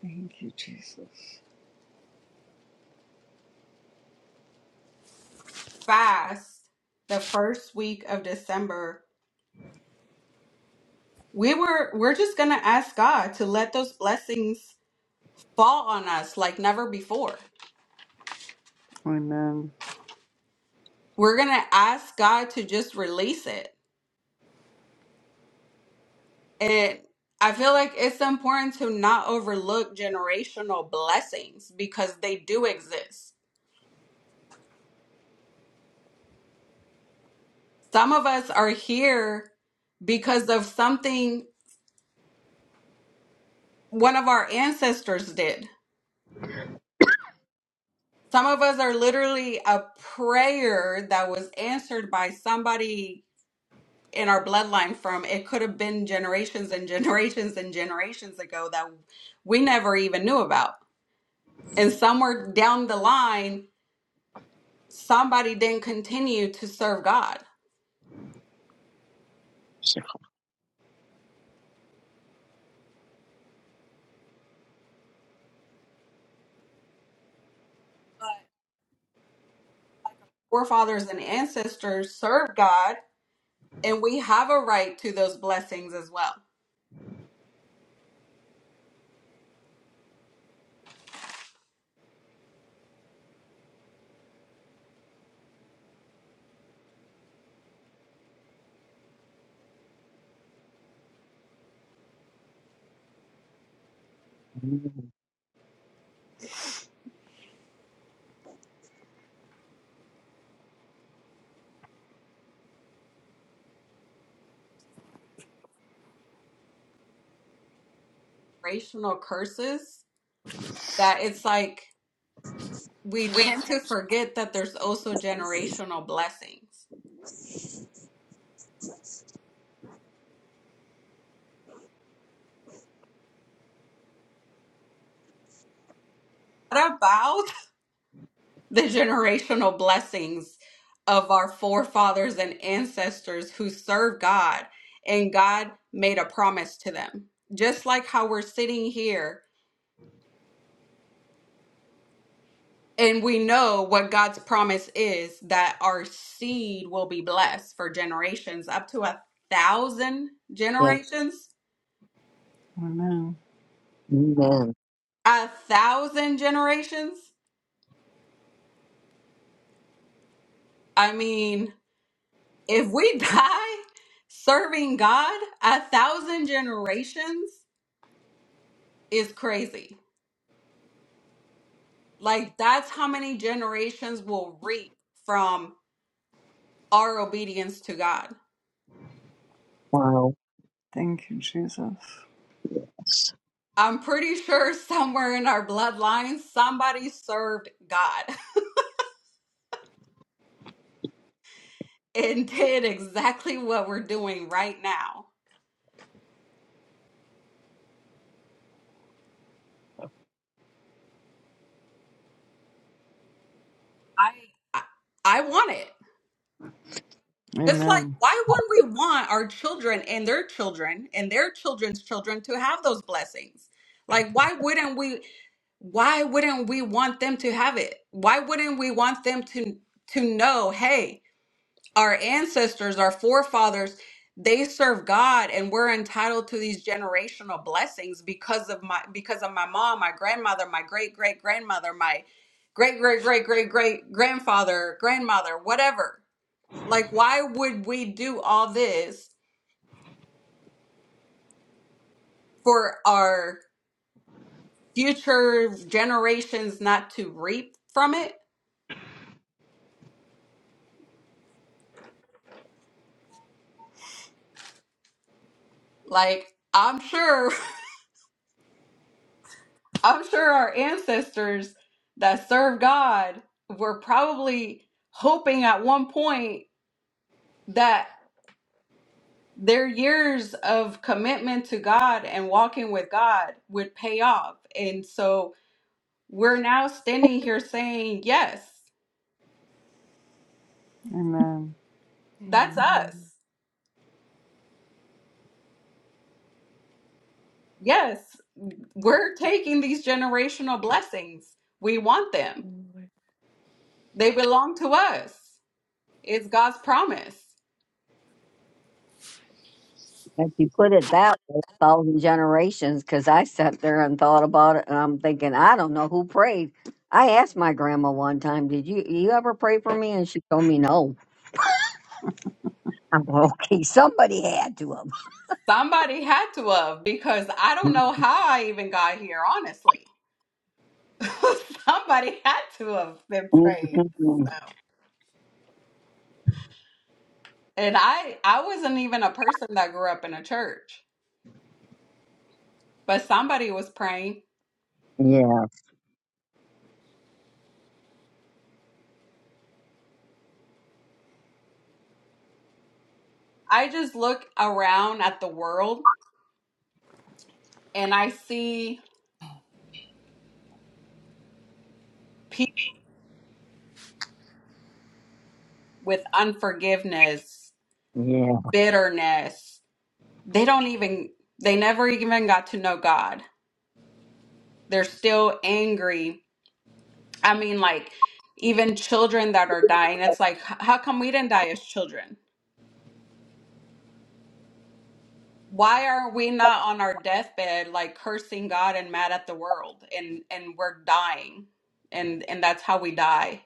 Speaker 2: Thank you, Jesus.
Speaker 1: Fast the first week of December. We were we're just going to ask God to let those blessings fall on us like never before.
Speaker 2: Amen.
Speaker 1: we're going to ask God to just release it. And I feel like it's important to not overlook generational blessings because they do exist. Some of us are here because of something one of our ancestors did. Some of us are literally a prayer that was answered by somebody in our bloodline from it could have been generations and generations and generations ago that we never even knew about And somewhere down the line, somebody didn't continue to serve God. But like our forefathers and ancestors served God, and we have a right to those blessings as well. Generational curses that it's like we tend to forget that there's also generational blessings. What about the generational blessings of our forefathers and ancestors who served God, and God made a promise to them. Just like how we're sitting here and we know what God's promise is that our seed will be blessed for generations, up to a thousand
Speaker 3: Yeah.
Speaker 1: generations.
Speaker 2: Amen.
Speaker 3: Amen.
Speaker 1: A thousand generations. I mean, if we die serving God, a thousand generations is crazy Like that's how many generations will reap from our obedience to God.
Speaker 3: Wow.
Speaker 2: Thank you, Jesus.
Speaker 1: I'm pretty sure somewhere in our bloodline, somebody served God and did exactly what we're doing right now. I I, I want it. It's like,
Speaker 2: Amen.
Speaker 1: why wouldn't we want our children and their children and their children's children to have those blessings? Like, why wouldn't we? Why wouldn't we want them to have it? Why wouldn't we want them to to know? Hey, our ancestors, our forefathers, they serve God and we're entitled to these generational blessings because of my because of my mom, my grandmother, my great great grandmother, my great great great great great grandfather, grandmother, whatever. Like why would we do all this for our future generations not to reap from it? Like I'm sure I'm sure our ancestors that served God were probably hoping at one point that their years of commitment to God and walking with God would pay off. And so we're now standing here saying, yes,
Speaker 2: Amen.
Speaker 1: that's
Speaker 4: Amen.
Speaker 1: us. Yes, we're taking these generational blessings. We want them,
Speaker 4: Lord.
Speaker 1: they belong to us. It's God's promise.
Speaker 3: If you put it that way, thousand generations, because I sat there and thought about it, and I'm thinking, I don't know who prayed. I asked my grandma one time, "Did you you ever pray for me?" And she told me no. I'm going, okay. Somebody had to have.
Speaker 1: Somebody had to have because I don't know how I even got here, honestly. Somebody had to have been praying.
Speaker 3: Mhm.
Speaker 1: So. And I I wasn't even a person that grew up in a church, but somebody was praying.
Speaker 3: yeah,
Speaker 1: I just look around at the world and I see people with unforgiveness,
Speaker 3: yeah,
Speaker 1: bitterness. They don't even they never even got to know God. They're still angry I mean, like, even children that are dying, it's like, h- how come we didn't die as children? Why are we not on our deathbed, like cursing God and mad at the world, and and we're dying, and and that's how we die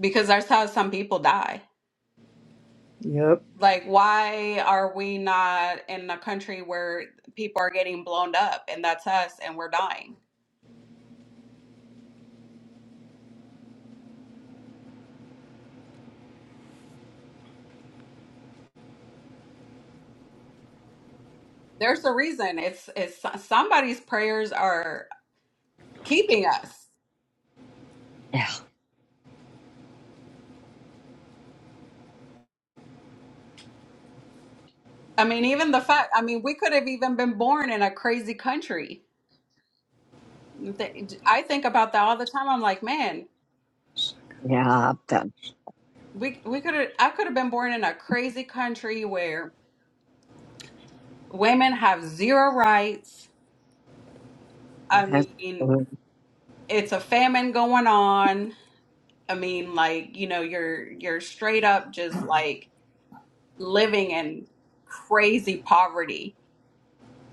Speaker 1: because that's how some people die.
Speaker 2: Yep.
Speaker 1: Like, why are we not in a country where people are getting blown up, and that's us, and we're dying? There's a reason. It's it's somebody's prayers are keeping us.
Speaker 3: yeah,
Speaker 1: I mean, even the fact, I mean, we could have even been born in a crazy country. Th- I think about that all the time. I'm like, man,
Speaker 3: yeah. I've done.
Speaker 1: we we could have I could have been born in a crazy country where women have zero rights. I
Speaker 3: That's,
Speaker 1: mean, it's a famine going on. I mean, like, you know, you're you're straight up just like living in crazy poverty.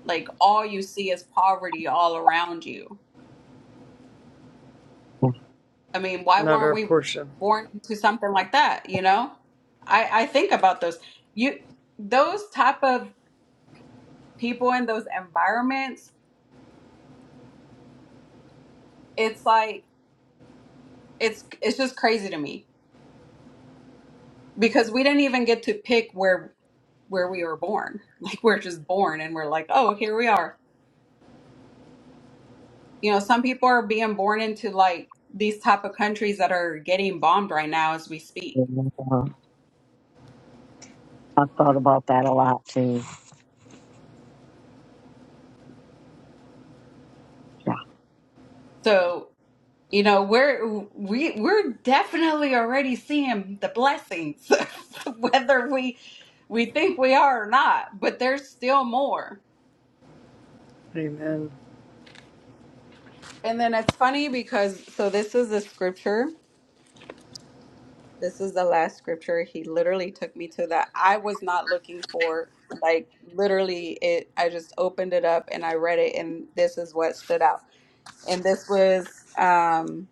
Speaker 1: Like all you see is poverty all around you I mean, why
Speaker 2: not
Speaker 1: weren't
Speaker 2: our
Speaker 1: we
Speaker 2: portion.
Speaker 1: born into something like that? You know, I I think about those you those type of people in those environments. It's like it's it's just crazy to me because we didn't even get to pick where where we were born. Like we're just born and we're like, oh, here we are. You know, some people are being born into like these type of countries that are getting bombed right now as we speak.
Speaker 3: I've thought about that a lot too. Yeah.
Speaker 1: So You know, we're we we're definitely already seeing the blessings, whether we we think we are or not, but there's still more.
Speaker 2: Amen.
Speaker 1: And then it's funny because so this is the scripture. This is the last scripture. He literally took me to that I was not looking for. Like literally it I just opened it up and I read it and this is what stood out. And this was um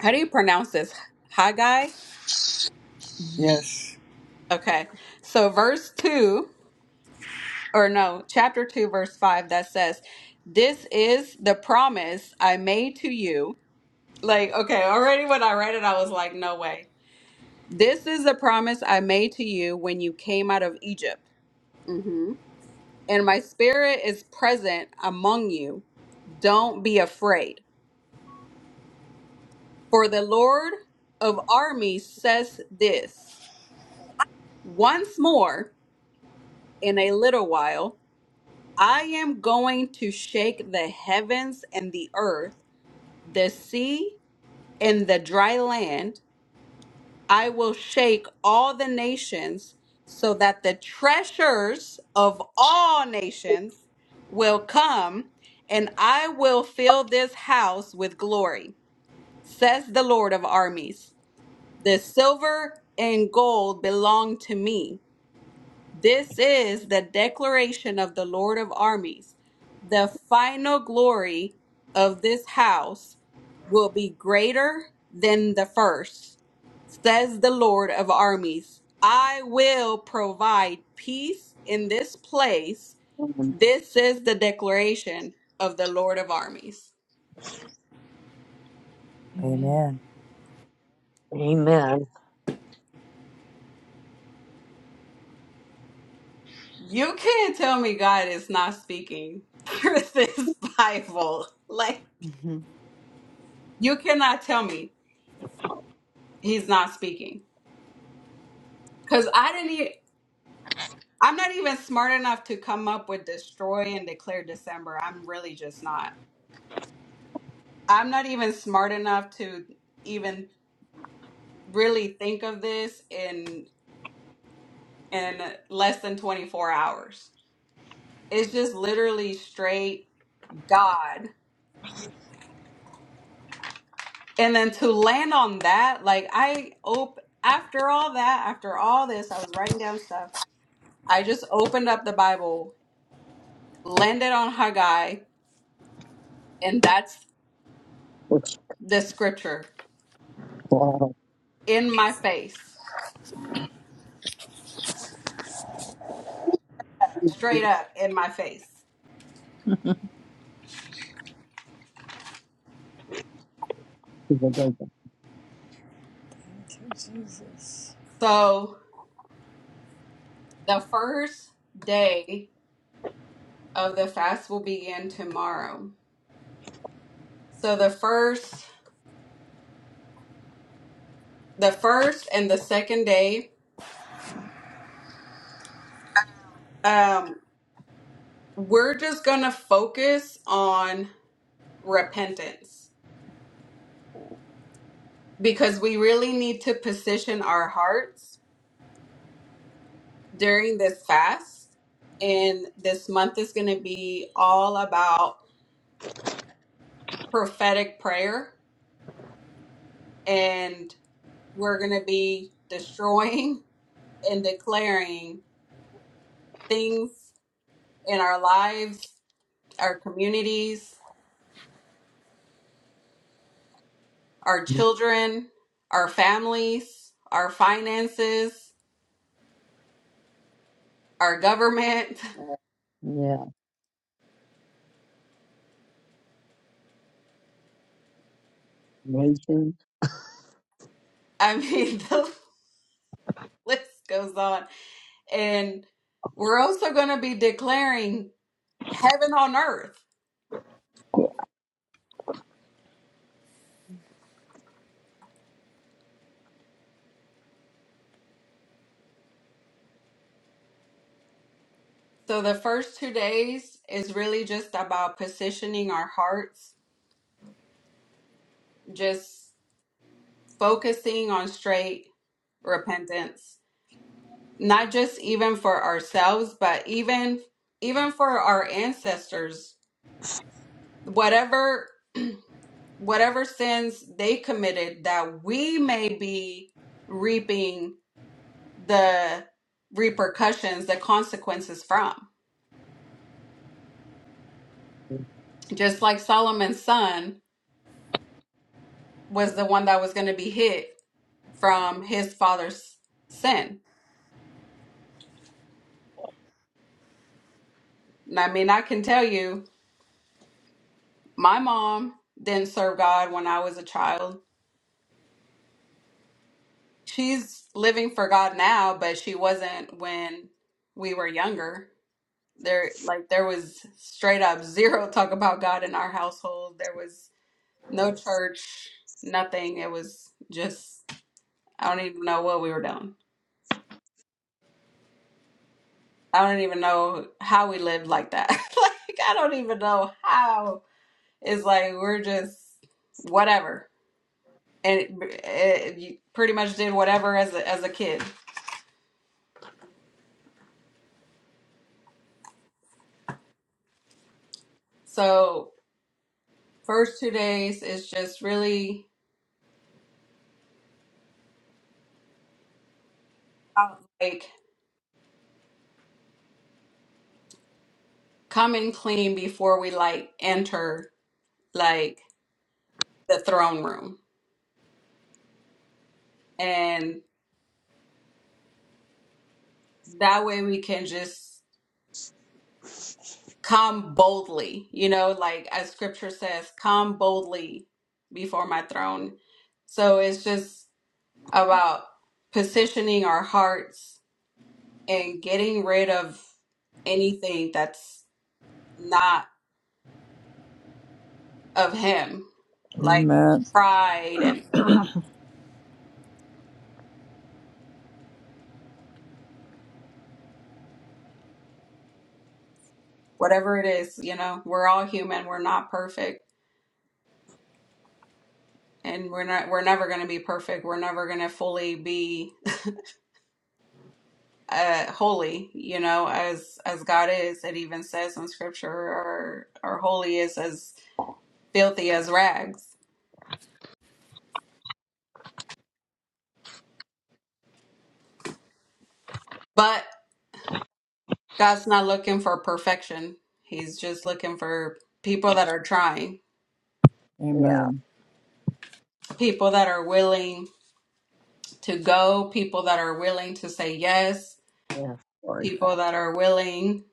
Speaker 1: how do you pronounce this? Haggai?
Speaker 4: Mm-hmm.
Speaker 2: Yes.
Speaker 1: Okay. So verse 2 or no, chapter 2, verse 5 that says, This is the promise I made to you. Like, okay, already when I read it, I was like, No way. This is the promise I made to you when you came out of Egypt. hmm And my spirit is present among you. Don't be afraid. For the Lord of armies says this once more in a little while, I am going to shake the heavens and the earth the sea in the dry land. I will shake all the nations so that the treasures of all nations will come, and I will fill this house with glory, says the Lord of armies. The silver and gold belong to me, this is the declaration of the Lord of armies. The final glory of this house will be greater than the first, says the Lord of armies. I will provide peace in this place.
Speaker 3: Um,
Speaker 1: This is the declaration of the Lord of armies.
Speaker 4: Amen.
Speaker 3: Amen.
Speaker 1: You can't tell me God is not speaking through this Bible. Like,
Speaker 4: Mm-hmm.
Speaker 1: you cannot tell me he's not speaking Because I didn't e I'm not even smart enough to come up with destroy and declare December. I'm really just not. I'm not even smart enough to even really think of this in in less than 24 hours. It's just literally straight God. And then to land on that, like I op after all that, after all this, I was writing down stuff. I just opened up the Bible, landed on Haggai, and that's
Speaker 3: Which,
Speaker 1: the scripture
Speaker 3: well,
Speaker 1: in my face,
Speaker 3: to
Speaker 1: straight up in my face.
Speaker 3: the
Speaker 2: Thank you, Jesus.
Speaker 1: So the first day of the fast will begin tomorrow. So the first, the first and the second day, um, we're just gonna focus on repentance because we really need to position our hearts during this fast. And this month is gonna be all about prophetic prayer and. we're going to be destroying and declaring things in our lives, our communities, our
Speaker 3: big-
Speaker 1: children, our families, our finances, our government.
Speaker 3: yeah, nation.
Speaker 1: I mean, the list goes on. And we're also going to be declaring heaven on earth.
Speaker 3: Yeah.
Speaker 1: So the first two days is really just about positioning our hearts, just focusing on straight repentance not just even for ourselves but even even for our ancestors whatever whatever sins they committed that we may be reaping the repercussions the consequences from just like solomon's son was the one that was going to be hit from his father's sin and i mean i can tell you my mom didn't serve god when i was a child she's living for God now, but she wasn't when we were younger. There, like, there was straight up zero talk about God in our household. There was no church, nothing. It was just, I don't even know what we were doing. I don't even know how we lived like that. like, I don't even know how. It's like we're just whatever, and it, it, you pretty much did whatever as a as a kid. So first two days is just really about like coming clean before we like enter like the throne room and that way we can just come boldly you know like as scripture says come boldly before my throne so it's just about positioning our hearts and getting rid of anything that's not of him like
Speaker 2: Amen.
Speaker 1: pride and whatever it is you know we're all human we're not perfect and we're not we're never going to be perfect we're never going to fully be uh holy you know as as god is it even says in scripture our our holy is as filthy as rags but god's not looking for perfection he's just looking for people that are trying
Speaker 3: yeah.
Speaker 2: Amen.
Speaker 1: people that are willing to go people that are willing to say yes
Speaker 3: Yeah, of course. yeah.
Speaker 1: people that are willing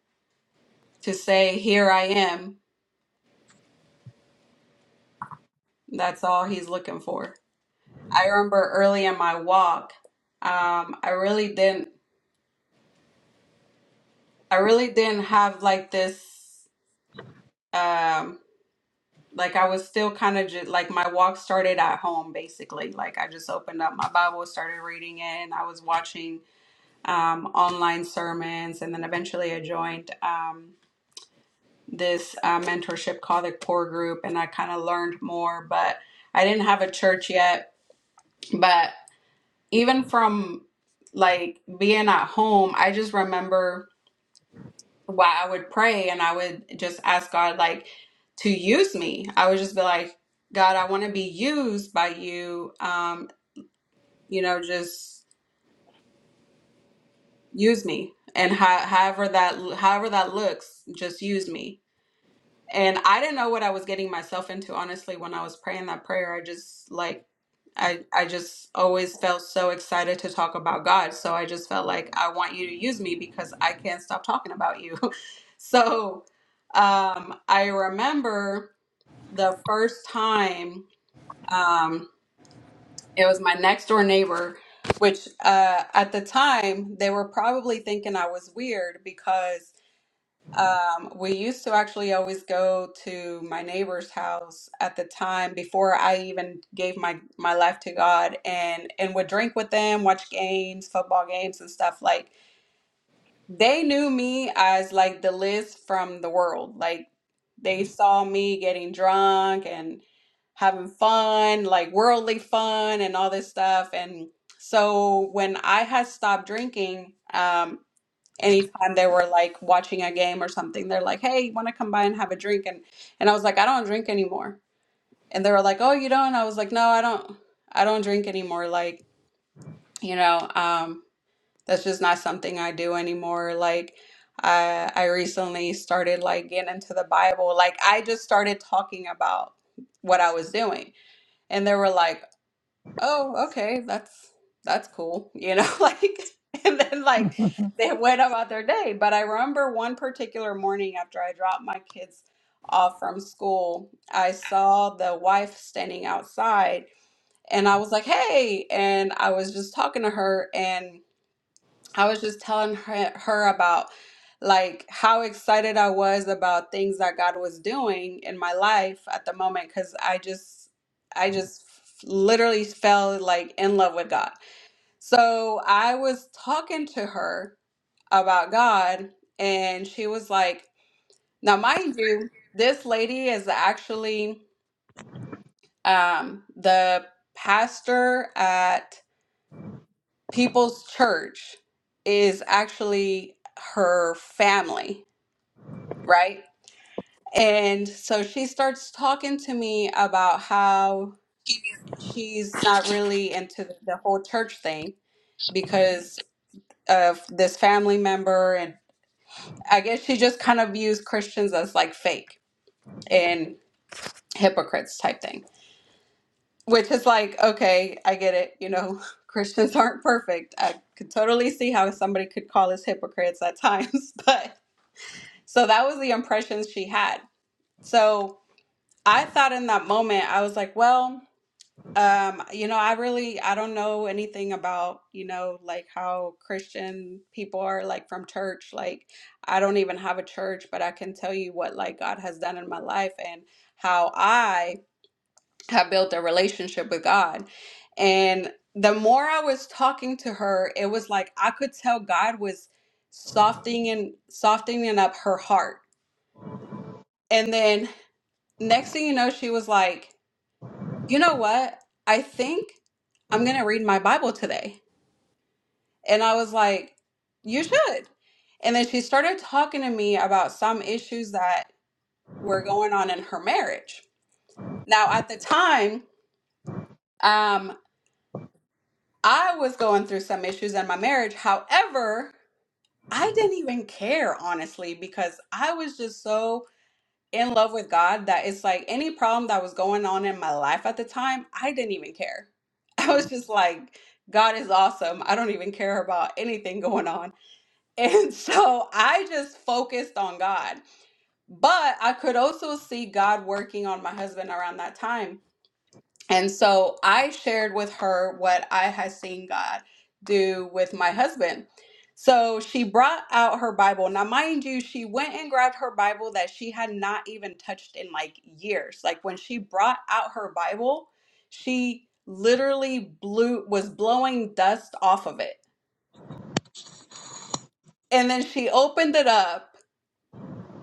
Speaker 1: to say here i am that's all he's looking for I remember early in my walk, um, I really didn't, I really didn't have like this, um, like I was still kind of just like my walk started at home basically. Like I just opened up my Bible, started reading it, and I was watching um, online sermons, and then eventually I joined um, this uh, mentorship called the Core Group, and I kind of learned more. But I didn't have a church yet. But even from like being at home, I just remember why I would pray and I would just ask God like to use me. I would just be like, God, I want to be used by you. Um, you know, just use me. And ho- however that however that looks, just use me And I didn't know what I was getting myself into, honestly, when I was praying that prayer. I just like I I just always felt so excited to talk about God. So I just felt like I want you to use me because I can't stop talking about you. so um I remember the first time um it was my next door neighbor, which uh at the time they were probably thinking I was weird because um, we used to actually always go to my neighbor's house at the time before I even gave my my life to God and and would drink with them, watch games, football games and stuff like they knew me as like the Liz from the world. Like they saw me getting drunk and having fun, like worldly fun and all this stuff and so when I had stopped drinking, um anytime they were like watching a game or something, they're like, "Hey, you want to come by and have a drink?" And and I was like, "I don't drink anymore." And they were like, "Oh, you don't?" I was like, "No, I don't. I don't drink anymore. Like, you know, um, that's just not something I do anymore. Like, I I recently started like getting into the Bible. Like, I just started talking about what I was doing, and they were like." oh, okay, that's that's cool, you know, like and then like they went about their day. But I remember one particular morning after I dropped my kids off from school, I saw the wife standing outside and I was like, "Hey," and I was just talking to her and. I was just telling her, her about like how excited I was about things that God was doing in my life at the moment because I just I just literally fell like in love with God. So I was talking to her about God and she was like, now mind you, this lady is actually um, the pastor at People's Church is actually her family right? And so she starts talking to me about how she's not really into the the whole church thing because of this family member. And I guess she just kind of views Christians as like fake and hypocrites type thing, which is like, okay, I get it. You know, Christians aren't perfect. I could totally see how somebody could call us hypocrites at times. But so that was the impression she had. So I thought in that moment, I was like, well, Um, you know, I really I don't know anything about, you know, like how Christian people are like from church. Like I don't even have a church, but I can tell you what like God has done in my life and how I have built a relationship with God. And the more I was talking to her, it was like I could tell God was softening and softening up her heart. And then next thing you know, she was like you know what? I think I'm going to read my Bible today. And I was like, you should. And then she started talking to me about some issues that were going on in her marriage. Now, at the time, um, I was going through some issues in my marriage. However, I didn't even care, honestly, because I was just so in love with God that it's like any problem that was going on in my life at the time, I didn't even care. I was just like, God is awesome. I don't even care about anything going on. And so I just focused on God. But I could also see God working on my husband around that time and so I shared with her what I had seen God do with my husband. So she brought out her Bible. Now, mind you, she went and grabbed her Bible that she had not even touched in like years. Like when she brought out her Bible, she literally blew was blowing dust off of it. And then she opened it up.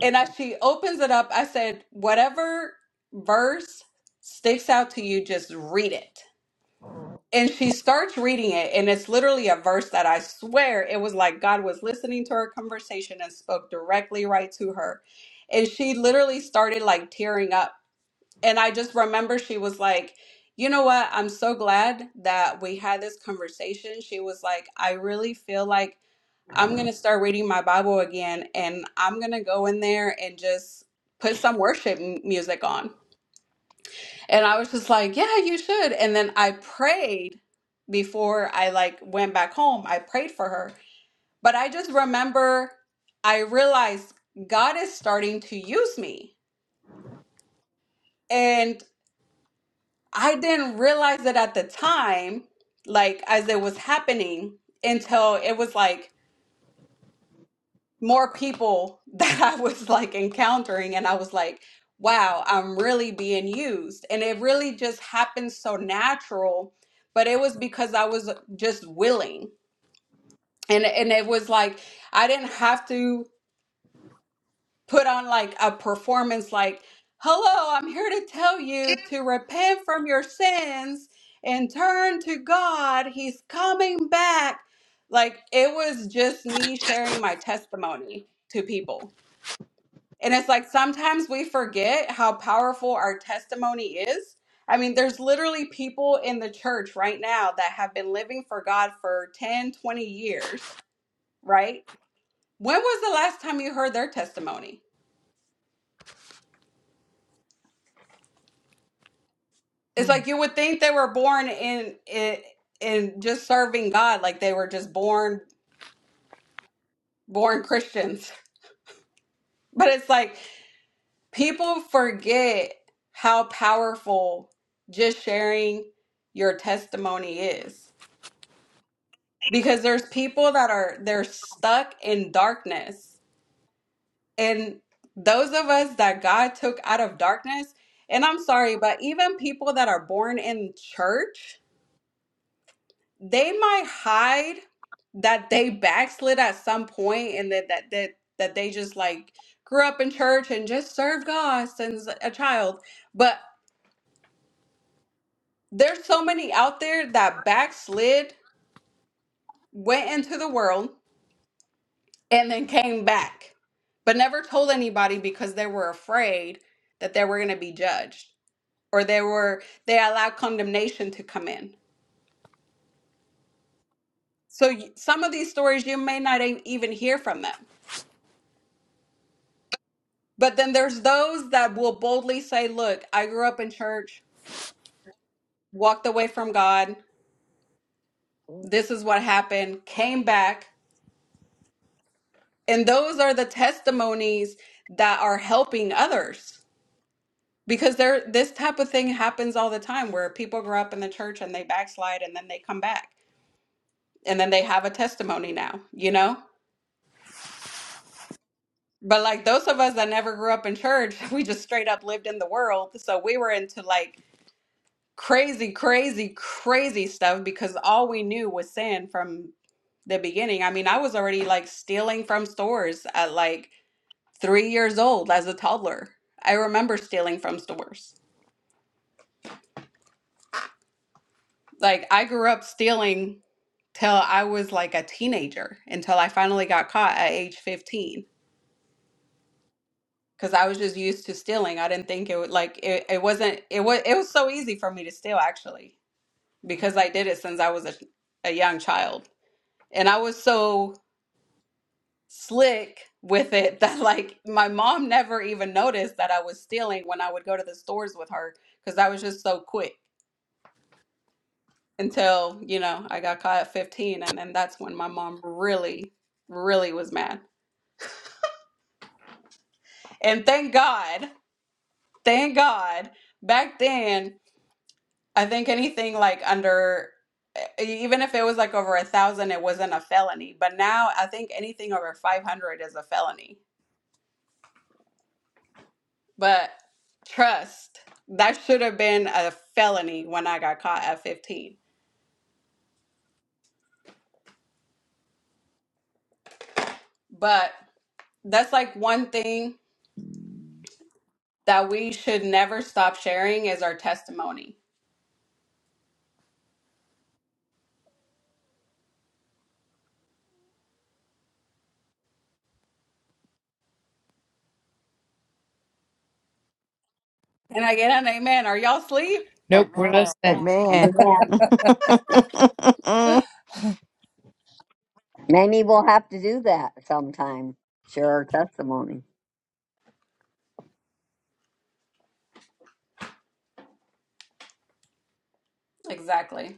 Speaker 1: And as she opens it up, I said, Whatever verse sticks out to you, just read it.
Speaker 4: Oh.
Speaker 1: and she starts reading it and it's literally a verse that i swear it was like god was listening to her conversation and spoke directly right to her and she literally started like tearing up and i just remember she was like you know what i'm so glad that we had this conversation she was like i really feel like i'm going to start reading my bible again and i'm going to go in there and just put some worship m- music on and I was just like, yeah, you should. And then I prayed before I like went back home. I prayed for her. But I just remember I realized God is starting to use me. And I didn't realize it at the time, like as it was happening until it was like more people that I was like encountering, and I was like, wow, I'm really being used. And it really just happened so natural, but it was because I was just willing. And, and it was like, I didn't have to put on like a performance, like, hello, I'm here to tell you to repent from your sins and turn to God. He's coming back. Like, it was just me sharing my testimony to people And it's like sometimes we forget how powerful our testimony is. I mean, there's literally people in the church right now that have been living for God for 10, 20 years, right? When was the last time you heard their testimony? It's
Speaker 4: Mm.
Speaker 1: like you would think they were born in in, in just serving God, like they were just born born Christians. But it's like people forget how powerful just sharing your testimony is because there's people that are they're stuck in darkness and those of us that god took out of darkness and i'm sorry but even people that are born in church they might hide that they backslid at some point and that that that, that they just like grew up in church and just served god since a child but there's so many out there that backslid went into the world and then came back, but never told anybody because they were afraid that they were going to be judged or they were they allowed condemnation to come in. So y- some of these stories you may not e- even hear from them. But then there's those that will boldly say, "Look, I grew up in church, walked away from God. This is what happened, came back." And those are the testimonies that are helping others. because there this type of thing happens all the time where people grow up in the church and they backslide and then they come back and then they have a testimony now you know but like those of us that never grew up in church we just straight up lived in the world so we were into like crazy crazy crazy stuff because all we knew was sin from the beginning i mean i was already like stealing from stores at like 3 years old as a toddler i remember stealing from stores Like I grew up stealing till I was like a teenager until I finally got caught at age 15 cuz I was just used to stealing. I didn't think it would like it, it wasn't it was it was so easy for me to steal actually because
Speaker 4: Ah.
Speaker 1: I did it since I was a, a young child. And I was so slick with it that like my mom never even noticed that I was stealing when I would go to the stores with her cuz I was just so quick. until, you know, I got caught at 15. And then that's when my mom really, really was mad. And thank God, thank God, back then, I think anything like under, e- e, even if it was like over a thousand, it wasn't a felony. But now I think anything over 500 is a felony. But trust, that should have been a felony when I got caught at 15. But that's like one thing that we should never stop sharing is our testimony Can I get an amen? Are y'all asleep?
Speaker 3: Amen. Many will have to do that sometime. Share our testimony.
Speaker 1: Exactly.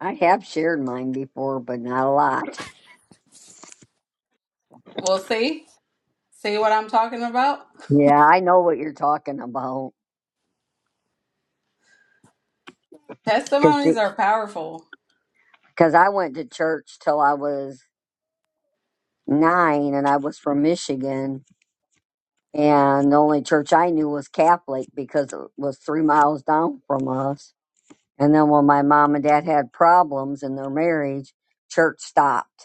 Speaker 3: I have shared mine before, but not a lot.
Speaker 1: We'll see. See what I'm talking about?
Speaker 3: Yeah, I know what you're talking about.
Speaker 1: Testimonies
Speaker 3: Because
Speaker 1: are powerful.
Speaker 3: I went to church till I was nine, and I was from Michigan, and the only church I knew was Catholic because it was three miles down from us. And then when my mom and dad had problems in their marriage, church stopped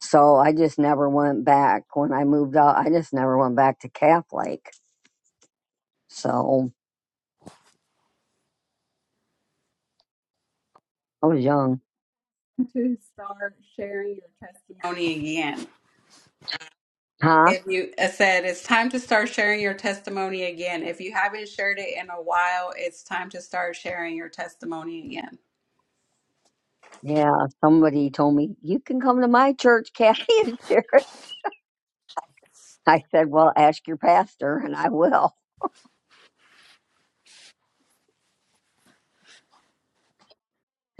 Speaker 3: So I just never went back. When I moved out, I just never went back to Catholic. So I was young.
Speaker 1: To start sharing your testimony again.
Speaker 3: Huh?
Speaker 1: If you I said it's time to start sharing your testimony again. If you haven't shared it in a while, it's time to start sharing your testimony again.
Speaker 3: Yeah, somebody told me, you can come to my church, Kathy and Jared. I said, well, ask your pastor and I will.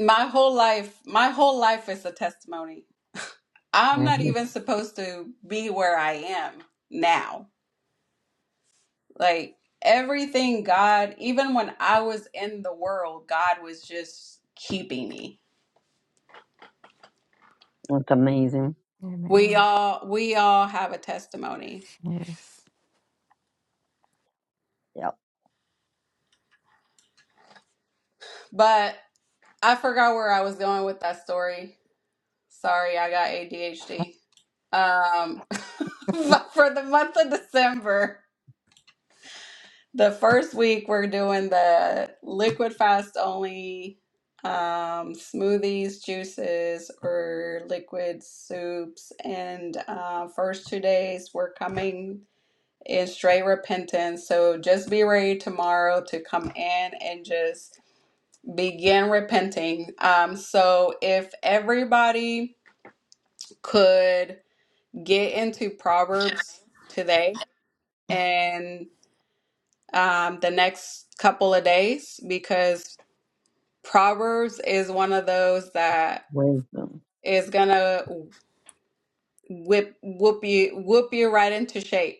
Speaker 1: My whole life, my whole life is a testimony. I'm not
Speaker 3: Mhm.
Speaker 1: even supposed to be where I am now. Like everything God, even when I was in the world, God was just keeping me.
Speaker 3: That's amazing.
Speaker 1: We
Speaker 4: Amen.
Speaker 1: all we all have a testimony.
Speaker 4: Yes.
Speaker 3: Yep.
Speaker 1: But I forgot where I was going with that story. Sorry, I got ADHD. Um but for the month of December. The first week we're doing the liquid fast only um, smoothies, juices, or liquid soups. And uh, first two days we're coming in straight repentance. So just be ready tomorrow to come in and just begin repenting. Um, so if everybody could get into Proverbs today and um, the next couple of days because Proverbs is one of those that
Speaker 3: Wisdom.
Speaker 1: is gonna whip whoop you whoop you right into shape.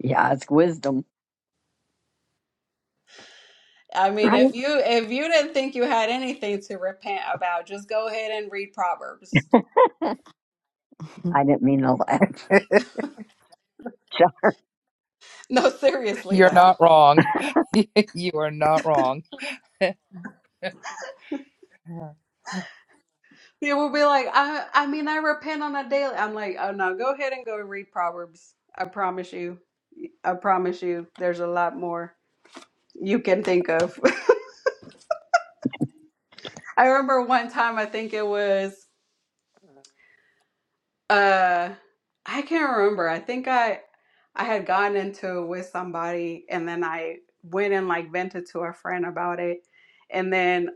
Speaker 3: Yeah, it's wisdom.
Speaker 1: I mean,
Speaker 3: Right.
Speaker 1: if you if you didn't think you had anything to repent about, just go ahead and read Proverbs.
Speaker 3: I didn't mean to laugh.
Speaker 1: No, seriously
Speaker 8: You're
Speaker 1: though,
Speaker 8: not wrong. you are not wrong.
Speaker 1: you will be like, I I mean, I repent on a daily. I'm like, oh no, go ahead and go read Proverbs. I promise you, I promise you, there's a lot more you can think of. I remember one time, I think it was Uh, I can't remember. I think I I had gotten into it with somebody and then I went and like vented to a friend about it. And then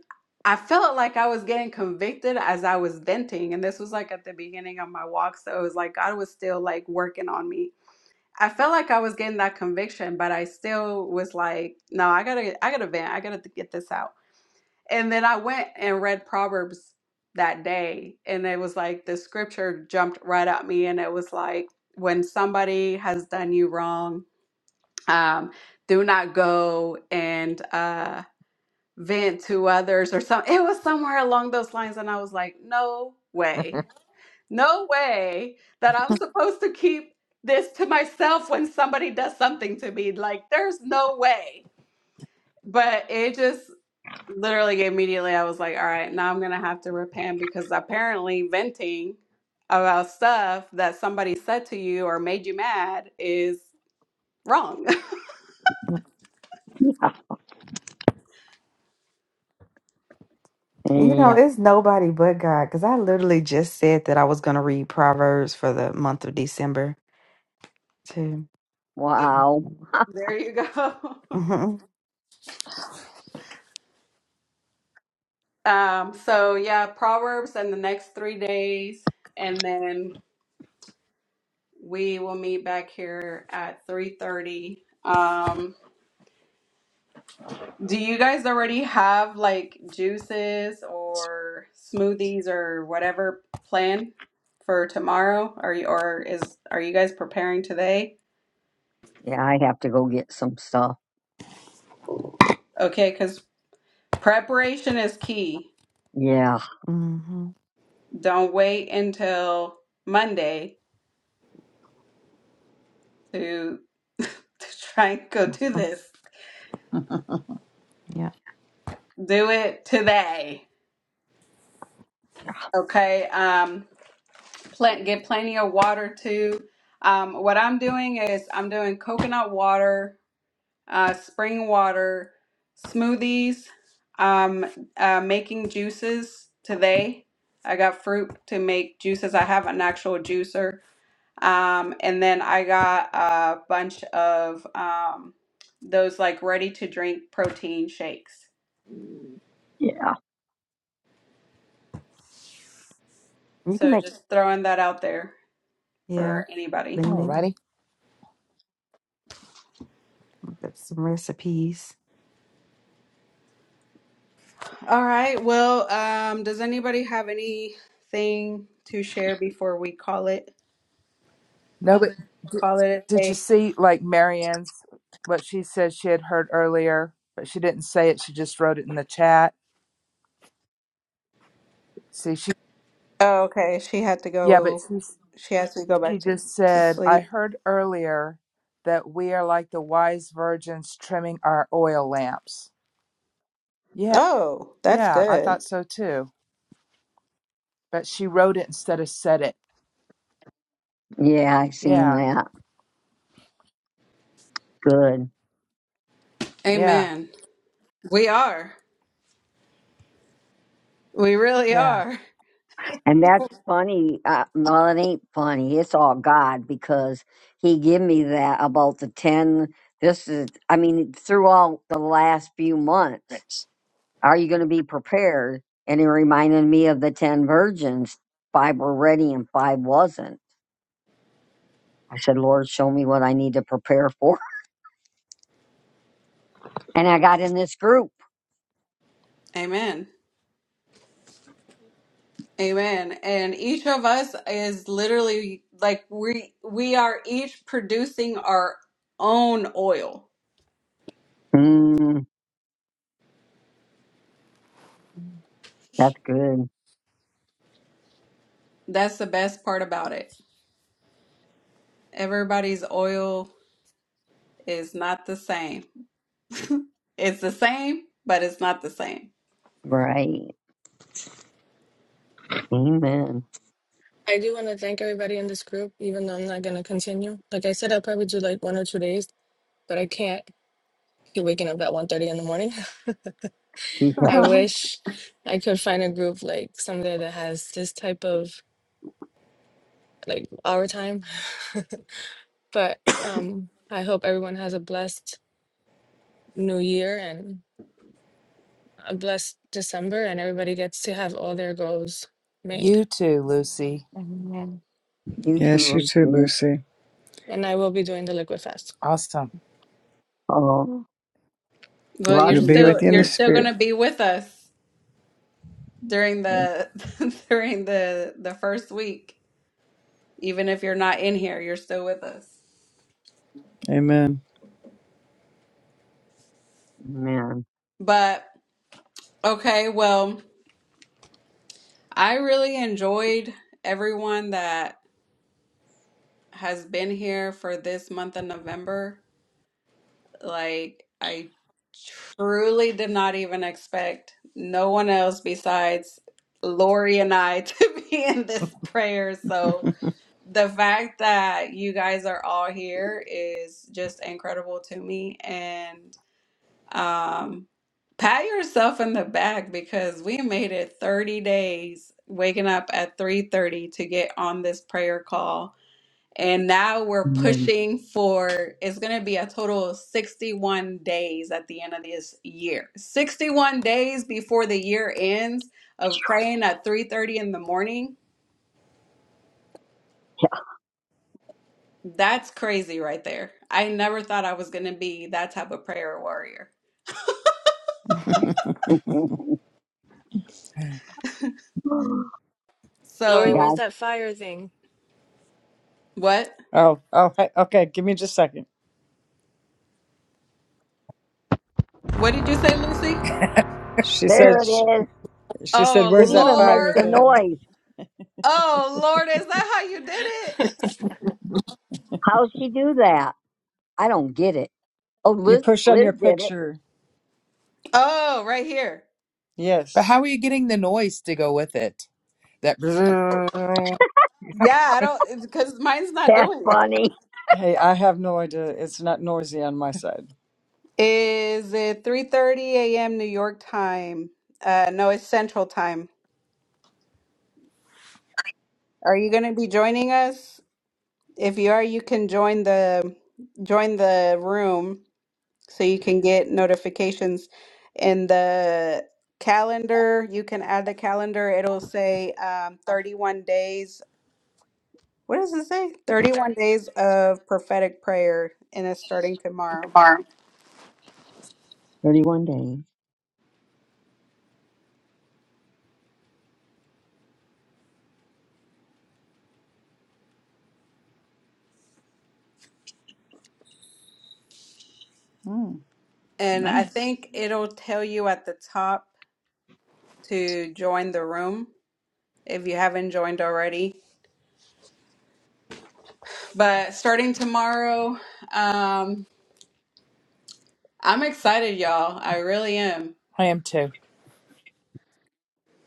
Speaker 1: I felt like I was getting convicted as I was venting. And this was like at the beginning of my walk. So it was like God was still like working on me. I felt like I was getting that conviction, but I still was like, no, I gotta, I gotta vent. I gotta get this out. And then I went and read Proverbs that day, and it was like the scripture jumped right at me, and it was like, when somebody has done you wrong, um, do not go and uh, vent to others or something. It was somewhere along those lines, and I was like, no way, no way that I'm supposed to keep this to myself when somebody does something to me. Like, there's no way but it just Literally immediately, I was like, all right, now I'm gonna have to repent because apparently venting about stuff that somebody said to you or made you mad is wrong.
Speaker 4: You know,
Speaker 3: Yeah.
Speaker 4: it's nobody but God because I literally just said that I was going to read Proverbs for the month of December. Too.
Speaker 3: Wow.
Speaker 1: There you go.
Speaker 4: hmm
Speaker 1: Um, so yeah, Proverbs in the next three days, and then we will meet back here at 3:30. Um, Do you guys already have like juices or smoothies or whatever planned for tomorrow? Are you or is are you guys preparing today?
Speaker 3: Yeah, I have to go get some stuff.
Speaker 1: Okay, because preparation is key.
Speaker 3: Yeah.
Speaker 4: hmm
Speaker 1: Don't wait until Monday to to try and go do this.
Speaker 4: Yeah.
Speaker 1: Do it today. Okay. Um, pl- get plenty of water too. Um, what I'm doing is I'm doing coconut water uh, spring water, smoothies, um, uh, making juices today. I got fruit to make juices. I have an actual juicer. Um, and then I got a bunch of um, those like ready to drink protein shakes.
Speaker 3: Yeah.
Speaker 4: You can
Speaker 1: So
Speaker 4: make,
Speaker 1: just throwing that out there
Speaker 4: yeah,
Speaker 1: for anybody.
Speaker 4: blending.
Speaker 8: Alrighty.
Speaker 4: Get some recipes.
Speaker 1: All right. Well, um, does anybody have anything to share before we call it
Speaker 8: No, but did,
Speaker 1: call it
Speaker 8: did
Speaker 1: a
Speaker 8: you
Speaker 1: day?
Speaker 8: see like Marianne's what she said she had heard earlier, but she didn't say it. She just wrote it in the chat. See, she
Speaker 1: Oh, okay. She had to
Speaker 8: yeah, but
Speaker 1: go.
Speaker 8: she
Speaker 1: She has to go back
Speaker 8: she
Speaker 1: to,
Speaker 8: just
Speaker 1: to
Speaker 8: said I
Speaker 1: sleep.
Speaker 8: heard earlier that we are like the wise virgins trimming our oil lamps. Yeah,
Speaker 1: Oh, that's
Speaker 8: yeah, I thought
Speaker 1: good.
Speaker 8: so too. But she wrote it instead of said it.
Speaker 3: Yeah, I seen
Speaker 8: Yeah,
Speaker 3: that. Good.
Speaker 8: yeah,
Speaker 1: Amen. We are. We really
Speaker 8: yeah.
Speaker 1: are.
Speaker 3: And that's funny. Uh, well, it ain't funny. It's all God because He give me that about the ten. This is, I mean, through all the last few months,
Speaker 4: Thanks.
Speaker 3: are you going to be prepared? And it reminded me of the ten virgins. Five were ready and five wasn't. I said, Lord, show me what I need to prepare for. And I got in this group.
Speaker 1: Amen. Amen. And each of us is literally like we we are each producing our own oil.
Speaker 3: Mm, that's good.
Speaker 1: That's the best part about it. Everybody's oil is not the same. It's the same, but it's not the same.
Speaker 3: Right. Amen.
Speaker 7: I do want to thank everybody in this group, even though I'm not going to continue. Like I said, I'll probably do like one or two days, but I can't keep waking up at one thirty in the morning.
Speaker 3: Yeah.
Speaker 7: I wish I could find a group like somewhere that has this type of like our time. but um, I hope everyone has a blessed new year and. a blessed December and everybody gets to have all their goals made.
Speaker 8: You too, Lucy.
Speaker 4: Amen.
Speaker 3: You
Speaker 2: Yes, you
Speaker 3: too,
Speaker 2: too,
Speaker 3: Lucy.
Speaker 2: Lucy.
Speaker 7: And I will be doing the Liquid Fast.
Speaker 8: Awesome.
Speaker 3: Oh,
Speaker 1: Well, you're
Speaker 2: We'll
Speaker 3: love you,
Speaker 2: be
Speaker 1: still
Speaker 2: with you in
Speaker 3: Lucy.
Speaker 2: the
Speaker 1: you're still going
Speaker 2: spirit.
Speaker 1: to be with us. during the during the the first week even if you're not in here you're still with us
Speaker 2: Amen.
Speaker 3: Amen.
Speaker 1: but okay well i really enjoyed everyone that has been here for this month of november like i truly did not even expect no one else besides lori and i to be in this prayer so the fact that you guys are all here is just incredible to me and Um, pat yourself in the back because we made it 30 days waking up at 3:30 to get on this prayer call. And now we're
Speaker 3: Amen.
Speaker 1: pushing for it's going to be a total of 61 days at the end of this year. 61 days before the year ends of praying at 3:30 in the morning. That's crazy right there. I never thought I was going to be that type of prayer warrior.
Speaker 7: Lori, where's
Speaker 1: So,
Speaker 3: God,
Speaker 7: that fire thing?
Speaker 1: what?
Speaker 2: Oh, all right. Okay, give me just a second.
Speaker 1: What did you say, Lucy?
Speaker 2: She said,
Speaker 3: there it is.
Speaker 2: she said,
Speaker 1: Oh
Speaker 3: It
Speaker 2: where's that
Speaker 3: even makes
Speaker 2: fire
Speaker 1: Lord.
Speaker 3: a
Speaker 2: thing?
Speaker 3: noise.
Speaker 1: Oh Lord, is that how you did it?
Speaker 3: how she do that? I don't get it. Oh,
Speaker 2: You
Speaker 3: Liz,
Speaker 2: push on
Speaker 3: Liz
Speaker 2: your
Speaker 3: did it.
Speaker 2: picture.
Speaker 1: Oh, right here.
Speaker 8: But
Speaker 2: Yes.
Speaker 8: how are you getting the noise to go with it? That brrrr.
Speaker 1: Yeah, I don't because mine's not
Speaker 3: That's
Speaker 1: doing it.
Speaker 3: funny.
Speaker 2: Hey, I have no idea. It's not noisy on my side.
Speaker 1: Is it 3:30 a.m. New York time? Uh no, it's Central time. Are you going to be joining us? If you are, you can join the join the room so you can get notifications in the calendar. You can add the calendar. It'll say um 31 days What does it say? 31 days of prophetic prayer, and it's starting tomorrow.
Speaker 4: Tomorrow.
Speaker 3: 31 days.
Speaker 1: And I
Speaker 2: Nice.
Speaker 1: think it'll tell you at the top to join the room if you haven't joined already. But starting tomorrow, um, I'm excited, y'all. I really am.
Speaker 8: I am too.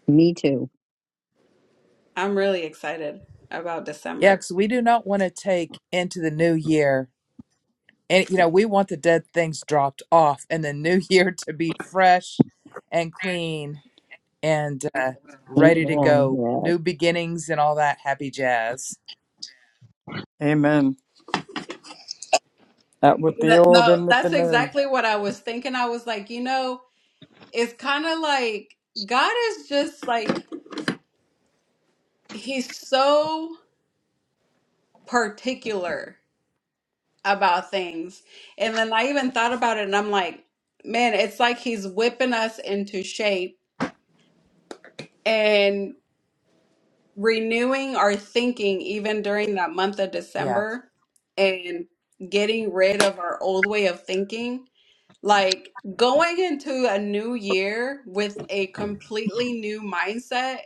Speaker 3: Me too.
Speaker 1: I'm really excited about
Speaker 8: Yeah,
Speaker 1: December.
Speaker 8: because we do not want to take into the new year, and you know, we want the dead things dropped off and the new year to be fresh and clean and uh, ready to
Speaker 3: Amen.
Speaker 8: go.
Speaker 3: Yeah.
Speaker 8: New beginnings and all that happy jazz.
Speaker 2: Amen. Out with the
Speaker 1: That-
Speaker 2: old
Speaker 1: No,
Speaker 2: and with the
Speaker 1: that's
Speaker 2: new.
Speaker 1: exactly what I was thinking. I was like, you know, it's kind of like God is just like, He's so particular about things. And then I even thought about it and I'm like, man, it's like he's whipping us into shape and renewing our thinking even during that month of
Speaker 8: Yeah,
Speaker 1: December and getting rid of our old way of thinking. Like going into a new year with a completely new mindset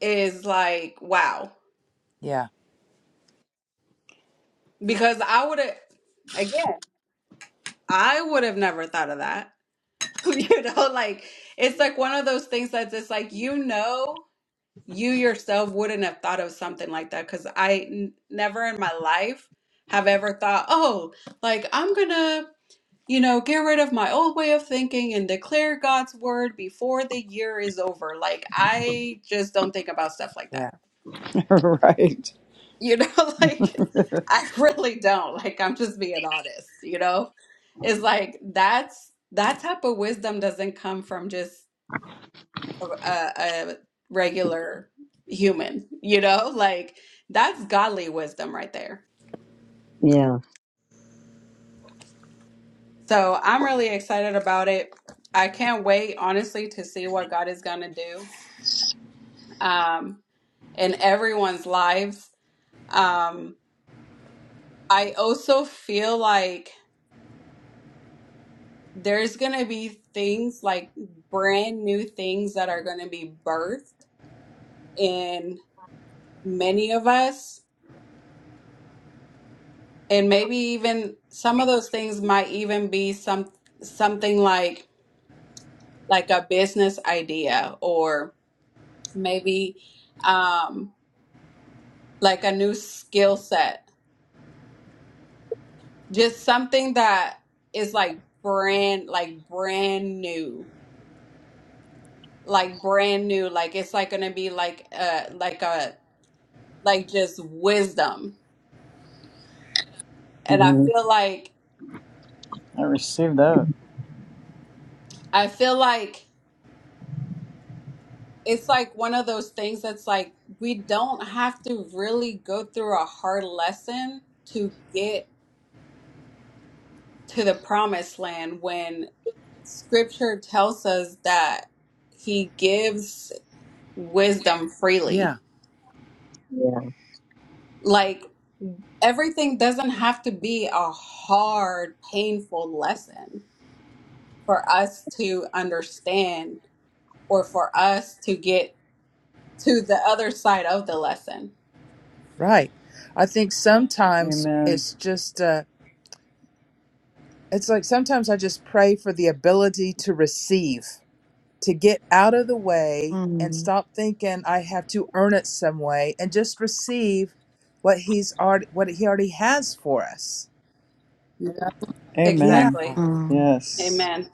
Speaker 1: is like, wow.
Speaker 8: yeah,
Speaker 1: Because I would have, again, I would have never thought of that you know like it's like one of those things that's just like you know you yourself wouldn't have thought of something like that because I n- never in my life have ever thought oh like i'm gonna you know get rid of my old way of thinking and declare god's word before the year is over like i just don't think about stuff like that
Speaker 8: yeah,
Speaker 2: right.
Speaker 1: you know like i really don't like i'm just being honest you know it's like that's that type of wisdom doesn't come from just a, a regular human, you know? Like that's godly wisdom right there.
Speaker 3: Yeah.
Speaker 1: So I'm really excited about it. I can't wait, honestly, to see what God is going to do um, in everyone's lives. Um, I also feel like there's going to be things like brand new things that are going to be birthed in many of us and maybe even some of those things might even be some something like like a business idea or maybe um like a new skill set just something that is like brand like brand new like brand new like it's like gonna be like uh like a like just wisdom and i
Speaker 3: Mhm.
Speaker 1: feel like
Speaker 2: I received that.
Speaker 1: i feel like it's like one of those things that's like we don't have to really go through a hard lesson to get to the promised land when scripture tells us that he gives wisdom
Speaker 8: yeah.
Speaker 1: freely.
Speaker 3: Yeah.
Speaker 1: Like everything doesn't have to be a hard, painful lesson for us to understand or for us to get to the other side of the lesson.
Speaker 8: Right. I think sometimes
Speaker 2: Amen.
Speaker 8: it's just, uh, it's like sometimes I just pray for the ability to receive to get out of the way and
Speaker 4: Mm,
Speaker 8: stop thinking I have to earn it some way and just receive what he's already what he already has for us. Yeah.
Speaker 2: Amen.
Speaker 1: Exactly.
Speaker 4: mm,
Speaker 2: Yes.
Speaker 1: Amen.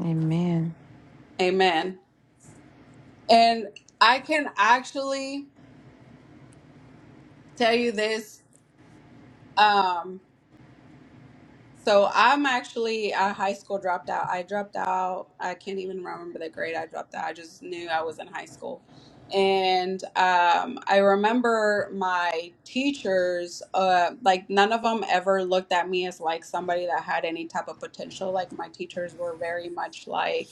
Speaker 4: amen.
Speaker 1: Amen. And I can actually tell you this. Um, so I'm actually a high school dropped out. I dropped out. I can't even remember the grade I dropped out. I just knew I was in high school. And um, I remember my teachers, uh, like none of them ever looked at me as like somebody that had any type of potential. Like my teachers were very much like,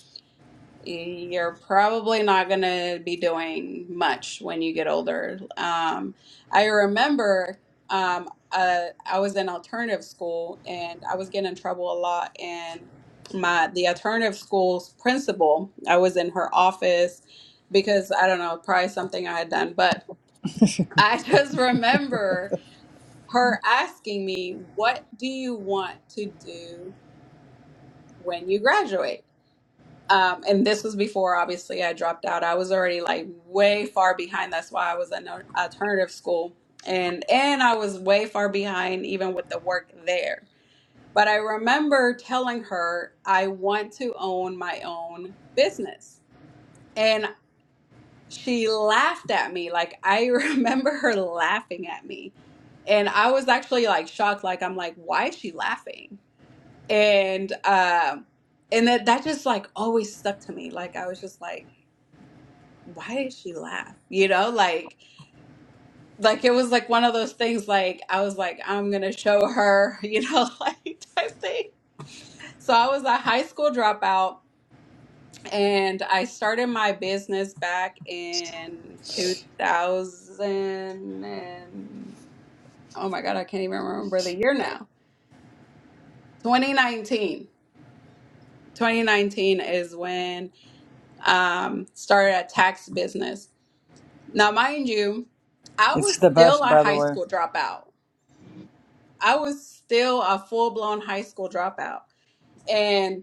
Speaker 1: you're probably not going to be doing much when you get older. Um, I remember um, uh, I was in alternative school and I was getting in trouble a lot. And my the alternative school's principal, I was in her office because I don't know, probably something I had done, but I just remember her asking me, "What do you want to do when you graduate?" Um, and this was before, obviously, I dropped out. I was already like way far behind. That's why I was in an alternative school, and and I was way far behind even with the work there. But I remember telling her I want to own my own business, and she laughed at me. Like I remember her laughing at me, and I was actually like shocked. Like I'm like, why is she laughing? And um, and that that just like always stuck to me. Like I was just like why did she laugh? You know, like like it was like one of those things like I was like, I'm gonna show her, you know, like type thing. So I was a high school dropout and I started my business back in 2000 and oh my God, I can't even remember the year now. 2019. 2019 is when um started a tax business. Now, mind you, I
Speaker 2: It's
Speaker 1: was
Speaker 2: the
Speaker 1: still
Speaker 2: best,
Speaker 1: a
Speaker 2: by the
Speaker 1: high
Speaker 2: way.
Speaker 1: school dropout. I was still a full blown high school dropout. And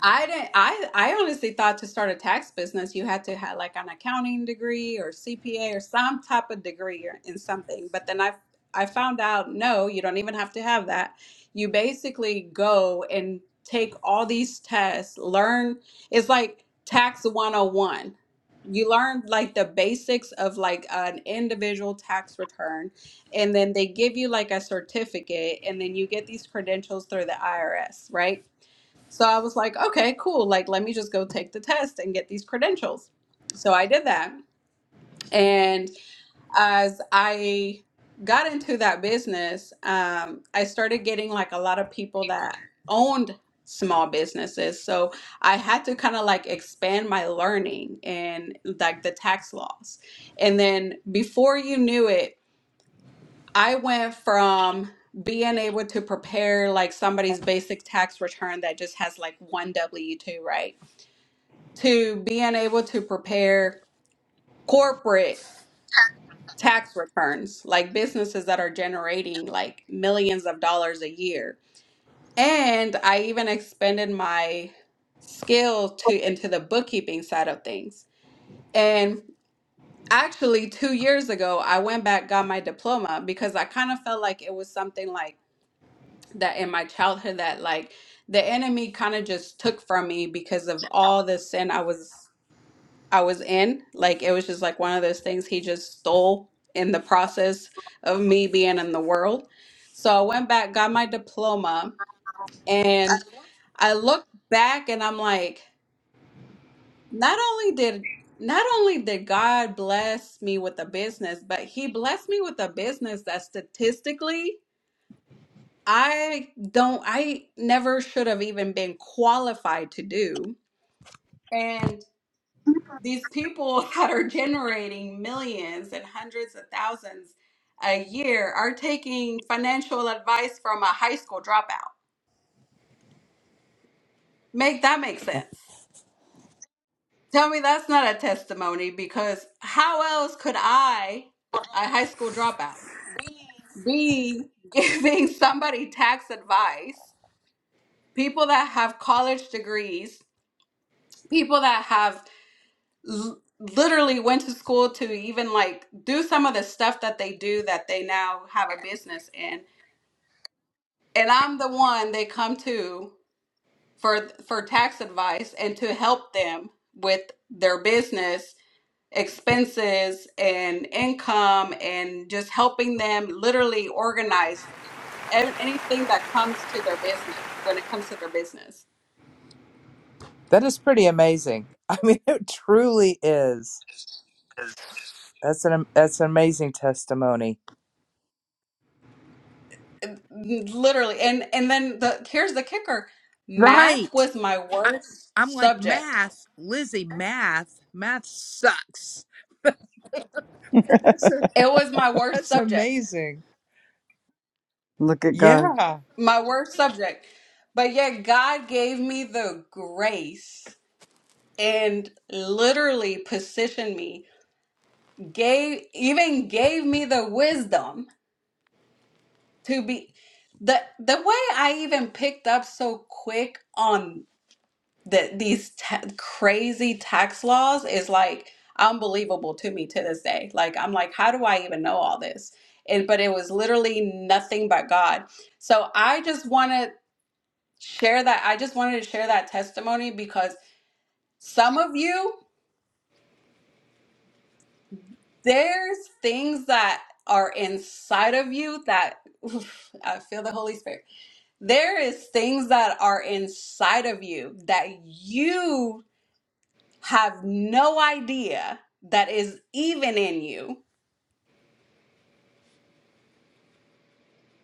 Speaker 1: I didn't. I I honestly thought to start a tax business, you had to have like an accounting degree or CPA or some type of degree or, in something. But then I I found out no, you don't even have to have that. You basically go and take all these tests, learn. It's like tax 101. You learn like the basics of like an individual tax return, and then they give you like a certificate, and then you get these credentials through the IRS, right? So I was like, okay, cool. Like, let me just go take the test and get these credentials. So I did that. And as I got into that business, um, I started getting like a lot of people that owned small businesses. So I had to kind of like expand my learning and like the tax laws. And then before you knew it, I went from being able to prepare like somebody's basic tax return that just has like one W 2, right? to being able to prepare corporate tax returns, like businesses that are generating like millions of dollars a year. And I even expanded my skill to into the bookkeeping side of things. And actually 2 years ago, I went back got my diploma because I kind of felt like it was something like that in my childhood that like the enemy kind of just took from me because of all the sin I was I was in. Like it was just like one of those things he just stole in the process of me being in the world. So I went back, got my diploma, and I look back and I'm like, not only did not only did God bless me with a business, but he blessed me with a business that statistically I don't I never should have even been qualified to do. And. these people that are generating millions and hundreds of thousands a year are taking financial advice from a high school dropout. Make that make sense. Tell me that's not a testimony because how else could I, a high school dropout, be giving somebody tax advice? People that have college degrees, people that have l- literally went to school to even like do some of the stuff that they do that they now have a business in and i'm the one they come to for for tax advice and to help them with their business expenses and income and just helping them literally organize an- anything that comes to their business when it comes to their business
Speaker 8: That is pretty amazing. I mean it truly is. That's an that's an amazing testimony.
Speaker 1: And- literally and and then the here's the kicker math
Speaker 8: Right.
Speaker 1: was my
Speaker 8: I,
Speaker 1: worst
Speaker 8: I'm like
Speaker 1: subject
Speaker 8: math, Lizzie. Math, math sucks. But That's a,
Speaker 1: It was my worst
Speaker 8: that's
Speaker 1: subject.
Speaker 8: amazing.
Speaker 2: Look at God.
Speaker 8: Yeah.
Speaker 1: My worst subject. But yet God gave me the grace and literally positioned me, gave even gave me the wisdom to be the the way I even picked up so quick on the these ta crazy tax laws is like unbelievable to me to this day. Like I'm like, how do I even know all this? And but it was literally nothing but God. So I just wanted share that. I just wanted to share that testimony because some of you, there's things that are inside of you that oof, I feel the Holy Spirit. There is things that are inside of you that you have no idea that is even in you.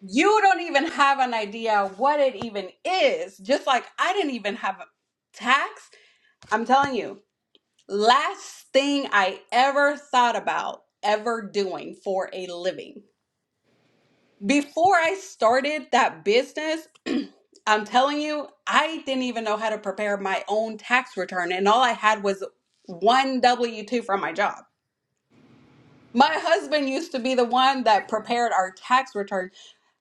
Speaker 1: You don't even have an idea what it even is. Just like I didn't even have a tax. I'm telling you, Last thing I ever thought about ever doing for a living. Before I started that business, I'm telling you, I didn't even know how to prepare my own tax return, and all I had was one W 2 from my job. My husband used to be the one that prepared our tax return.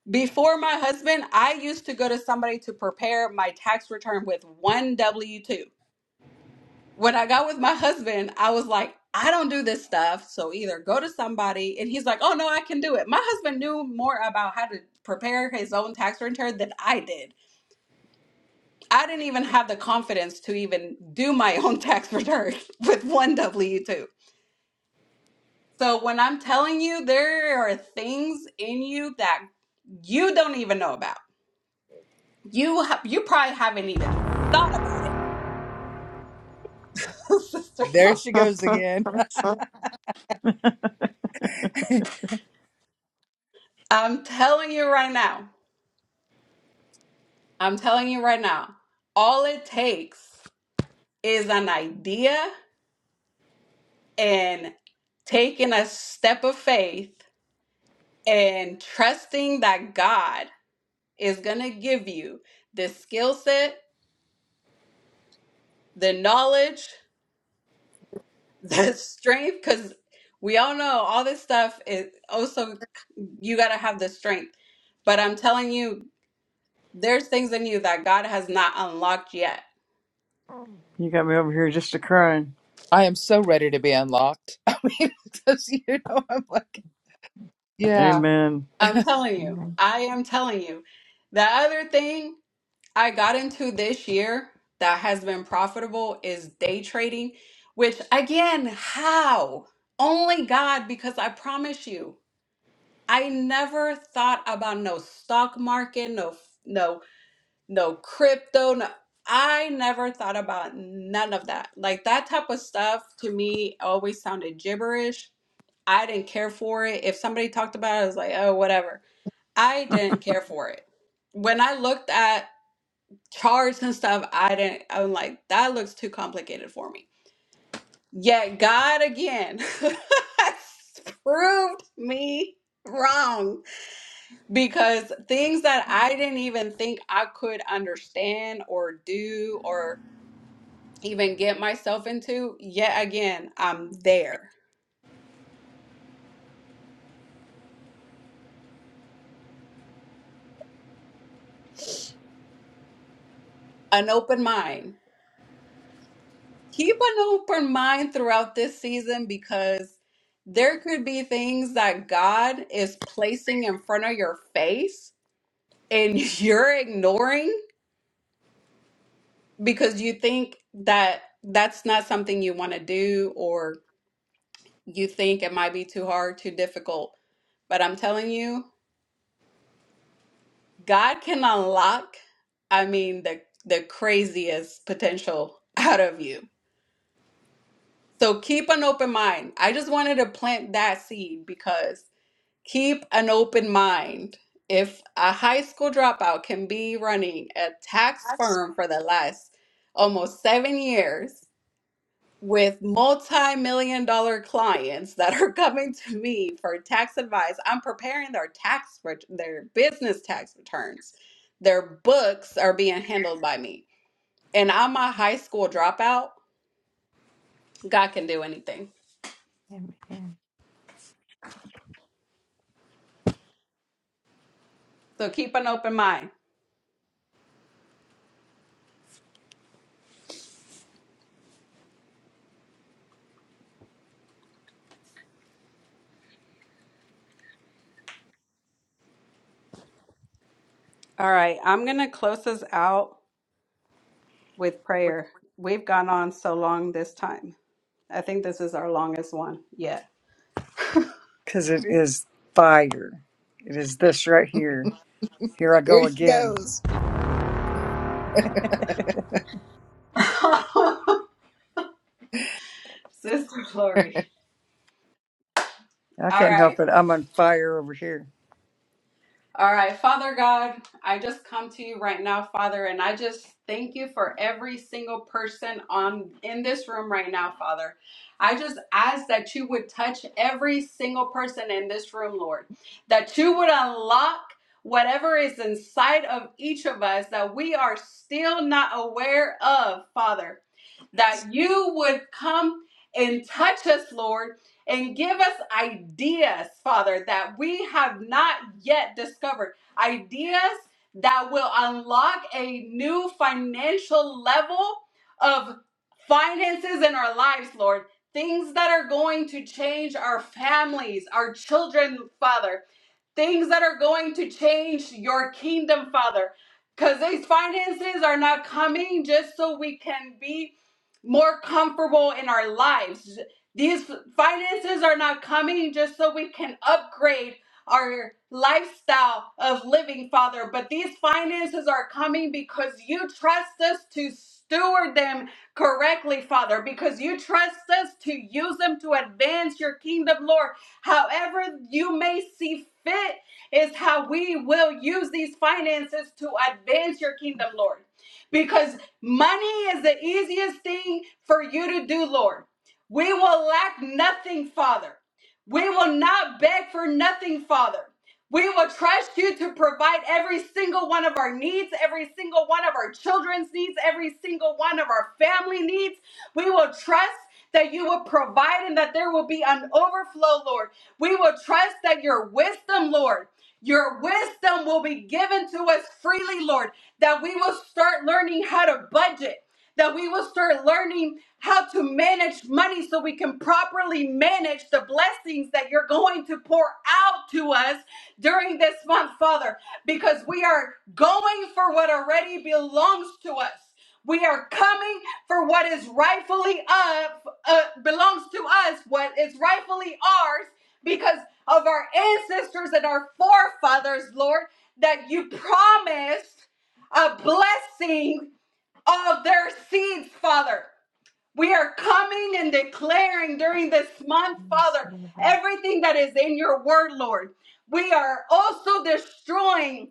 Speaker 1: Before my husband, I used to go to somebody to prepare my tax return with one W 2. when I got with my husband, I was like, I don't do this stuff. So either go to somebody, and he's like, oh no, I can do it. My husband knew more about how to prepare his own tax return than I did. I didn't even have the confidence to even do my own tax return with one W 2. So when I'm telling you, there are things in you that you don't even know about. You ha- you probably haven't even thought about it, sister.
Speaker 8: There
Speaker 1: Look,
Speaker 8: she goes again.
Speaker 1: I'm telling you right now. I'm telling you right now, all it takes is an idea and taking a step of faith and trusting that God is going to give you the skill set, the knowledge, the strength, because we all know all this stuff is also, you got to have the strength. But I'm telling you, there's things in you that God has not unlocked yet.
Speaker 2: You got me over here just a crying.
Speaker 8: I am so ready to be unlocked. I mean, because you know, I'm like, yeah,
Speaker 2: Amen.
Speaker 1: I'm telling you,
Speaker 4: Amen.
Speaker 1: I am telling you. The other thing I got into this year that has been profitable is day trading, which again, how? Only God, because I promise you, I never thought about no stock market, no no no crypto, no I never thought about none of that. Like that type of stuff to me always sounded gibberish. I didn't care for it. If somebody talked about it, I was like, oh, whatever. I didn't care for it when I looked at charts and stuff, I didn't, I'm like, that looks too complicated for me. Yet God again proved me wrong because things that I didn't even think I could understand or do or even get myself into, yet again, I'm there. An open mind. keep an open mind throughout this season because there could be things that God is placing in front of your face and you're ignoring because you think that that's not something you want to do or you think it might be too hard, too difficult. But I'm telling you, God can unlock, I mean, the the craziest potential out of you. So keep an open mind. I just wanted to plant that seed because Keep an open mind. If a high school dropout can be running a tax
Speaker 4: That's-
Speaker 1: firm for the last almost seven years with multi million dollar clients that are coming to me for tax advice, I'm preparing their tax, ret- their business tax returns. Their books are being handled by me. And I'm a high school dropout. God can do anything.
Speaker 4: Amen.
Speaker 1: So keep an open mind. All right, I'm going to close this out. with prayer. We've gone on so long this time. I think this is our longest one yet.
Speaker 2: Because it is fire. It is this right here. Here I go
Speaker 8: There she
Speaker 2: again.
Speaker 8: goes.
Speaker 1: Sister Glory.
Speaker 2: I
Speaker 1: All
Speaker 2: can't
Speaker 1: right.
Speaker 2: help it. I'm on fire over here.
Speaker 1: All right. Father God, I just come to you right now, Father, and I just thank you for every single person on in this room right now, Father. I just ask that you would touch every single person in this room, Lord. That you would unlock whatever is inside of each of us that we are still not aware of, Father. that you would come and touch us, Lord, and give us ideas, Father, that we have not yet discovered. Ideas that will unlock a new financial level of finances in our lives, Lord. Things that are going to change our families, our children, Father things that are going to change your kingdom, Father. Because these finances are not coming just so we can be more comfortable in our lives. These finances are not coming just so we can upgrade our lifestyle of living, Father. But these finances are coming because you trust us to steward them correctly, Father, because you trust us to use them to advance your kingdom, Lord. However, you may see fit is how we will use these finances to advance your kingdom, Lord. Because money is the easiest thing for you to do, Lord. We will lack nothing, Father. We will not beg for nothing, Father. We will trust you to provide every single one of our needs, every single one of our children's needs, every single one of our family needs. We will trust that you will provide and that there will be an overflow, Lord. We will trust that your wisdom, Lord, your wisdom will be given to us freely, Lord, that we will start learning how to budget, that we will start learning how to manage money so we can properly manage the blessings that you're going to pour out to us during this month, Father, because we are going for what already belongs to us. We are coming for what is rightfully of uh, belongs to us, what is rightfully ours, because of our ancestors and our forefathers, Lord, that you promised a blessing of their seeds, Father. We are coming and declaring during this month,
Speaker 4: Yes,
Speaker 1: Father,
Speaker 4: Lord.
Speaker 1: everything that is in your word, Lord. We are also destroying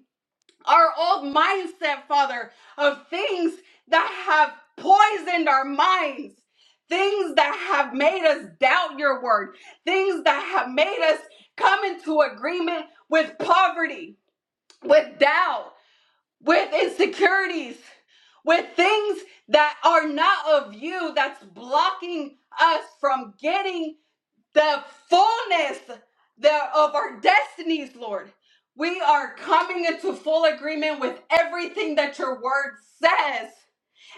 Speaker 1: our old mindset, Father, of things that have poisoned our minds, things that have made us doubt your word, things that have made us come into agreement with poverty, with doubt, with insecurities, with things that are not of you, that's blocking us from getting the fullness there of our destinies, Lord. We are coming into full agreement with everything that your word says.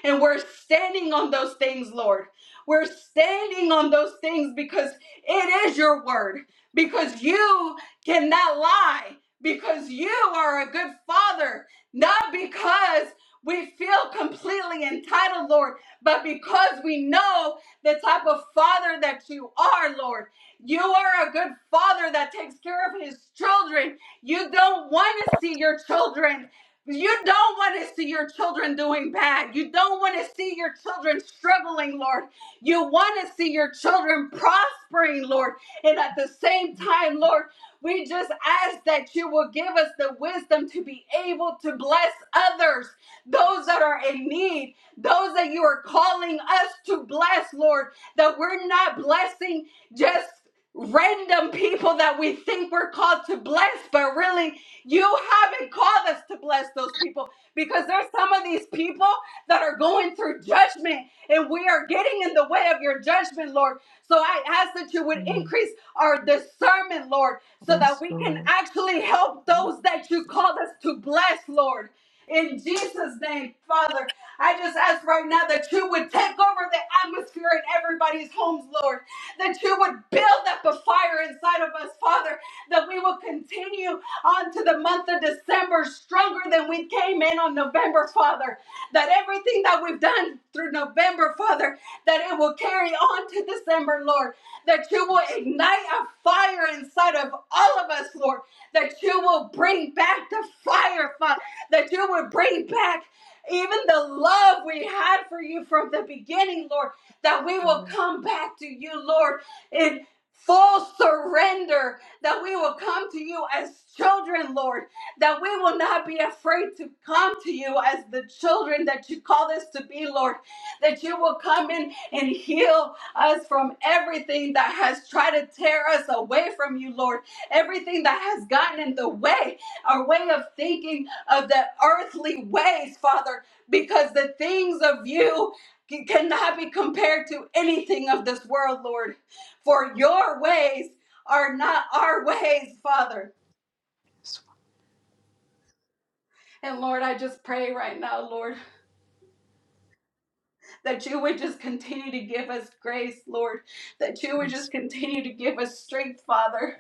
Speaker 1: And we're standing on those things, Lord. We're standing on those things because it is your word, because you cannot lie, because you are a good father, not because we feel completely entitled, Lord, but because we know the type of father that you are, Lord. You are a good father that takes care of his children. You don't want to see your children you don't want to see your children doing bad. You don't want to see your children struggling, Lord. You want to see your children prospering, Lord. And at the same time, Lord, we just ask that you will give us the wisdom to be able to bless others, those
Speaker 4: Yes,
Speaker 1: that are in need, those that you are calling us to bless, Lord, that we're not blessing just random people that we think we're called to bless, but really you haven't called us to bless those people because there's some of these people that are going through judgment and we are getting in the way of your judgment, Lord. So I ask that you would
Speaker 4: Mm,
Speaker 1: increase our discernment, Lord, so that
Speaker 4: yes,
Speaker 1: we can
Speaker 4: Lord.
Speaker 1: actually help
Speaker 4: Mm,
Speaker 1: those that you called us to bless, Lord. In Jesus' name, Father, I just ask right now that you would take over the atmosphere in everybody's homes, Lord. That you would build up a fire inside of us, Father. That we will continue onto the month of December stronger than we came in on November, Father. That everything that we've done through November, Father, that it will carry on to December, Lord. That you will ignite a fire inside of all of us, Lord. That you will bring back the fire, Father. That you will bring back even the love we had for you from the beginning, Lord. That we will
Speaker 4: Lord.
Speaker 1: come back to you, Lord, in full surrender that we will come to you as children, Lord, that we will not be afraid to come to you as the children that you call us to be, Lord, that you will come in and heal us from everything that has tried to tear us away from you, Lord, everything that has gotten in the way, our way of thinking of the earthly ways, Father, because the things of you c- cannot be compared to anything of this world, Lord. For your ways are not our ways, Father.
Speaker 4: Yes,
Speaker 1: And Lord, I just pray right now, Lord, that you would just continue to give us grace, Lord, that you would
Speaker 4: yes,
Speaker 1: just continue to give us strength, Father,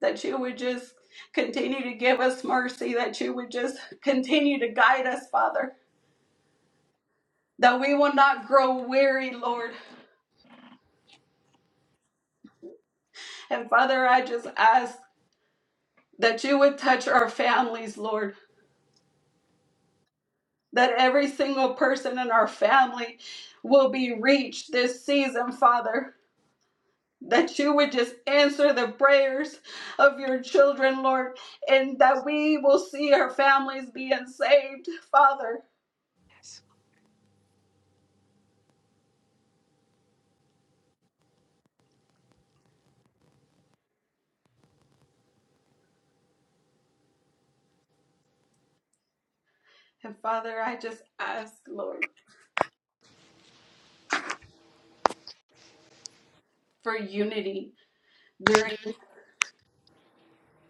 Speaker 1: that you would just continue to give us mercy, that you would just continue to guide us, Father, that we will not grow weary, Lord. And Father, I just ask that you would touch our families, Lord, that every single person in our family will be reached this season, Father that you would just answer the prayers of your children, Lord, and that we will see our families being saved, Father.
Speaker 4: yes,
Speaker 1: And Father, I just ask, Lord, for unity during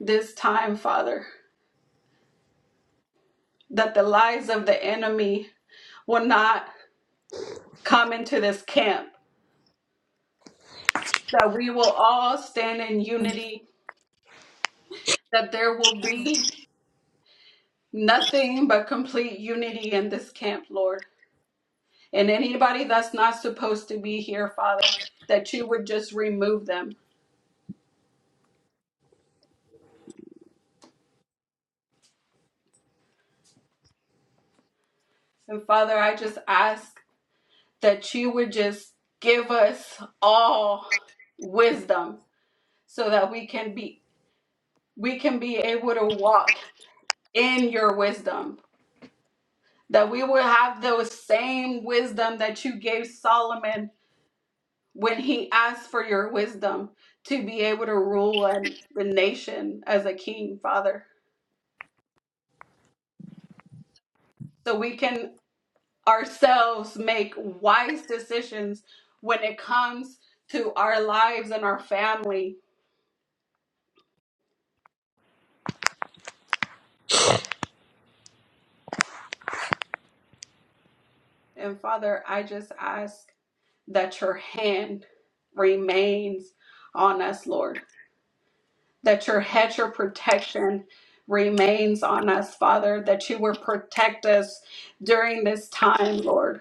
Speaker 1: this time, Father, that the lies of the enemy will not come into this camp, that we will all stand in unity, that there will be nothing but complete unity in this camp, Lord. And anybody that's not supposed to be here, Father, that you would just remove them. And Father, I just ask that you would just give us all wisdom so that we can be we can be able to walk in your wisdom. That we will have those same wisdom that you gave Solomon when he asked for your wisdom to be able to rule and the nation as a king, Father. So we can ourselves make wise decisions when it comes to our lives and our family. And Father, I just ask that your hand remains on us, Lord, that your hedge of protection remains on us, Father, that you will protect us during this time, Lord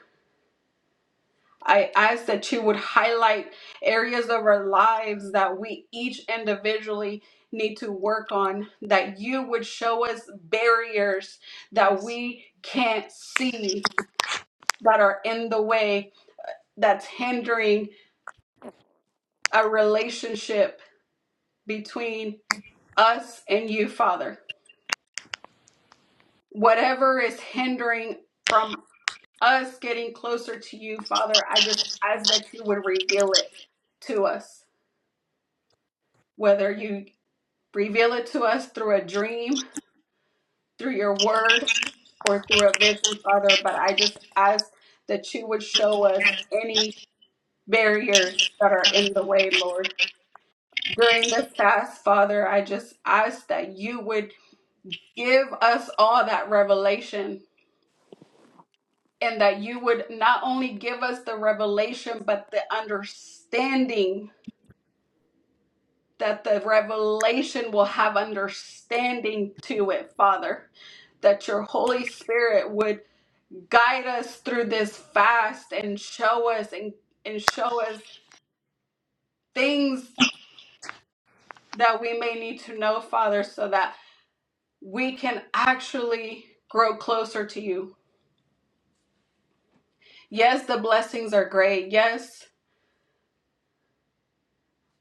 Speaker 1: I ask that you would highlight areas of our lives that we each individually need to work on, that you would show us barriers that
Speaker 4: yes. yes.
Speaker 1: we can't see that are in the way, that's hindering a relationship between us and you, Father. Whatever is hindering from us getting closer to you, Father, I just ask that you would reveal it to us, whether you Reveal it to us through a dream, through your word, or through a vision, Father. But I just ask that you would show us any barriers that are in the way, Lord. During this fast, Father, I just ask that you would give us all that revelation and that you would not only give us the revelation, but the understanding that the revelation will have understanding to it, Father. That your Holy Spirit would guide us through this fast and show us and, and show us things that we may need to know, Father, so that we can actually grow closer to you. Yes, the blessings are great. Yes,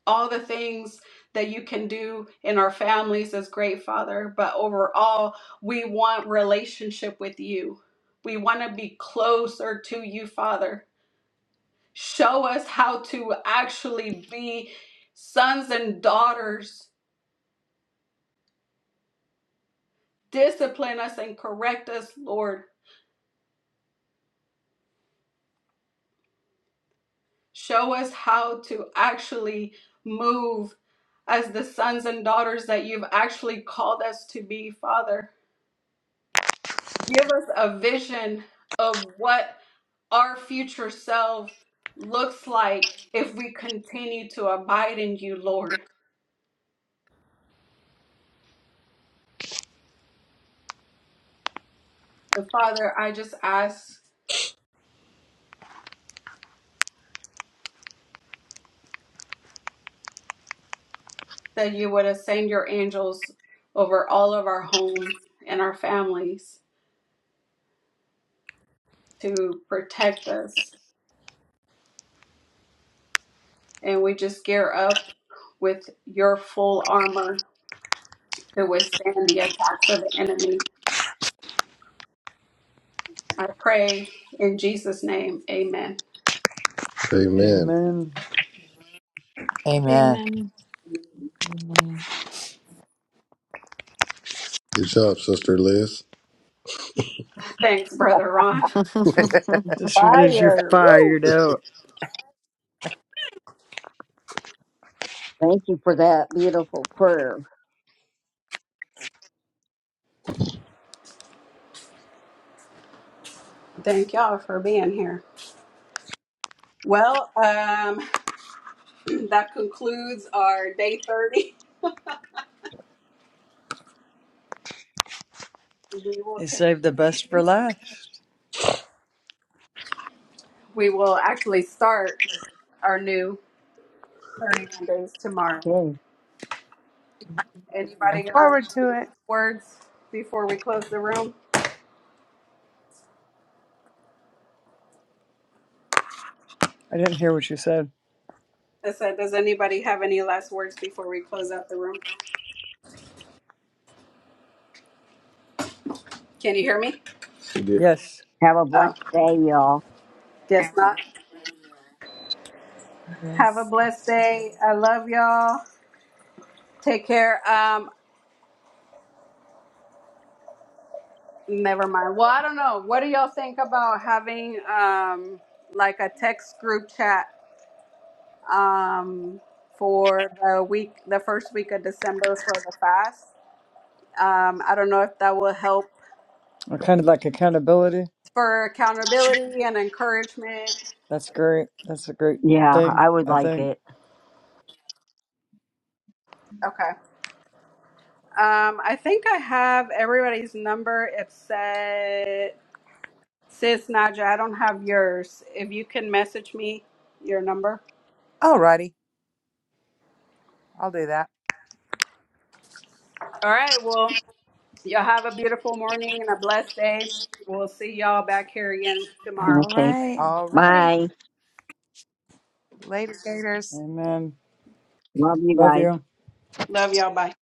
Speaker 1: all the things that you can do in our families is great, Father, but overall, we want relationship with you. We want to be closer to you, Father. Show us how to actually be sons and daughters discipline us and correct us, Lord. Show us how to actually move as the sons and daughters that you've actually called us to be, Father. Give us a vision of what our future self looks like if we continue to abide in you, Lord. And Father, I just ask that you would ascend your angels over all of our homes and our families to protect us and we just gear up with your full armor to withstand the attacks of the enemy. I pray in Jesus' name, amen.
Speaker 2: Amen.
Speaker 8: amen.
Speaker 7: Amen.
Speaker 4: Amen.
Speaker 6: Good job, Sister Liz.
Speaker 1: Thanks, Brother Ron.
Speaker 2: Sister Liz, you're
Speaker 3: Fire. Woo.
Speaker 2: fired out.
Speaker 3: Thank you for that beautiful prayer.
Speaker 1: Thank y'all for being here. Well, um, that concludes our day 30. We will
Speaker 2: You saved the best for
Speaker 1: continue.
Speaker 2: last.
Speaker 1: We will actually start our new 31 days tomorrow.
Speaker 3: Okay.
Speaker 1: Anybody
Speaker 8: And
Speaker 1: got
Speaker 8: forward
Speaker 1: any
Speaker 8: to it.
Speaker 1: last words before we close the room?
Speaker 2: I didn't hear what you said.
Speaker 1: I said, does anybody have any last words before we close out the room? Can you hear me?
Speaker 2: Yes.
Speaker 3: Have a
Speaker 1: Oh,
Speaker 3: blessed day, y'all.
Speaker 1: guess Yeah. not. Have a
Speaker 4: yes.
Speaker 1: blessed day. I love y'all. Take care. Um, never mind. Well, I don't know. What do y'all think about having um like a text group chat um for the week, the first week of December for the fast? Um, I don't know if that will help
Speaker 2: I kind of like accountability.
Speaker 1: for accountability and encouragement.
Speaker 2: That's great. That's a great
Speaker 3: Yeah,
Speaker 2: thing,
Speaker 3: I would
Speaker 2: I
Speaker 3: like
Speaker 2: think.
Speaker 3: it.
Speaker 1: Okay. Um, I think I have everybody's number. It said. Sis Naja, I don't have yours. If you can message me your number.
Speaker 8: Alrighty, I'll do that.
Speaker 1: All right. Well, y'all have a beautiful morning and a blessed day. We'll see y'all back here again tomorrow.
Speaker 4: All
Speaker 3: Okay.
Speaker 4: right.
Speaker 8: Alrighty,
Speaker 3: Bye.
Speaker 8: later, gators.
Speaker 2: Amen.
Speaker 3: Love you
Speaker 2: Love
Speaker 3: guys.
Speaker 2: you.
Speaker 1: Love y'all. Bye.